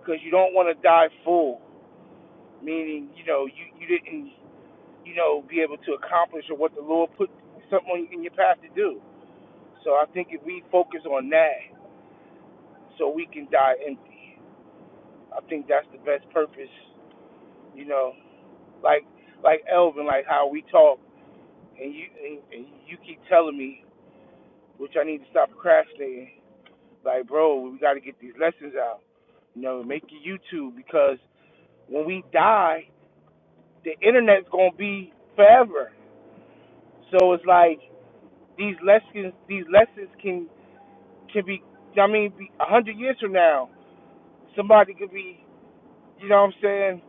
S4: Because you don't want to die full, meaning, you know, you, you didn't you know, be able to accomplish or what the Lord put something on- in your path to do. So I think if we focus on that, so we can die empty. I think that's the best purpose, you know. Like like Elvin, like how we talk. and you and, and you keep telling me, which I need to stop procrastinating. Like, bro, we got to get these lessons out. You know, make your YouTube because when we die, the internet's gonna be forever. So it's like these lessons, these lessons can can be. I mean, a hundred years from now, somebody could be, you know, what I'm saying,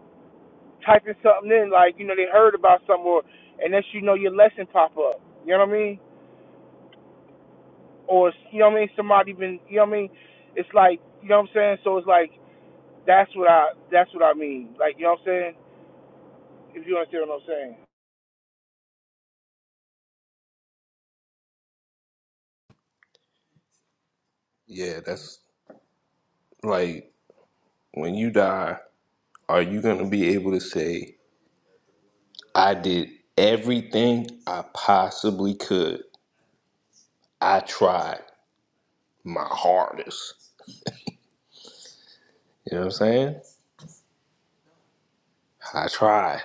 S4: typing something in, like you know, they heard about something, or unless you know your lesson pop up. You know what I mean? or you know what I mean, somebody been you know what I mean. It's like you know what I'm saying. So it's like that's what I that's what I mean. Like you know what I'm saying. If you understand what I'm saying.
S3: Yeah, that's like when you die, are you going to be able to say, I did everything I possibly could? I tried my hardest. You know what I'm saying? I tried.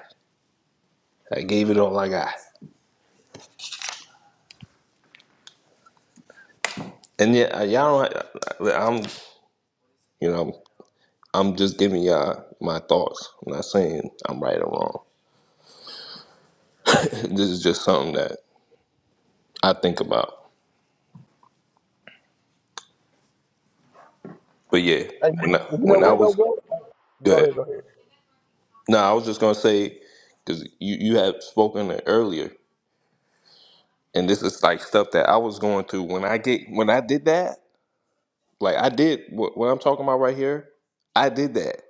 S3: I gave it all I got. And yeah, y'all don't. I- am you know, I'm just giving y'all my thoughts. I'm not saying I'm right or wrong. This is just something that I think about. But yeah,
S1: And
S3: when I,
S1: you know
S3: when I
S1: what, though,
S3: was
S1: bro? Go
S3: good,
S1: ahead, go
S3: no, I was just gonna say because you you had spoken it earlier, and this is like stuff that I was going through when I get when I did that. Like I did what, what I'm talking about right here. I did that.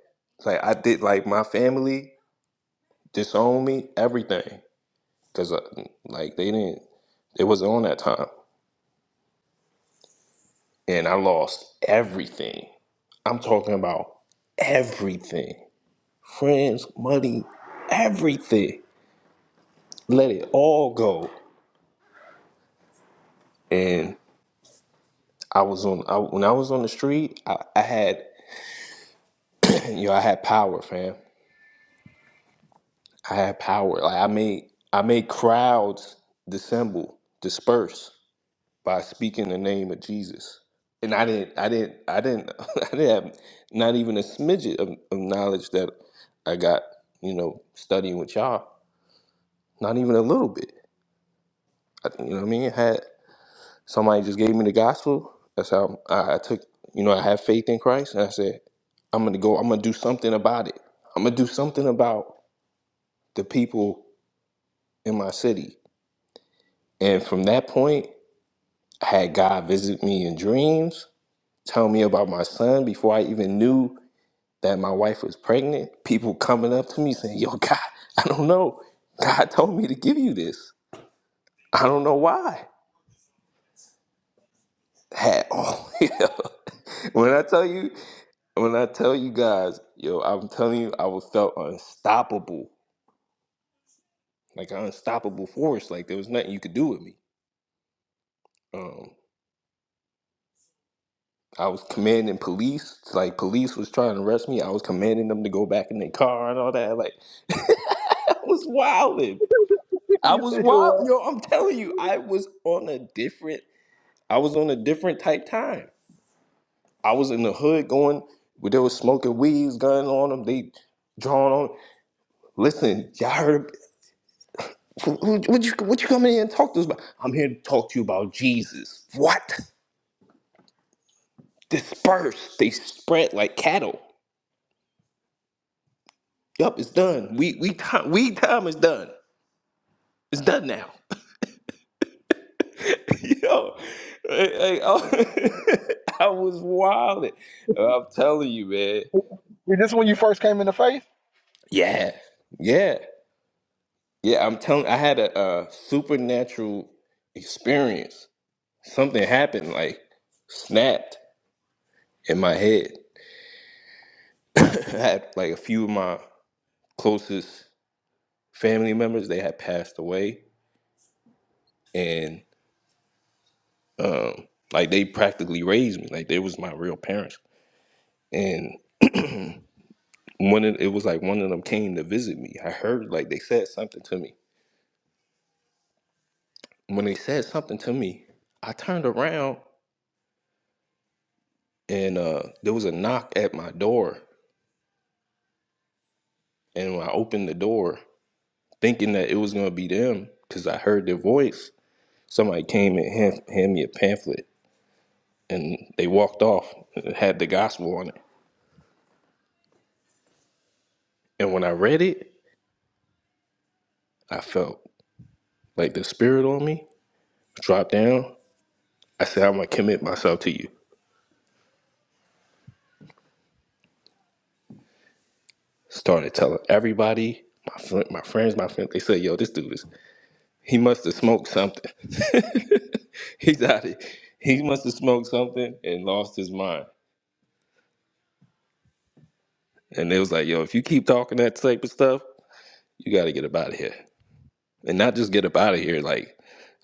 S3: Like I did. Like my family disowned me. Everything because like they didn't. It was on that time. And I lost everything. I'm talking about everything. Friends, money, everything. Let it all go. And I was on I, when I was on the street, I, I had you know, I had power, fam. I had power. Like I made I made crowds dissemble, disperse by speaking the name of Jesus. And I didn't, I didn't, I didn't, I didn't have not even a smidget of, of knowledge that I got, you know, studying with y'all. Not even a little bit. I, you know what I mean? I had somebody just gave me the gospel. That's how I, I took, you know, I have faith in Christ, and I said, I'm gonna go. I'm gonna do something about it. I'm gonna do something about the people in my city. And from that point, I had God visit me in dreams, tell me about my son before I even knew that my wife was pregnant, people coming up to me saying, Yo, God, I don't know. God told me to give you this. I don't know why. Had all yeah. when I tell you, when I tell you guys, yo, I'm telling you, I was felt unstoppable, like an unstoppable force. Like there was nothing you could do with me. Um, I was commanding police, like police was trying to arrest me. I was commanding them to go back in their car and all that. Like I was wilding.
S1: ahead.
S3: I was
S1: You
S3: wild,
S1: know
S3: yo. I'm telling you, I was on a different. I was on a different type time. I was in the hood going. where They was smoking weeds, gun on them. They drawing on. Listen, y'all heard. who- who- What you what you coming in here and talk to us about? I'm here to talk to you about Jesus. What? Disperse. They spread like cattle. Yup, it's done. We we time we time is done. It's done now. Yo, I, I I was wild. I'm telling you, man.
S1: what? Is this when you first came into faith?
S3: Yeah, yeah, yeah. I'm telling. I had a, uh supernatural experience. Something happened, like snapped in my head. I had like a few of my closest family members. They had passed away, and um, like they practically raised me. Like they was my real parents. And one of it was like one of them came to visit me. I heard like they said something to me. When they said something to me, I turned around and uh, there was a knock at my door And when I opened the door, thinking that it was gonna be them, because I heard their voice, somebody came and hand, hand me a pamphlet, and they walked off and had the gospel on it. And when I read it, I felt like the spirit on me dropped down. I said, "I'm gonna commit myself to you." Started telling everybody, my fr- my friends, my friends. They said, "Yo, this dude is he must have smoked something. He's out of he must have smoked something and lost his mind." And they was like, "Yo, if you keep talking that type of stuff." You got to get up out of here, and not just get up out of here. Like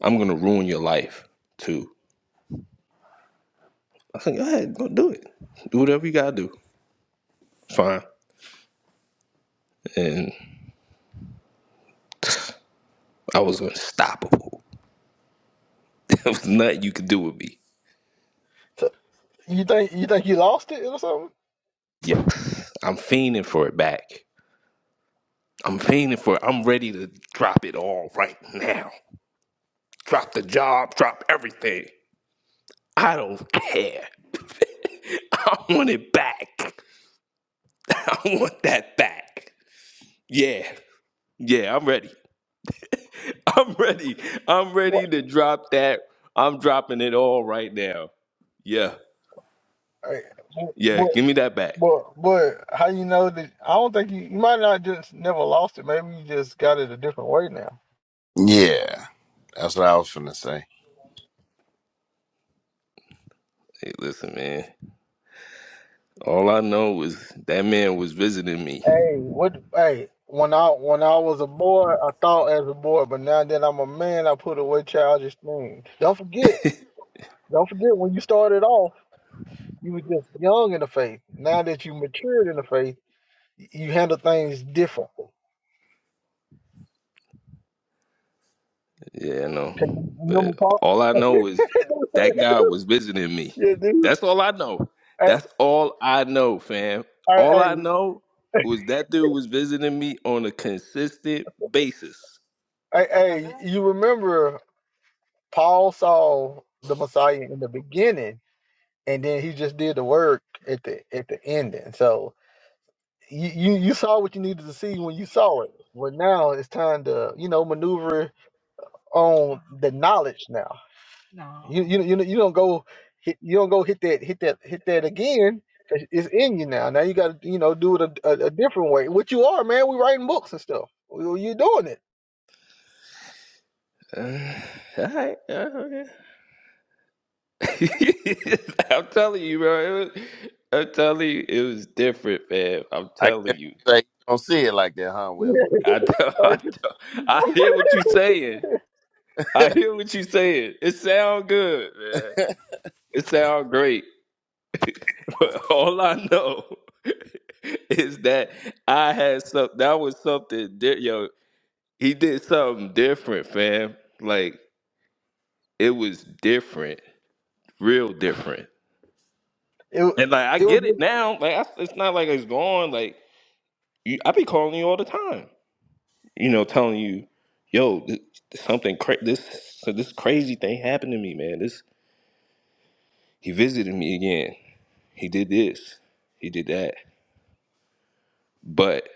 S3: I'm gonna ruin your life too. I said, go ahead, go do it. Do whatever you gotta do. Fine. And I was unstoppable. there was nothing you could do with me.
S1: You think you think you lost it or something?
S3: Yeah, I'm fiending for it back. I'm fiending for it. I'm ready to drop it all right now. Drop the job. Drop everything. I don't care. I want it back. I want that back. Yeah. Yeah, I'm ready. I'm ready. I'm
S1: What?
S3: ready to drop that. I'm dropping it all right now. Yeah.
S1: Hey,
S3: Yeah.
S1: But
S3: Give me that back.
S1: but but how you know that? I don't think you you might not just never lost it. Maybe you just got it a different way now.
S2: Yeah, that's what I was finna say.
S3: Hey, listen, man. All I know is that man was visiting me.
S1: Hey, what? Hey, when I when I was a boy, I thought as a boy, but now that I'm a man, I put away childish things. Don't forget, don't forget when you started off, you were just young in the faith. Now that you matured in the faith, y- you handle things differently.
S3: Yeah, I
S1: Can you
S3: know.
S1: remember
S3: But
S1: Paul?
S3: all I know is that guy was visiting me.
S1: yeah, dude.
S3: That's all I know.
S1: Hey,
S3: That's all I know, fam.
S1: hey,
S3: All
S1: hey,
S3: I know was that dude was visiting me on a consistent basis.
S1: Hey, hey, you remember Paul saw the Messiah in the beginning, and then he just did the work at the at the ending. So you, you you saw what you needed to see when you saw it, but now it's time to you know maneuver on the knowledge. Now you you you you don't go hit, you don't go hit that hit that hit that again. 'cause It's in you now. Now you got to you know do it a, a, a different way. What you are, man. We writing books and stuff. Well, You- You're doing it.
S3: Uh, all right. I'm telling you, bro. It was, I'm telling you, it was different, fam. I'm
S2: I guess
S3: telling you.
S2: you say you don't see it like that, huh, Wisdom?
S3: I know, I
S1: Oh, you-
S3: know. I hear what you saying. I hear what you saying. It sound good, man. It sound great. But all I know is that I had some. That was something. Di- yo, he did something different, fam. Like it was different, real different.
S1: It
S3: And like I
S1: it
S3: get it
S1: was,
S3: now. Like I, it's not like it's gone. Like. You, I be calling you all the time. You know, telling you, yo, th- something cra- this so this crazy thing happened to me, man. This he visited me again. He did this. He did that. But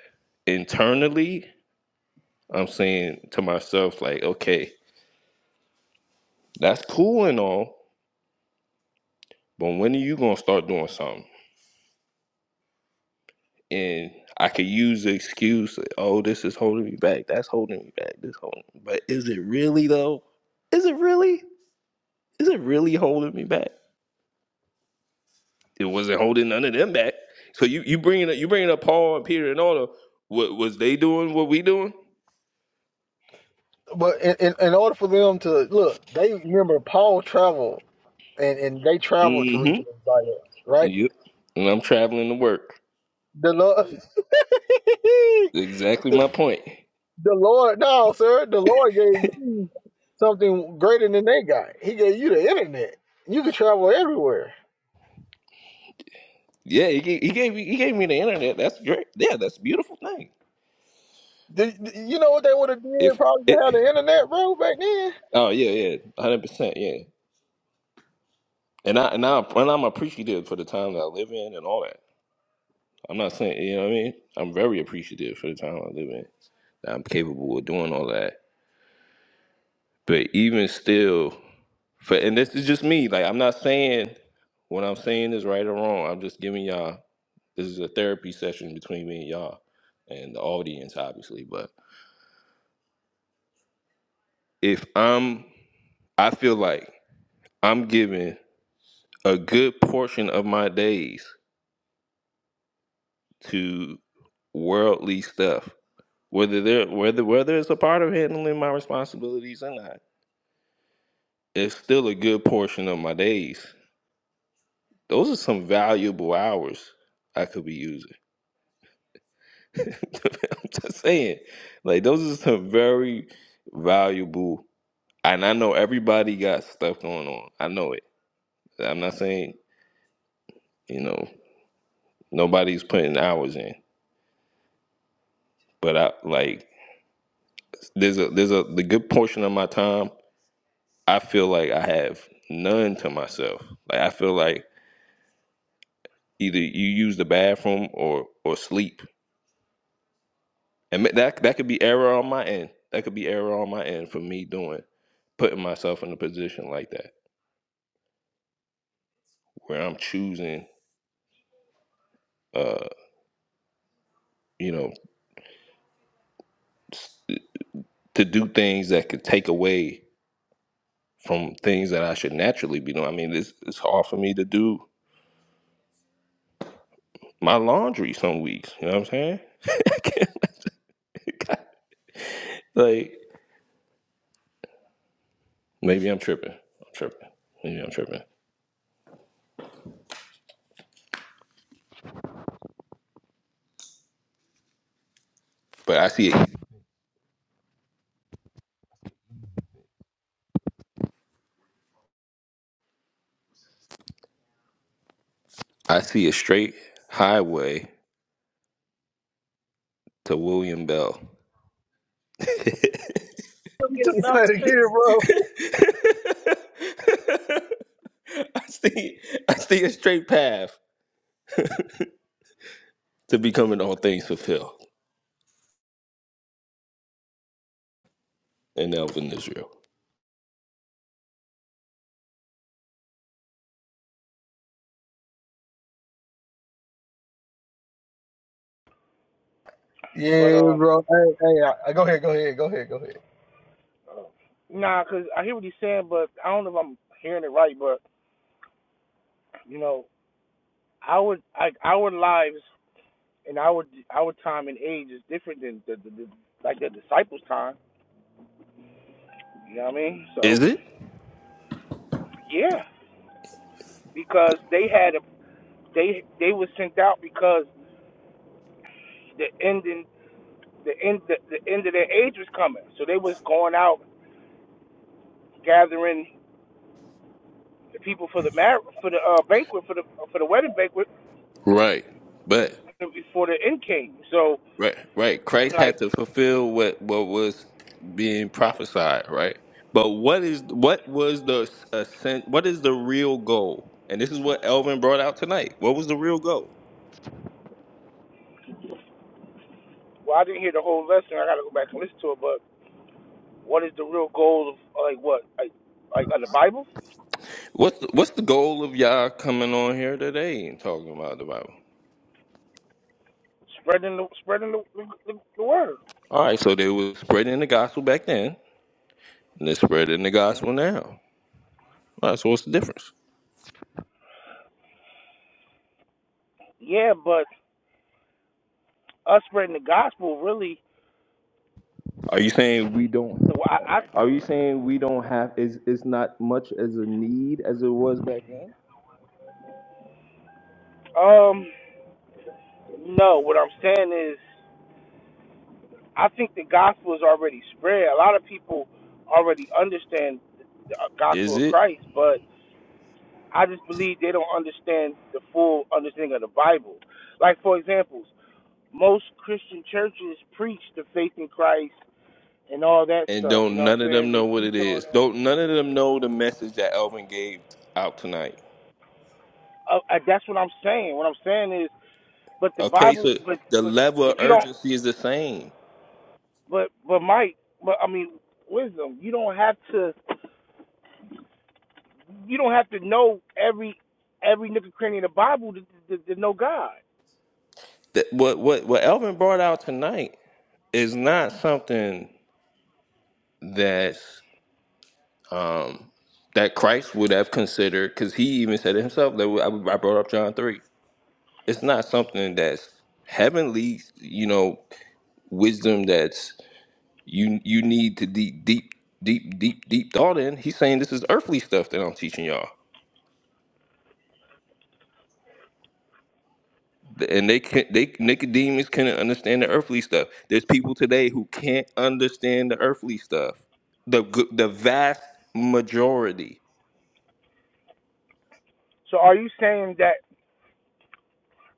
S3: internally, I'm saying to myself, like, okay, that's cool and all, but when are you gonna start doing something? And I could use the excuse, oh, this is holding me back. That's holding me back. This holding. me. But is it really though? Is it really? Is it really holding me back? it wasn't holding none of them back. So you you bringing up you bringing up Paul and Peter and all the what was they doing? What we doing?
S1: but in, in, in order for them to look, they remember Paul traveled and, and they traveled to reach
S3: Mm-hmm.
S1: everybody, right?
S3: Yep. And I'm traveling to work.
S1: The Lord,
S3: Exactly
S1: the,
S3: my point.
S1: the Lord, no, sir, the Lord gave you something greater than they got. He gave you the internet. You could travel everywhere.
S3: Yeah, he gave, he gave me he gave me the internet. That's great. Yeah, that's a beautiful thing.
S1: Do, do you know what they would have did
S3: If
S1: probably to
S3: it,
S1: have the internet, bro, back then?
S3: oh yeah, yeah, hundred percent, yeah. And I and I and I'm appreciative for the time that I live in and all that. I'm not saying you know what I mean. I'm very appreciative for the time I live in. that I'm capable of doing all that. But even still. For and this is just me. Like I'm not saying what I'm saying is right or wrong. I'm just giving y'all this is a therapy session between me and y'all and the audience, obviously. But if I'm I feel like I'm giving a good portion of my days to worldly stuff. Whether they're whether whether it's a part of handling my responsibilities or not, it's still a good portion of my days. Those are some valuable hours I could be using. I'm just saying, like those are some very valuable. And I know everybody got stuff going on. I know it. I'm not saying you know nobody's putting hours in, but I like there's a there's a the good portion of my time. I feel like I have none to myself. Like I feel like either you use the bathroom or or sleep, and ma- that that could be error on my end. That could be error on my end for me doing putting myself in a position like that where I'm choosing uh, you know, s- to do things that could take away from things that I should naturally be doing. I mean, it's it's hard for me to do my laundry some weeks. You know what I'm saying? like maybe I'm tripping. I'm tripping. Maybe I'm tripping. But I see it. I see a straight highway to William Bell. I
S1: Get up Say it again, bro.
S3: see. I see a straight path to becoming all things fulfilled in Elvin Israel.
S4: But
S1: Yeah,
S4: um,
S1: bro. Hey, hey, I, I- go ahead, go ahead, go ahead, go ahead.
S4: nah, cause I hear what he's saying, but I don't know if I'm hearing it right. But you know, our like our lives and our our time and age is different than the, the, the like the disciples' time. You know what I mean?
S3: Is
S4: So
S3: it
S4: yeah, because they had a they they were sent out because the ending the end the, the end of their age was coming. So they was going out gathering the people for the mar- for the uh, banquet for the for the wedding banquet
S3: right? But
S4: before the end came. So
S3: Right, right.
S4: and
S3: Christ
S4: like,
S3: had to fulfill what what was being prophesied, right? But what is what was the ascent? What is the real goal? And this is what Elvin brought out tonight. What was the real goal?
S4: well, I didn't hear the whole lesson. I got to go back and listen to it. But what is the real goal of like what like like of the Bible?
S3: What's the, what's the goal of y'all coming on here today and talking about the Bible?
S4: Spreading the spreading the, the, the word.
S3: All right, so they were spreading the gospel back then, and they're spreading the
S4: Mm-hmm.
S3: gospel now. All right, so what's the difference?
S4: Yeah, but us spreading the gospel really.
S3: Are you saying we don't?
S4: No, I,
S3: Are you saying we don't have? Is it's not much as a need as it was back then?
S4: I um no. What I'm saying is, I think the gospel is already spread. A lot of people already understand the uh, gospel
S3: Is
S4: of
S3: it?
S4: Christ, but I just believe they don't understand the full understanding of the Bible. Like for example, most Christian churches preach the faith in Christ and all that
S3: and
S4: stuff. You
S3: don't
S4: know what
S3: none of
S4: I'm saying?
S3: them
S4: They
S3: know what
S4: teach
S3: it
S4: all
S3: is.
S4: that.
S3: Don't none of them know the message that Elvin gave out tonight.
S4: Uh, uh, that's what I'm saying. What I'm saying is, but the
S3: Okay,
S4: Bible,
S3: so
S4: but
S3: the
S4: but
S3: level
S4: but
S3: of
S4: you don't.
S3: urgency is the same.
S4: But but Mike, but I mean wisdom. You don't have to. You don't have to know every every nook and cranny of the Bible to, to, to know God.
S3: That what what what Elvin brought out tonight is not something that's um that Christ would have considered because he even said it himself that I I brought up John three. It's not something that's heavenly, you know, wisdom that's You you need to deep deep deep deep deep thought in. He's saying this is earthly stuff that I'm teaching y'all, and they can they Nicodemus couldn't understand the earthly stuff. There's people today who can't understand the earthly stuff. The g- the vast majority,
S4: So are you saying that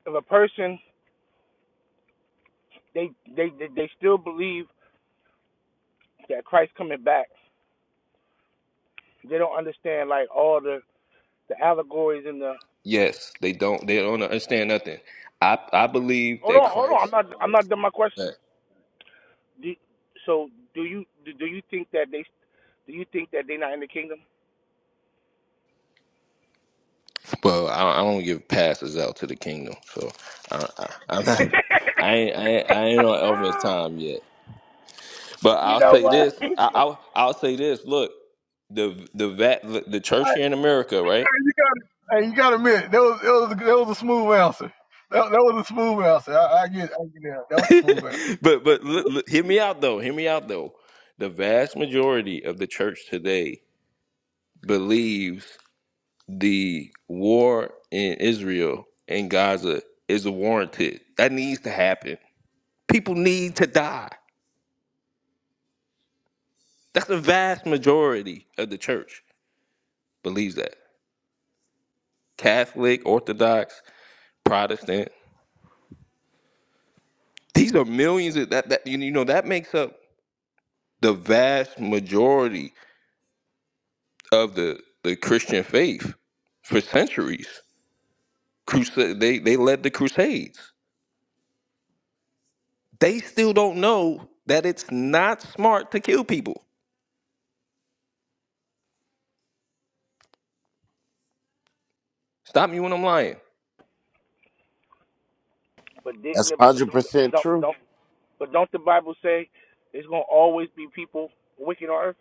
S4: if a person they they they, they still believe that Christ coming back. They don't understand like all the the allegories and the.
S3: yes, they don't they don't understand nothing. I I believe
S4: Hold
S3: that
S4: on, hold on. I'm
S3: Christ.
S4: not I'm not done my question.
S3: that-
S4: Do, you, so do you do, do you think that they do you think that they're not in the kingdom?
S3: Well, I, I don't give passes out to the kingdom, so I I, I'm not- I ain't I ain't, I ain't on Elvin's time yet. But
S4: you
S3: I'll
S4: know
S3: say
S4: what?
S3: this. I, I'll I'll say this. Look, the the vat the church here in America, right?
S1: you got hey, you got to admit that was that was a, that was a smooth answer. That, that was a smooth answer. I, I get I get that. That was a smooth answer.
S3: but but look, look, hear me out though. Hear me out though. The vast majority of the church today believes the war in Israel and Gaza is warranted. That needs to happen. People need to die. That's the vast majority of the church believes that. Catholic, Orthodox, Protestant. These are millions of that that you know that makes up the vast majority of the the Christian faith for centuries. Crusade they they led the crusades. They still don't know that it's not smart to kill people. Stop me when I'm lying.
S4: but didn't
S2: That's
S4: the, but
S2: hundred
S4: don't but
S2: percent
S4: don't but
S2: true.
S4: don't but don't the Bible say there's gonna always be people wicked on earth?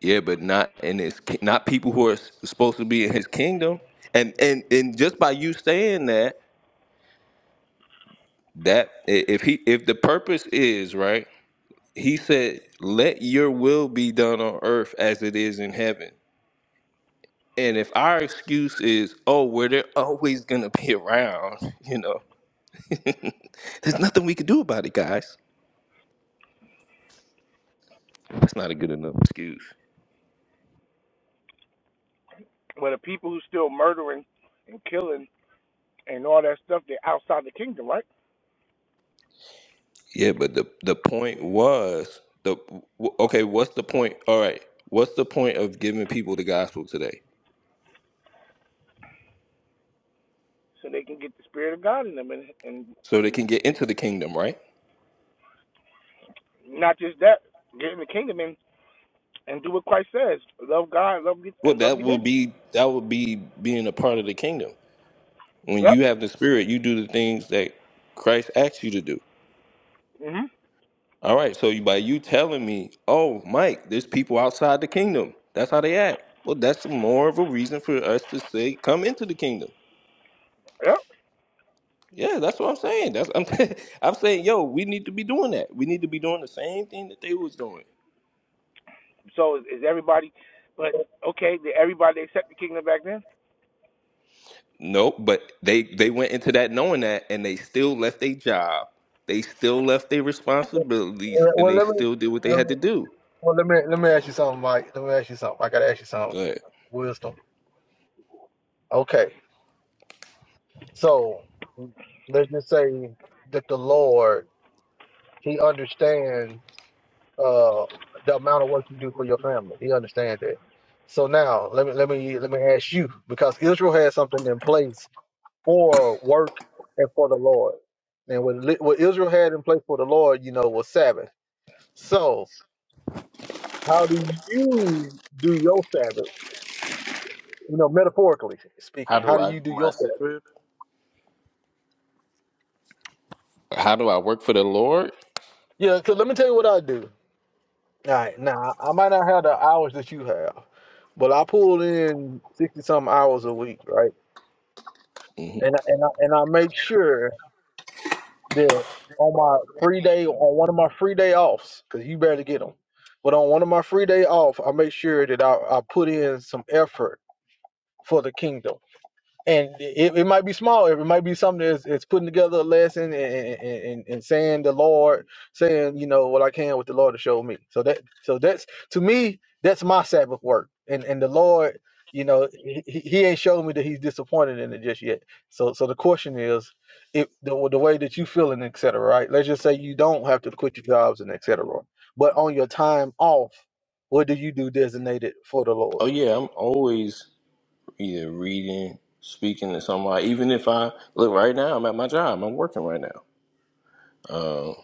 S3: Yeah, but not in his ki- not people who are s- supposed to be in his kingdom. And and and just by you saying that that i- if he if the purpose is right he said, "Let your will be done on earth as it is in heaven." And if our excuse is, oh, well, they're always gonna be around, you know, there's nothing we can do about it, guys. That's not a good enough excuse.
S4: Well, the people who still murdering and killing and all that stuff, they're outside the kingdom, right?
S3: Yeah, but the the point was the w- okay. What's the point? All right. What's the point of giving people the gospel today
S4: so they can get the spirit of God in them, and and,
S3: so they
S4: and,
S3: can get
S4: and
S3: into the kingdom? Right.
S4: not just that, get in the kingdom and and do what Christ says: love God, love your,
S3: Well,
S4: and love
S3: that
S4: your
S3: will
S4: neighbor.
S3: be that will be being a part of the kingdom. When
S4: Yep.
S3: you have the spirit, you do the things that Christ asks you to do.
S4: Mhm.
S3: All right. So you, by you telling me, oh, Mike, there's people outside the kingdom. That's how they act. Well, that's more of a reason for us to say, come into the kingdom.
S4: Yep.
S3: Yeah, that's what I'm saying. That's I'm, I'm saying, yo, we need to be doing that. We need to be doing the same thing that they was doing.
S4: So is, is everybody? But okay, did everybody accept the kingdom back then?
S3: Nope, but they they went into that knowing that, and they still left their job. They still left their responsibilities,
S1: Well,
S3: and
S1: well,
S3: they
S1: let me,
S3: still did what they
S1: let
S3: had to
S1: me
S3: do.
S1: well let me let me ask you something, Mike. Let me ask you something. I gotta ask you something.
S3: Go ahead.
S1: Wisdom. Okay, so let's just say that the Lord He understands uh the amount of work you do for your family. He understands that. So now let me let me let me ask you because Israel had something in place for work and for the Lord. And what, Li- what Israel had in place for the Lord, you know, was Sabbath. So, how do you do your Sabbath? You know, metaphorically
S3: How
S1: speaking, how
S3: do
S1: do
S3: I do
S1: you do
S3: my
S1: your Sabbath?
S3: Sabbath? How do I work for the Lord?
S1: Yeah, because let me tell you what I do. All right, now I might not have the hours that you have, but I pull in sixty some hours a week, right?
S3: hmm
S1: And I- and I, and I make sure. there on my free day on one of my free day offs because you barely get them but on one of my free day off i make sure that I, I put in some effort for the kingdom and it, it might be small it might be something that's, that's putting together a lesson and, and, and, and saying the lord saying you know what i can with the lord to show me so that so that's to me that's my sabbath work and and the lord you know he, he he ain't showed me that he's disappointed in it just yet so so the question is if the, the way that you feeling et cetera right let's just say you don't have to quit your jobs and et cetera but on your time off what do you do designated for the lord
S3: Oh yeah, I'm always either reading, speaking to somebody. Even if I look right now, I'm at my job. I'm working right now. Um,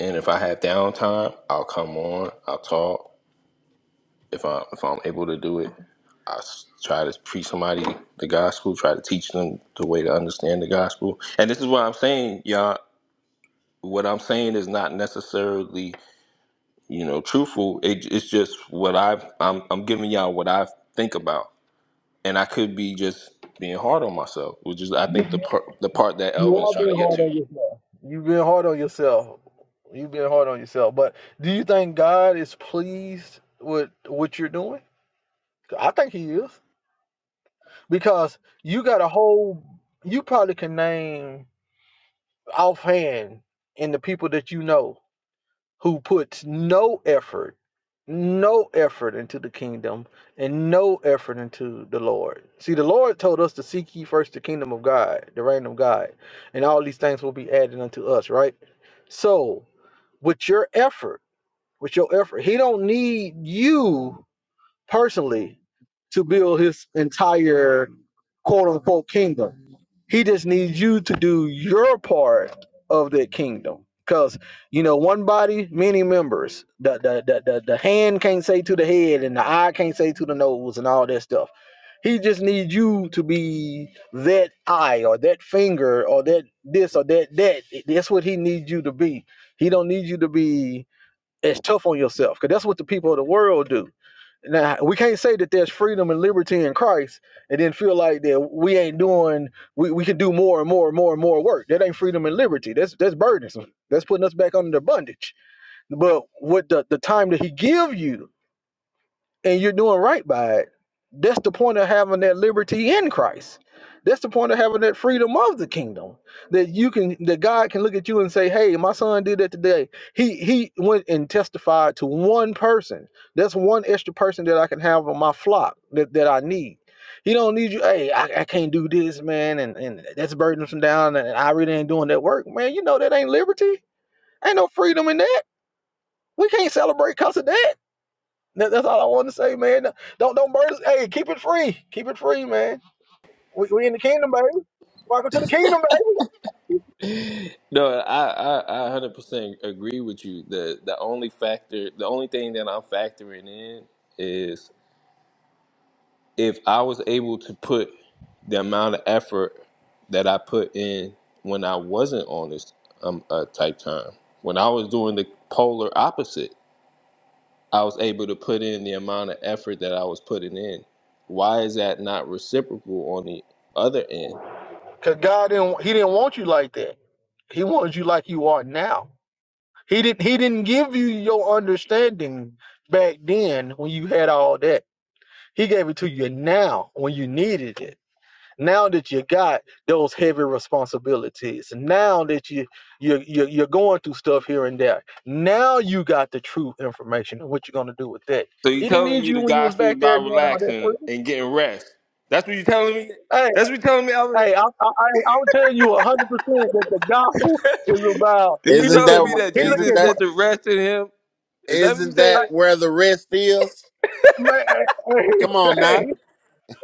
S3: and if I have downtime, I'll come on. I'll talk. If I if I'm able to do it, I s- try to preach somebody the gospel. Try to teach them the way to understand the gospel. And this is what I'm saying, y'all. What I'm saying is not necessarily you know truthful. It, it's just what I've I'm I'm giving y'all what I think about. and I could be just being hard on myself, which is I think the part the part that Elvin's trying to get to.
S1: You've been hard on yourself. You've been hard on yourself. But do you think God is pleased with what you're doing? I think He is because you got a whole. You probably can name offhand in the people that you know who puts no effort, no effort into the kingdom and no effort into the Lord. See, the Lord told us to seek ye first the kingdom of God, the reign of God, and all these things will be added unto us. Right. So with your effort, with your effort. He don't need you personally to build his entire quote unquote kingdom. He just needs you to do your part of that kingdom. Because, you know, one body, many members. The, the, the, the, the hand can't say to the head, and the eye can't say to the nose, and all that stuff. He just needs you to be that eye or that finger or that this or that that. That's what he needs you to be. He don't need you to be as tough on yourself because that's what the people of the world do now we can't say that there's freedom and liberty in Christ, and then feel like that we ain't doing. We, we can do more and more and more and more work. That ain't freedom and liberty. That's that's burdensome. That's putting us back under bondage. But with the the time that He give you and you're doing right by it. That's the point of having that liberty in Christ. That's the point of having that freedom of the kingdom. That you can that God can look at you and say, Hey, my son did that today. He he went and testified to one person. That's one extra person that I can have on my flock that, that I need. He don't need you, hey, I, I can't do this, man, and, and that's burdensome down and I really ain't doing that work. Man, you know that ain't liberty. Ain't no freedom in that. We can't celebrate because of that that- that's all I want to say, man. Don't don't burden. Hey, keep it free. Keep it free, man. We, we in the kingdom, baby. Welcome to the kingdom, baby.
S3: No, I I I hundred percent agree with you. The the only factor, the only thing that I'm factoring in is if I was able to put the amount of effort that I put in when I wasn't on this um uh, type time, when I was doing the polar opposite, I was able to put in the amount of effort that I was putting in. Why is that not reciprocal on the other end?
S1: Cause God didn't He didn't want you like that. He wanted you like you are now. He didn't He didn't give you your understanding back then when you had all that. He gave it to you now when you needed it. now that you got those heavy responsibilities now that you you you you're going through stuff here and there now you got the true information and what you're going to do with that
S3: So you
S1: he didn't
S3: telling
S1: need
S3: me
S1: you
S3: the
S1: when you was
S3: gospel is
S1: back there
S3: about
S1: doing all that for
S3: relaxing
S1: you.
S3: and getting rest? That's what you telling me.
S1: hey
S3: That's what you telling me, Alvin.
S1: hey i i i i'll tell you 100% that the gospel
S3: Are
S1: is about
S3: you
S1: he
S2: Isn't
S1: looked
S3: telling
S1: at
S3: me
S1: my-
S2: that
S3: that
S1: he looked
S2: isn't
S3: Jesus
S1: at
S2: that
S1: my,
S3: said to rest in Him? Is that what you
S2: isn't that
S3: saying?
S2: where the rest is?
S1: man, hey
S2: Come on now.
S1: hey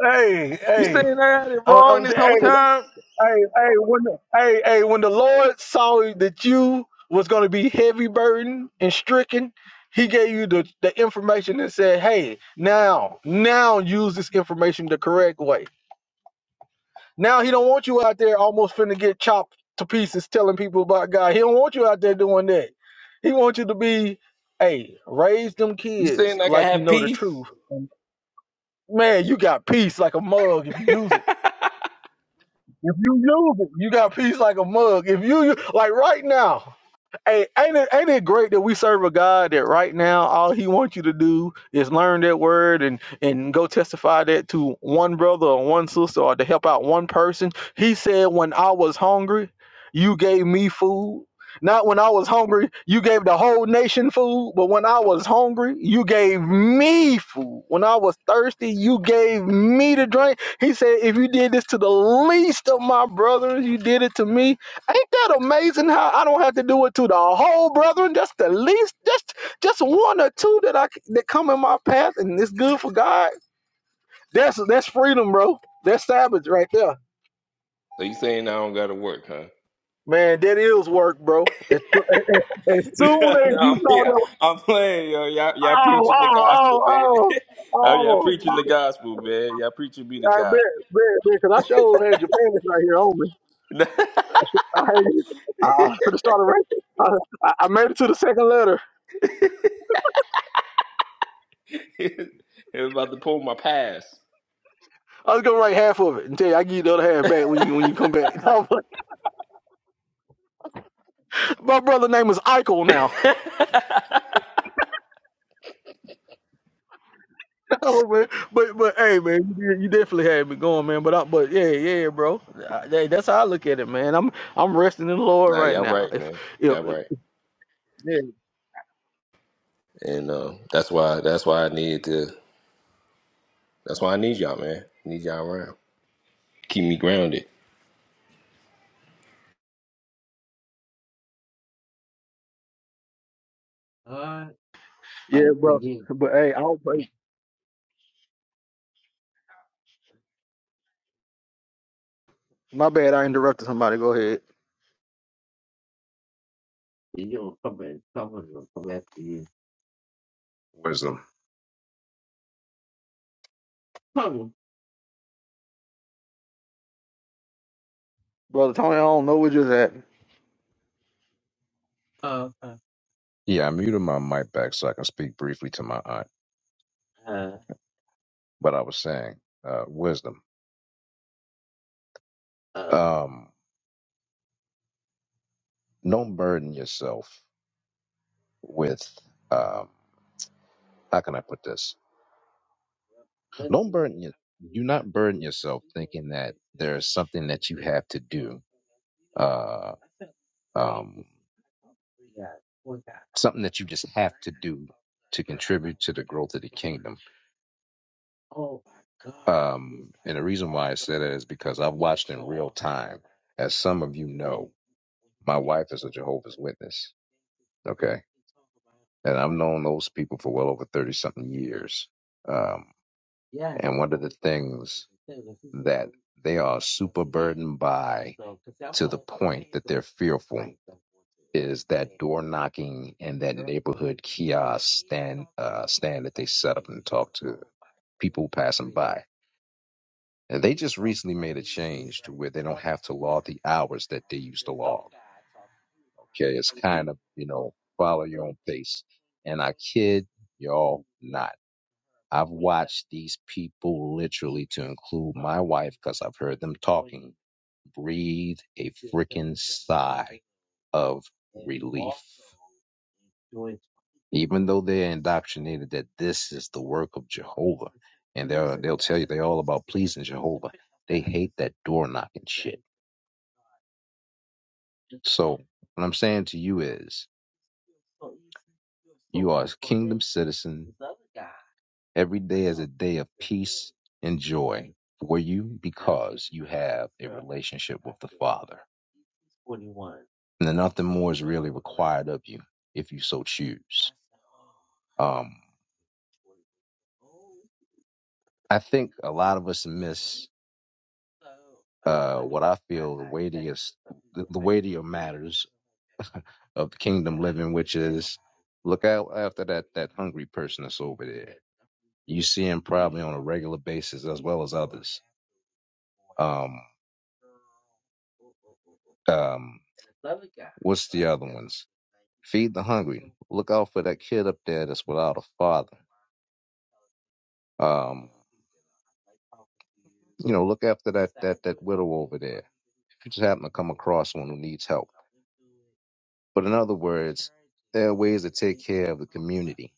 S1: hey
S3: You
S1: hey
S3: saying I had it
S1: I'm,
S3: wrong
S1: I'm,
S3: this whole
S1: hey,
S3: time?
S1: Hey, hey, when the, hey, hey, when the Lord saw that you was gonna be heavy burdened and stricken, He gave you the, the information and said, "Hey, now, now use this information the correct way." Now He don't want you out there almost finna get chopped to pieces telling people about God. He don't want you out there doing that. He wants you to be, hey, raise them
S3: You saying
S1: kids
S3: like I can
S1: like you
S3: have
S1: know the
S3: peace?
S1: truth. Man, you got peace like a mug if you use it. If you use it, you got peace like a mug. If you like right now, Hey, ain't it ain't it great that we serve a God that right now all He wants you to do is learn that word and and go testify that to one brother or one sister or to help out one person. He said, "When I was hungry, you gave me food." Not when I was hungry, you gave the whole nation food, but when I was hungry, you gave me food. When I was thirsty, you gave me to drink. He said, If you did this to the least of my brothers, you did it to me. Ain't that amazing how I don't have to do it to the whole brethren? That's the least, just just one or two that I c- that come in my path, and it's good for God. That's that's freedom, bro. That's savage right there,
S3: So you saying I don't gotta work, huh?
S1: man. That is work, bro. As, as as
S3: no,
S1: soon as you
S3: I'm,
S1: saw that,
S3: I'm playing, yo. Y'all, y'all
S1: oh,
S3: preaching the
S1: oh,
S3: gospel, man.
S1: oh, oh,
S3: Oh, y'all
S1: oh,
S3: preaching the gospel, man. Y'all preaching me the
S1: I
S3: gospel.
S1: bet, bet, bet, because I showed had Japan is right here on me. I had it. I was gonna start a race. I, I I made it to the second letter.
S3: I'm about to pull my pass.
S1: I was gonna write half of it and tell you I give you the other half back when you when you come back. My brother's name is Eichel now. oh man, but but hey man, you, you definitely had me going, man. But I, but yeah yeah bro, I, hey, that's how I look at it, man. I'm I'm resting in the Lord
S3: Nah,
S1: right
S3: y'all
S1: now.
S3: right,
S1: If
S3: man.
S1: if,
S3: Y'all
S1: if
S3: right.
S1: yeah
S3: And uh, that's why that's why I needed to that's why I need y'all, man. Need y'all around. Keep me grounded.
S1: yeah bro, but hey, I'll play. My bad, I interrupted somebody. Go ahead,
S5: Wisdom.
S1: brother Tony. I don't know where you're at.
S5: Yeah, I muted my mic back so I can speak briefly to my aunt. But I was saying, uh, wisdom. Um, don't burden yourself with. Um, how can I put this? Don't burden you. Do not burden yourself thinking that there's something that you have to do. Uh, um, something that you just have to do to contribute to the growth of the kingdom. Um, and the reason why I say that is because I've watched in real time. As some of you know, my wife is a Jehovah's Witness. Okay. And I've known those people for well over 30 something years. Um. And one of the things that they are super burdened by to the point that they're fearful is that door knocking and that neighborhood kiosk stand uh, stand that they set up and talk to people passing by. And they just recently made a change to where they don't have to log the hours that they used to log. Okay, it's kind of you know follow your own pace. And I kid y'all not. I've watched these people literally, to include my wife, because I've heard them talking, breathe a freaking sigh of relief. Even though they're indoctrinated that this is the work of Jehovah, and they'll they'll tell you they're all about pleasing Jehovah. They hate that door knocking shit. So what I'm saying to you is, You are a kingdom citizen. Every day is a day of peace and joy for you because you have a relationship with the Father. And then nothing more is really required of you if you so choose. Um, I think a lot of us miss uh, what I feel the weightiest, the, the weightier matters of kingdom living, which is look out after that that hungry person that's over there. You see him probably on a regular basis as well as others. Um, um, what's the other ones? Feed the hungry. Look out for that kid up there that's without a father. Um, you know, look after that that that widow over there. If you just happen to come across one who needs help, But in other words, there are ways to take care of the community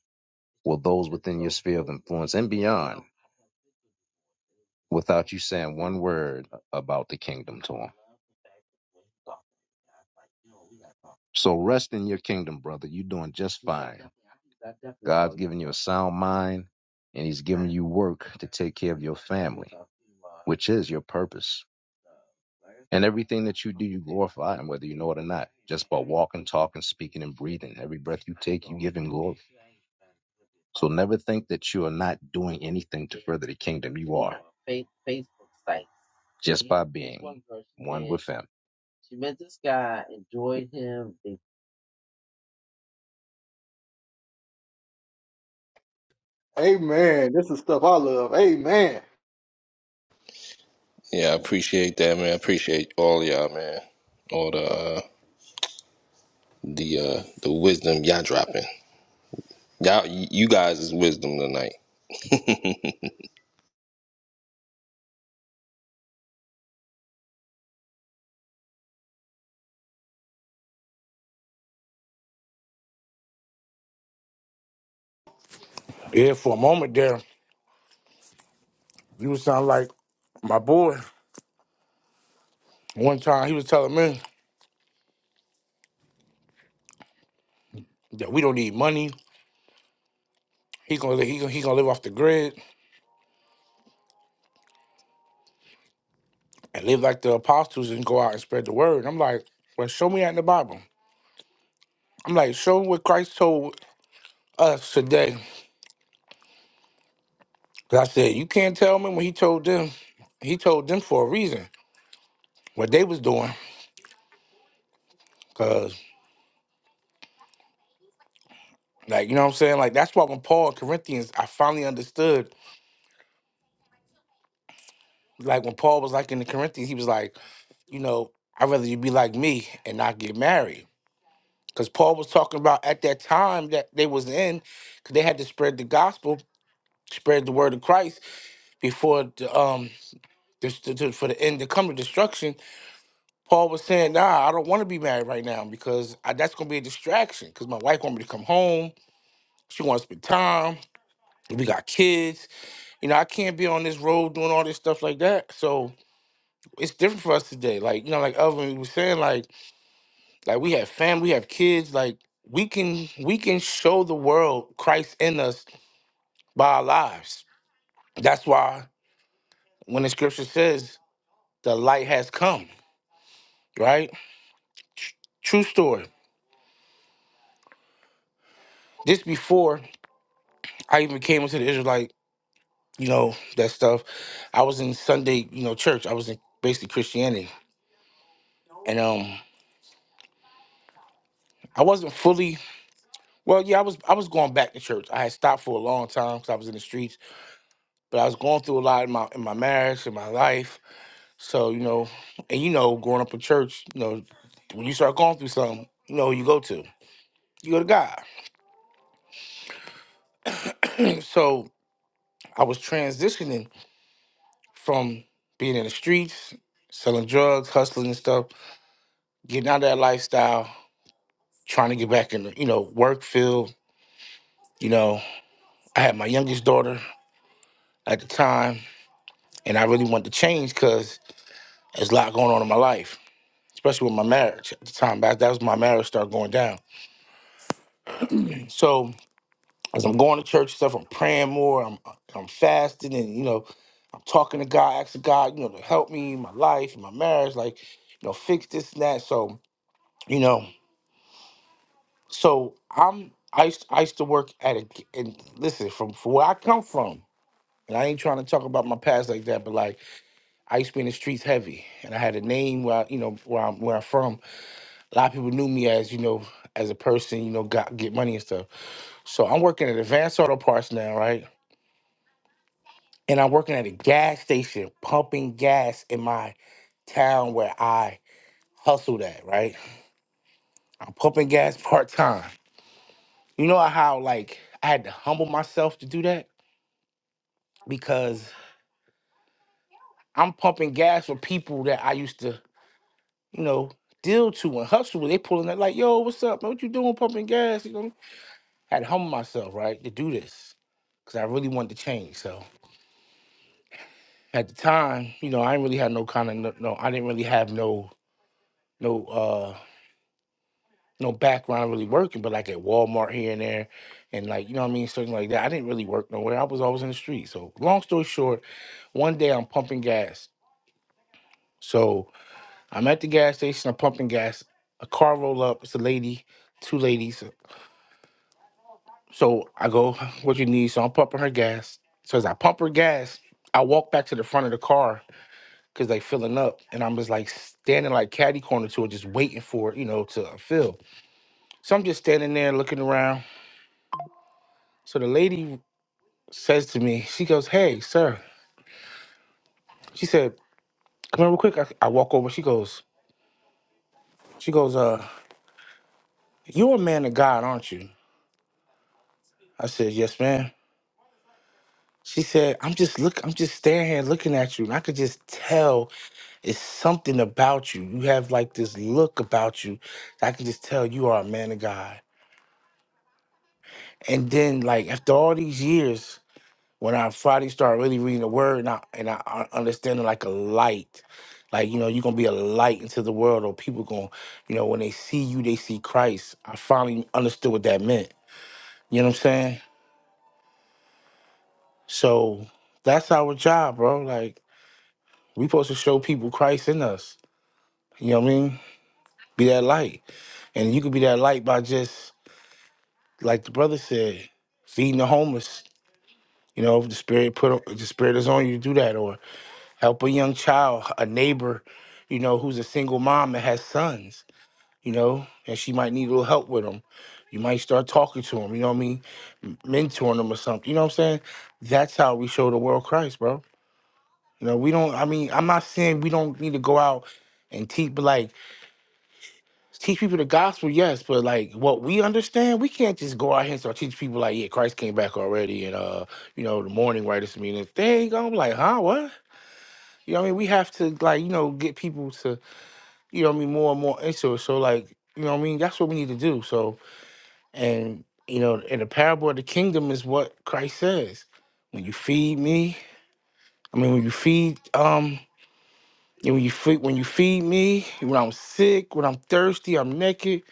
S5: or those within your sphere of influence and beyond without you saying one word about the kingdom to them. So rest in your kingdom, brother. You're doing just fine. God's given you a sound mind and he's giving you work to take care of your family, which is your purpose. And everything that you do, you glorify Him, whether you know it or not, just by walking, talking, speaking, and breathing. Every breath you take, you give Him glory. So never think that you are not doing anything to further the kingdom. You are. Just by being one with Him.
S1: Amen. This is stuff I love. Amen.
S3: Yeah, I appreciate that, man. I appreciate all y'all, man. All the uh the uh the wisdom y'all dropping. Y'all you you guys is wisdom tonight.
S4: Yeah, for a moment there, you sound like my boy. One time he was telling me that we don't need money. He gonna he gonna, he gonna live off the grid and live like the apostles and go out and spread the word. I'm like, well, show me that in the Bible. I'm like, show what Christ told us today. 'Cause I said, you can't tell me when he told them, he told them for a reason what they was doing. 'Cause like, you know what I'm saying? Like that's why when Paul in Corinthians, I finally understood, like when Paul was like in the Corinthians, he was like, you know, I'd rather you be like me and not get married. Because Paul was talking about at that time that they was in, because they had to spread the gospel, spread the word of Christ before the um the, the, the- for the end to come to destruction. Paul was saying, "Nah, I don't want to be married right now because I, that's going to be a distraction. Because my wife wants me to come home. She wants to spend time. We got kids. You know, I can't be on this road doing all this stuff like that. So it's different for us today. Like you know, like Elvin was saying, like like we have family, we have kids. Like we can we can show the world Christ in us by our lives. That's why when the scripture says the light has come, right? True story. This before I even came into the Israelite you know that stuff i was in sunday you know church i was in basically christianity and um i wasn't fully well yeah i was i was going back to church i had stopped for a long time because i was in the streets but i was going through a lot in my in my marriage in my life so you know and you know growing up in church you know when you start going through something you know who you go to you go to god so i was transitioning from being in the streets selling drugs hustling and stuff getting out of that lifestyle trying to get back in the, you know, work field. You know, I had my youngest daughter at the time, and I really wanted to change because there's a lot going on in my life, especially with my marriage at the time. That, that was my marriage started going down. So as I'm going to church and stuff, I'm praying more, I'm I'm fasting, and you know, I'm talking to God, asking God, you know, to help me in my life, and my marriage, like, you know, fix this and that. So you know, so I'm I used, I used to work at a and listen from from where I come from. And I ain't trying to talk about my past like that, but like I used to be in the streets heavy, and I had a name where I, you know where I'm where I'm from. A lot of people knew me as you know as a person, you know, got get money and stuff. So I'm working at Advanced Auto Parts now, right? And I'm working at a gas station, pumping gas in my town where I hustled at, right? I'm pumping gas part time. You know how like I had to humble myself to do that because I'm pumping gas for people that I used to you know, deal to and hustle with. They pulling that like, yo, what's up, man? What you doing pumping gas? You know, I had to humble myself, right, to do this because I really wanted to change. So at the time, you know, I didn't really have no kind of no, no I didn't really have no no uh no background really working, but like at Walmart here and there, and like you know what I mean, something like that. I didn't really work nowhere. I was always in the street. So long story short, one day I'm pumping gas. So I'm at the gas station. I'm pumping gas. A car roll up. It's a lady, two ladies. So I go, what you need? So I'm pumping her gas. So as I pump her gas, I walk back to the front of the car because they filling up. And I'm just like standing like catty corner to it, just waiting for it, you know, to fill. So I'm just standing there looking around. So the lady says to me, she goes, Hey, sir. She said, Come here real quick. I, I walk over. She goes, she goes, uh, you're a man of God, aren't you? I said, Yes, ma'am. She said, I'm just look, I'm just standing here looking at you. And I could just tell It's something about you. You have like this look about you. I can just tell you are a man of God. And then like after all these years, when I finally started really reading the word and I and I I understanding like a light. Like, you know, you're gonna be a light into the world or people gonna, you know, when they see you, they see Christ. I finally understood what that meant. You know what I'm saying? So that's our job, bro. Like we supposed to show people Christ in us. You know what I mean? Be that light. And you could be that light by just like the brother said, feeding the homeless. You know, if the spirit put if the spirit is on you, do that, or help a young child, a neighbor, you know, who's a single mom and has sons, you know, and she might need a little help with them. You might start talking to them, you know what I mean, mentoring them or something. You know what I'm saying? That's how we show the world Christ, bro. You know, we don't. I mean, I'm not saying we don't need to go out and teach, but like teach people the gospel, yes, but like what we understand, we can't just go out here and start teaching people like, yeah, Christ came back already, and uh, you know, the morning righteous mean thing. I'm like, huh, what? You know what I mean? We have to like, you know, get people to, you know what I mean, more and more into it. So like, you know what I mean? That's what we need to do. So and you know, in the parable of the kingdom is what Christ says. When you feed me, I mean when you feed um and when you feed when you feed me, when I'm sick, when I'm thirsty, I'm naked,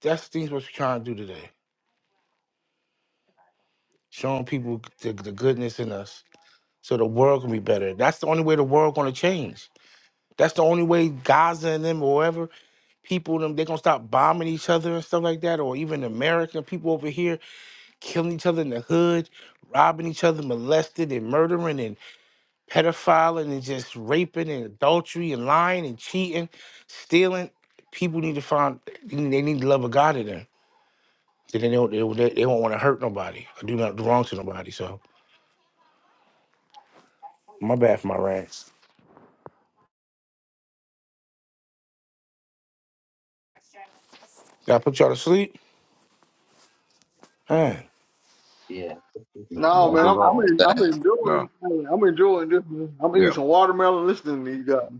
S4: that's the things what we're trying to do today. showing people the, the goodness in us so the world can be better. That's the only way the world gonna change. That's the only way Gaza and them or wherever people them they gonna stop bombing each other and stuff like that, or even American people over here killing each other in the hood, robbing each other, molested and murdering and pedophiling and just raping and adultery and lying and cheating, stealing. People need to find they need they need the love of God in them. Then they don't they, they won't want to hurt nobody or do not do wrong to nobody. So my bad for my rants. Did I put y'all to sleep? Man,
S1: No
S5: Not
S1: man,
S5: at
S1: I'm I'm,
S5: all.
S1: en- I'm
S5: No.
S1: enjoying I'm enjoying this. man. I'm eating
S5: Yeah.
S1: some watermelon listening to you guys.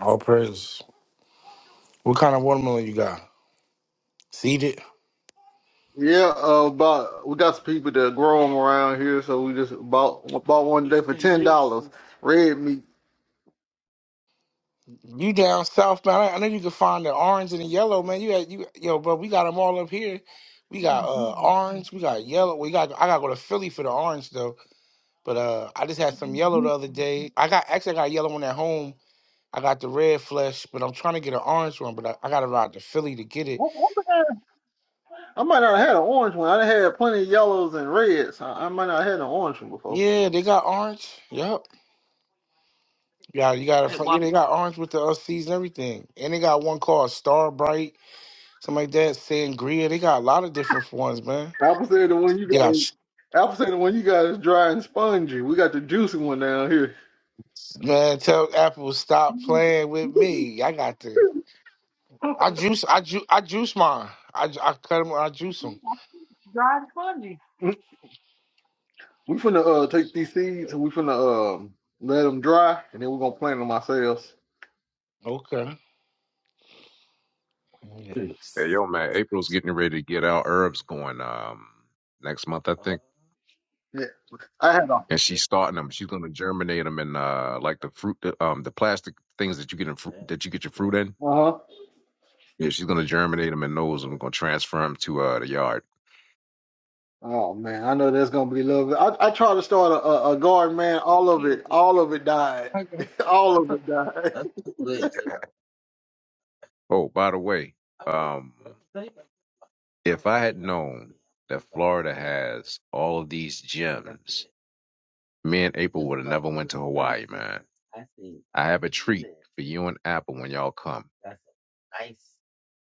S4: all praise. What kind of watermelon you got? Seeded?
S1: Yeah, uh, about we got some people that grow them around here, so we just bought bought one today for ten dollars. Red meat.
S4: You down south, man. I, I know you can find the orange and the yellow, man. You had, you yo, bro, we got them all up here. We got uh orange, we got yellow. We got I gotta go to Philly for the orange though. But uh I just had some yellow the other day. I got actually I got a yellow one at home. I got the red flesh, but I'm trying to get an orange one, but I, I gotta ride to Philly to get it.
S1: What- what the hell? I might not have had an orange one. I done had plenty of yellows and reds. I, I might not have had an orange one before.
S4: Yeah, they got orange. Yep. Yeah, you got to. Yeah, they got orange with the uh, seeds and everything, and they got one called Star Bright, something like that. Sangria. They got a lot of different ones, man.
S1: Apple said the one you
S4: They
S1: got.
S4: got sh-
S1: Apple said the one you got is dry and spongy. We got the juicy one down here.
S4: man. Tell Apple stop playing with me. I got the. I juice. I ju. I juice mine. I ju- I cut them. I juice them.
S1: We finna uh take these seeds and we finna um let them dry, and then we're gonna plant them ourselves.
S4: Okay. Yeah.
S5: Hey, yo, man. April's getting ready to get our herbs going um next month, I think.
S1: Yeah, I had a uh
S5: And she's starting them. She's gonna germinate them in uh like the fruit, um, the plastic things that you get in fruit that you get your fruit in.
S1: huh.
S5: Yeah, she's gonna germinate him and those, and we're gonna transfer him to uh the yard.
S1: Oh man, I know that's gonna be a little bit. I, I tried to start a, a, a garden, man. All of it, all of it died. all of it died.
S5: Oh, by the way, um, if I had known that Florida has all of these gems, me and April would have never went to Hawaii, man. I have a treat for you and Apple when y'all come.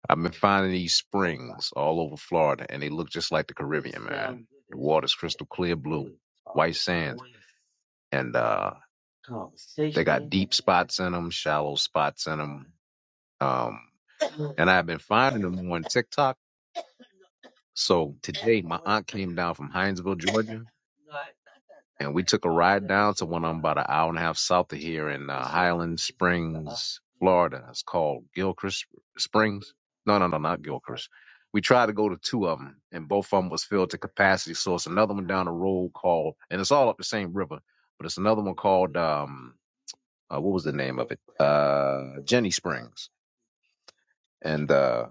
S5: I've been finding these springs all over Florida, and they look just like the Caribbean, man. The water's crystal clear blue, white sands, and uh, they got deep spots in them, shallow spots in 'em. Um, and I've been finding them on TikTok. So today, my aunt came down from Hinesville, Georgia, and we took a ride down to one I'm about an hour and a half south of here in uh, Highland Springs, Florida. It's called Gilchrist Springs. No, no, no, not Gilchrist. We tried to go to two of them, and both of them was filled to capacity. So it's another one down the road called, and it's all up the same river, but it's another one called um, uh, what was the name of it? Uh, Jenny Springs, and uh,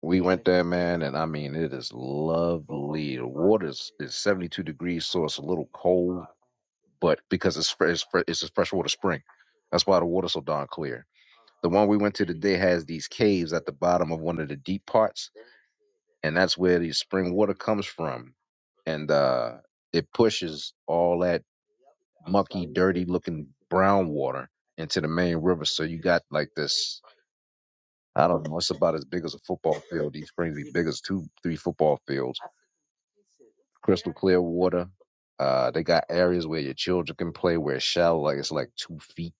S5: We went there, man, and I mean, it is lovely. The water is, is 72 degrees, so it's a little cold, but because it's, fre- it's, fre- it's a freshwater spring, that's why the water's so darn clear. The one we went to today has these caves at the bottom of one of the deep parts, and that's where the spring water comes from. And uh, it pushes all that mucky, dirty looking brown water into the main river. So you got like this. I don't know. It's about as big as a football field. These springs be big as two, three football fields. Crystal clear water. Uh, they got areas where your children can play where it's shallow, like it's like two feet.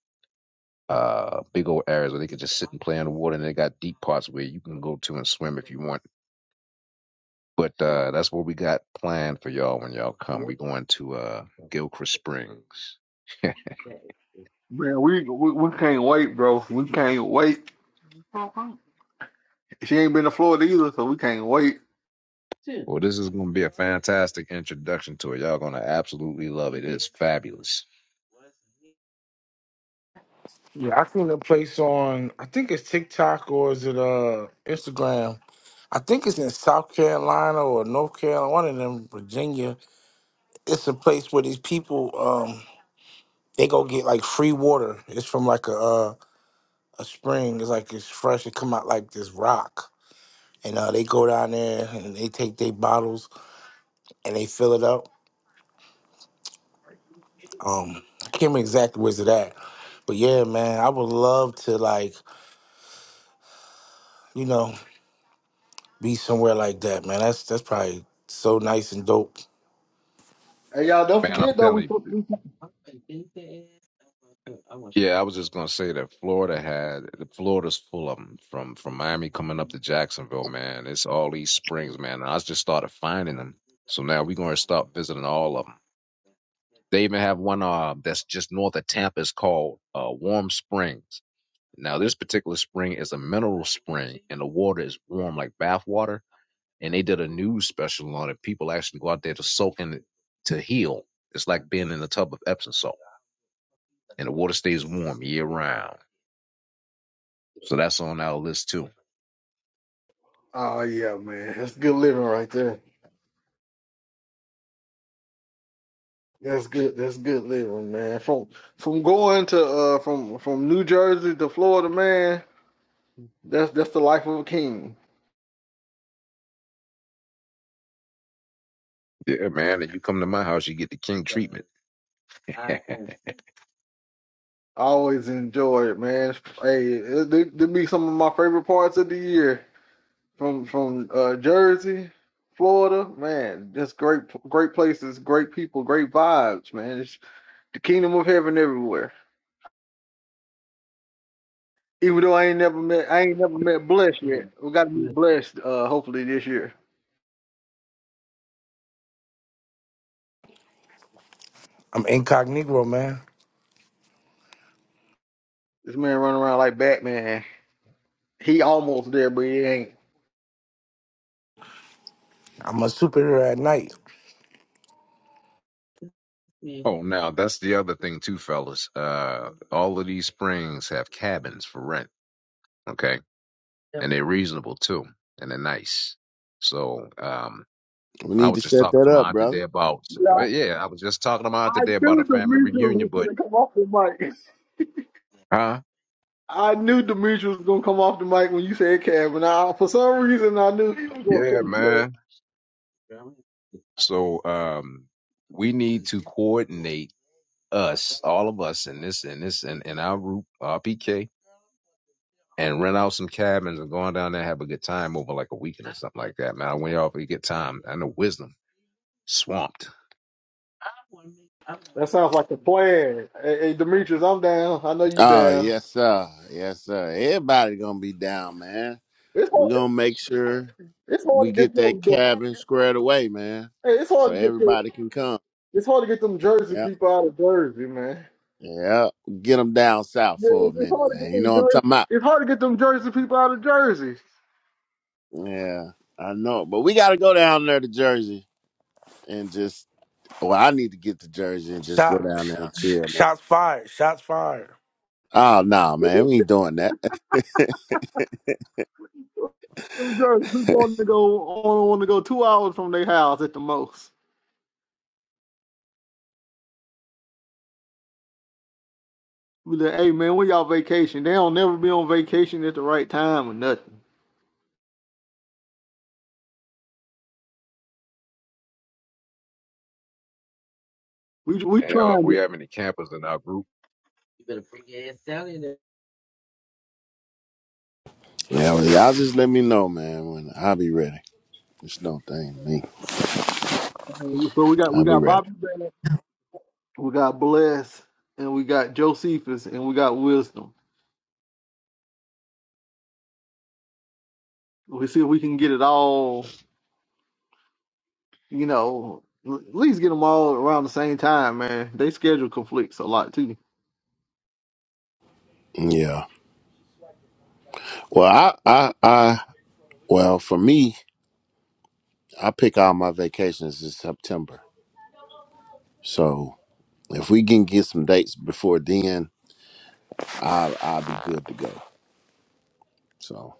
S5: Uh, big old areas where they can just sit and play in the water, and they got deep parts where you can go to and swim if you want. But uh, that's what we got planned for y'all when y'all come. We're going to uh, Gilchrist Springs.
S1: Man, we, we we can't wait, bro. We can't wait. She ain't been to Florida either, so we can't wait.
S5: Well, this is going to be a fantastic introduction to it. Y'all going to absolutely love it. It's fabulous.
S4: Yeah, I seen a place on. I think it's TikTok or is it uh Instagram. I think it's in South Carolina or North Carolina, one of them, Virginia. It's a place where these people. they go get like free water. It's from like a uh, a spring. It's like it's fresh. It come out like this rock, and uh, they go down there and they take their bottles and they fill it up. Um, I can't remember exactly where's it at, but yeah, man, I would love to like you know be somewhere like that, man. That's that's probably so nice and dope.
S1: Hey, y'all, don't
S5: Man, I'm
S1: forget though. We,
S5: telling you.
S1: we
S5: Yeah, I was just gonna say that Florida had Florida's full of them from from Miami coming up to Jacksonville, man. It's all these springs, man. And I just started finding them, so now we're gonna start visiting all of them. They even have one uh that's just north of Tampa. It's called uh, Warm Springs. Now this particular spring is a mineral spring, and the water is warm like bath water and they did a news special on it. People actually go out there to soak in it to heal. It's like being in a tub of Epsom salt, and the water stays warm year round. So that's on our list too.
S1: oh yeah, man, that's good living right there. That's good. That's good living, man. From from going to uh from from New Jersey to Florida, man. That's that's the life of a king.
S5: Yeah, man. And you come to my house, you get the king treatment.
S1: I always enjoy it, man. Hey, it, it, it be some of my favorite parts of the year from from uh, Jersey, Florida, man. Just great, great places, great people, great vibes, man. It's the kingdom of heaven everywhere. Even though I ain't never met, I ain't never met Bless yet. We got to meet Bless, uh, hopefully this year.
S4: I'm incognito, man.
S1: This man running around like Batman. He almost there, but he ain't.
S4: I'm a superhero at night.
S5: Yeah. oh, now that's the other thing too, fellas. Uh, all of these springs have cabins for rent. Okay. and they're reasonable too, and they're nice. So um,
S2: We
S5: I
S2: need
S5: was
S2: to
S5: just
S2: set
S5: talking
S2: that
S5: to
S2: up,
S5: my aunt today
S2: brother.
S5: about,
S1: Yeah,
S5: yeah, I was just talking to my aunt
S1: I
S5: today about
S1: knew
S5: a
S1: the
S5: family
S1: reason
S5: reunion,
S1: was
S5: but
S1: gonna come off the mic.
S5: huh?
S1: I knew Demetrius was gonna come off the mic when you said Cab, and I, for some reason I knew he was gonna
S5: Yeah,
S1: come. Cab.
S5: man. So um, we need to coordinate us, all of us, in this, in this, in, in our group, RPK, and rent out some cabins and going down there and have a good time over like a weekend or something like that, man. When y'all get time, I know wisdom swamped.
S1: That sounds like a plan. Hey, hey, Demetrius, I'm down. I know you
S2: Oh,
S1: down.
S2: yes, sir. Yes, sir. Everybody gonna be down, man.
S1: It's
S2: We're
S1: hard.
S2: gonna make sure
S1: It's hard
S2: we
S1: to
S2: get
S1: get
S2: that
S1: them. them-
S2: cabin squared away, man.
S1: Hey, it's
S2: So
S1: hard to get them.
S2: everybody can come.
S1: It's hard to get them Jersey
S2: Yeah.
S1: people out of Jersey, man.
S2: Yeah. Get them down south
S1: Yeah,
S2: for a
S1: it's it's
S2: minute,
S1: hard to get
S2: man. You
S1: them
S2: know what I'm
S1: Jersey.
S2: talking about?
S1: It's hard to get them Jersey people out of Jersey.
S2: Yeah, I know. But we gotta go down there to Jersey and just Well, I need to get to Jersey and just go
S4: Shot,
S2: down
S4: sh-
S2: there and
S4: sh-
S2: chill, man.
S4: shots fired. Shots fired.
S2: Oh nah, man, we ain't doing that. yeah,
S1: Them Jersey people want to go only want to go two hours from their house at the most. We like, hey man, where y'all vacation? They don't never be on vacation at the right time or nothing. We we
S5: Hell, if
S1: trying
S5: we
S1: to.
S5: have any campers in our group.
S2: well, y'all just let me know, man, when I'll be ready. It's no thing to me.
S1: So we got
S2: I'll
S1: we
S2: be
S1: got
S2: ready.
S1: Bobby Bennett, we got Bless, and we got Josephus, and we got Wisdom. We see if we can get it all. You know, l- at least get them all around the same time, man. They schedule conflicts a lot too.
S2: Yeah. Well, I, I, I, well, for me, I pick all my vacations in September. So if we can get some dates before then, I'll, I'll be good to go. So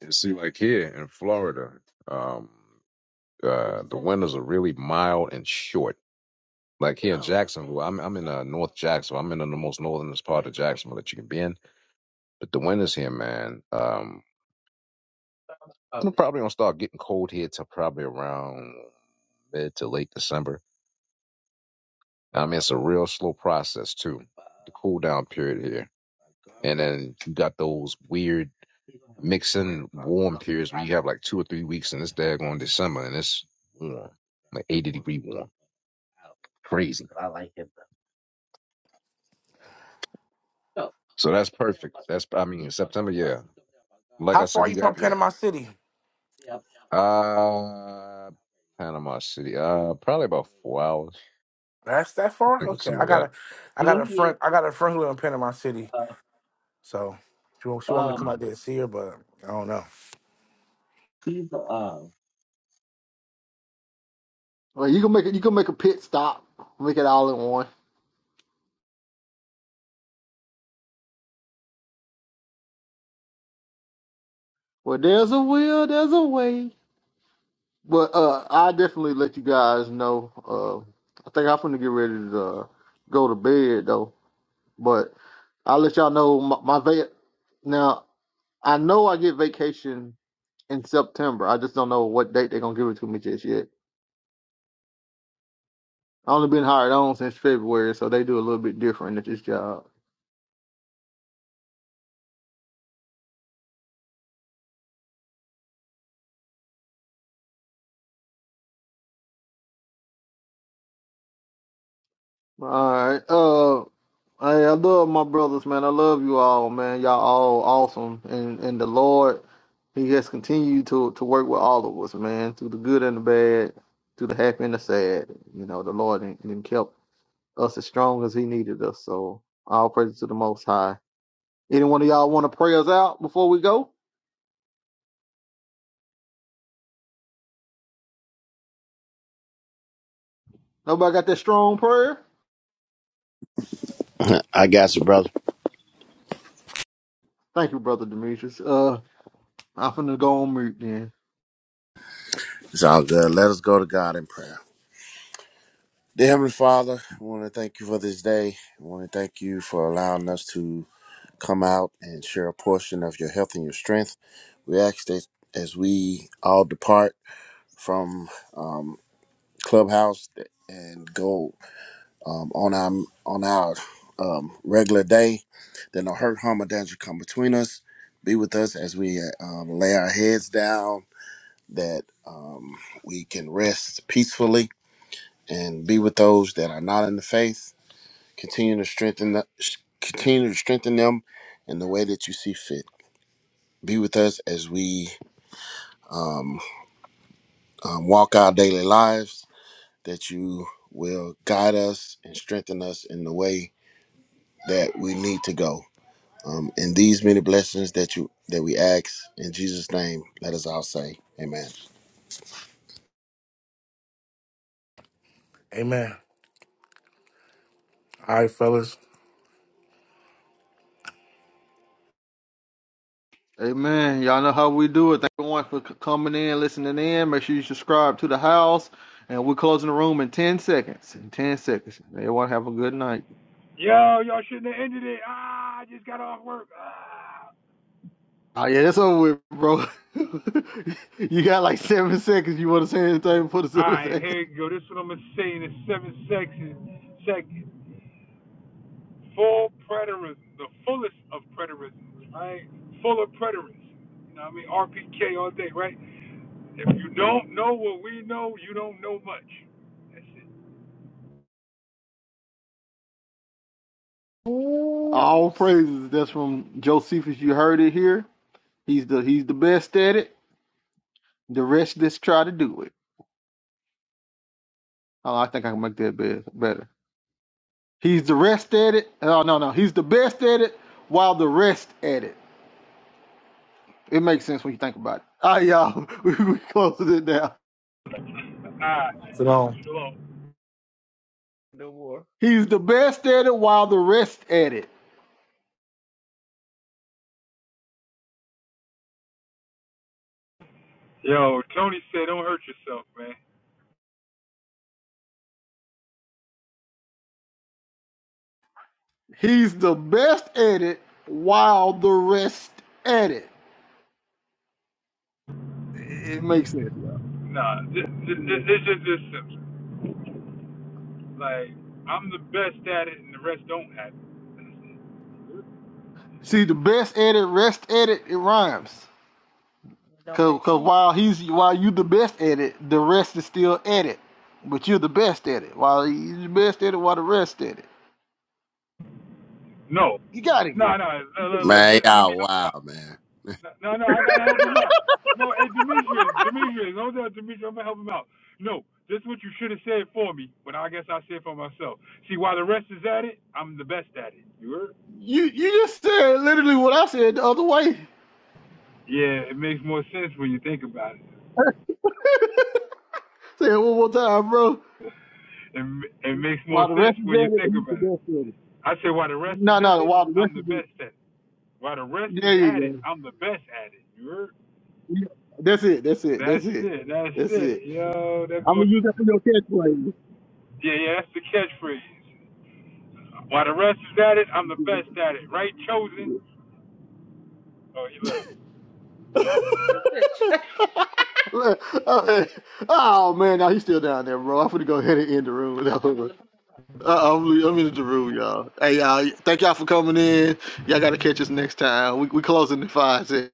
S5: And see, like here in Florida, um, uh, the winters are really mild and short. Like here in Jacksonville, I'm I'm in uh, North Jacksonville. I'm in uh, the most northernest part of Jacksonville that you can be in. But the winters here, man, um, I'm probably gonna start getting cold here till probably around mid to late December. I mean, it's a real slow process too. cool down period here. And then you got those weird mixing warm periods where you have like two or three weeks in this daggone December and it's warm, like 80 degree warm. Crazy. So that's perfect. That's, I mean, September, yeah. Like
S4: How
S5: I
S4: far
S5: said,
S4: are
S5: we
S4: you
S5: got
S4: from
S5: what?
S4: Panama City?
S5: Uh, Panama City. Uh, probably about four hours.
S4: That's that
S5: I
S4: far?
S5: think it's
S4: Okay. I
S5: something
S4: got
S5: like
S4: a I got a friend I got a friend who live in Panama City. So she want, she want me to come
S5: that.
S4: out there and see her, but I don't know.
S1: Like you can make it. You can make a pit stop, make it all in one. Well, there's a will, there's a way. But uh, I definitely let you guys know. Uh, I think I'm gonna get ready to uh, go to bed though. But I'll let y'all know my, my va- now. I know I get vacation in September. I just don't know what date they're gonna give it to me just yet. I only been hired on since February, so they do a little bit different at this job. All right. Uh, hey, I love my brothers, man. I love you all, man. Y'all all awesome, and and the Lord, He has continued to to work with all of us, man, through the good and the bad, through the happy and the sad. You know, the Lord and, and kept us as strong as he needed us. So all praise to the most high. Any one of y'all want to pray us out before we go? Nobody got that strong prayer?
S2: I got you, brother.
S1: Thank you, Brother Demetrius. Uh I'm finna go on mute then.
S2: It's all good. Let us go to God in prayer. Dear Heavenly Father, I want to thank you for this day. I want to thank you for allowing us to come out and share a portion of your health and your strength. We ask that as we all depart from um, Clubhouse and go um, on our on our um, regular day, that no hurt, harm, or danger come between us. Be with us as we um, lay our heads down, that um, we can rest peacefully, and be with those that are not in the faith Continue to strengthen the, continue to strengthen them in the way that you see fit. Be with us as we um, um, walk our daily lives. That you will guide us and strengthen us in the way that we need to go. Um, and these many blessings that you that we ask in Jesus' name, let us all say, Amen.
S4: Amen. All right, fellas.
S1: Amen. Y'all know how we do it. Thank everyone for coming in, listening in. Make sure you subscribe to the house. And we're closing the room in 10 seconds. In 10 seconds. Everyone have a good night.
S6: Yo, y'all shouldn't have ended it. Ah, I just got off work. Ah.
S1: Oh, yeah, that's over with, bro. you got like seven seconds. You want to say anything for the
S6: All
S1: seven
S6: right,
S1: seconds?
S6: here you go. This is what I'm going to say in the seven sections. Second, full preterism, the fullest of preterism, right? Full of preterism. You know what I mean? RPK all day, right? If you don't know what we know, you don't know much. That's it.
S1: All praises. That's from Josephus. You heard it here. He's the he's the best at it. The rest just try to do it. Oh, I think I can make that best, better. He's the rest at it. Oh no no, he's the best at it while the rest at it. It makes sense when you think about it. All right, y'all, we, we closing it now.
S6: Ah,
S4: So
S6: shalom.
S1: He's the best at it while the rest at it.
S6: Yo, Tony said, don't hurt yourself, man.
S1: He's the best at it while the rest at it. It makes sense, y'all.
S6: Nah, this, this,
S1: It makes
S6: this,
S1: sense.
S6: this is just this simple. Like, I'm the best at it and the rest don't have it.
S1: See, the best at it, rest at it, it rhymes. Cause, 'cause while he's while you the best at it, the rest is still at it. But you're the best at it. While he's the best at it, while the rest at it.
S6: No,
S1: You gotta
S6: no,
S1: give. it.
S6: no.
S1: You
S6: no,
S1: gotta
S6: no,
S1: give
S6: no,
S2: Man,
S6: di- Let me
S2: y'all
S6: help you
S2: wow, man.
S6: out. No, no, I gotta help him out. No, hey, Demetrius, Demetrius, don't tell Demetrius, I'm gonna help him out. No, this is what you should have said for me, but I guess I said for myself. See, while the rest is at it, I'm the best at it. You heard?
S1: it. you you just said literally what I said the other way.
S6: Yeah, it makes more sense when you think about it.
S1: Say it one more time, bro.
S6: It, ma- it makes more
S1: While the
S6: sense
S1: rest is
S6: when you
S1: at it,
S6: think
S1: he's the
S6: about it.
S1: best at it.
S6: I say while the rest
S1: No,
S6: is at
S1: no,
S6: it,
S1: while the rest
S6: I'm the
S1: is at
S6: best at it. While the rest
S1: it. There
S6: is
S1: you
S6: at it,
S1: go.
S6: I'm the best at it. You heard?
S1: You- That's it. That's it.
S6: That's
S1: That's it.
S6: it. That's
S1: That's it.
S6: it. Yo, that
S1: I'm gonna
S6: goes.
S1: use that for your
S6: Yeah, yeah, that's the catchphrase. While the rest is at it, I'm the best at it. Right, chosen?
S1: catchphrase.
S6: Oh, you look.
S1: oh oh, man, now he's still down there, bro. I'm gonna go ahead and end the room. Uh, I'm, I'm in the room, y'all. Hey, y'all, thank y'all for coming in. Y'all gotta catch us next time. We we closing in five seconds.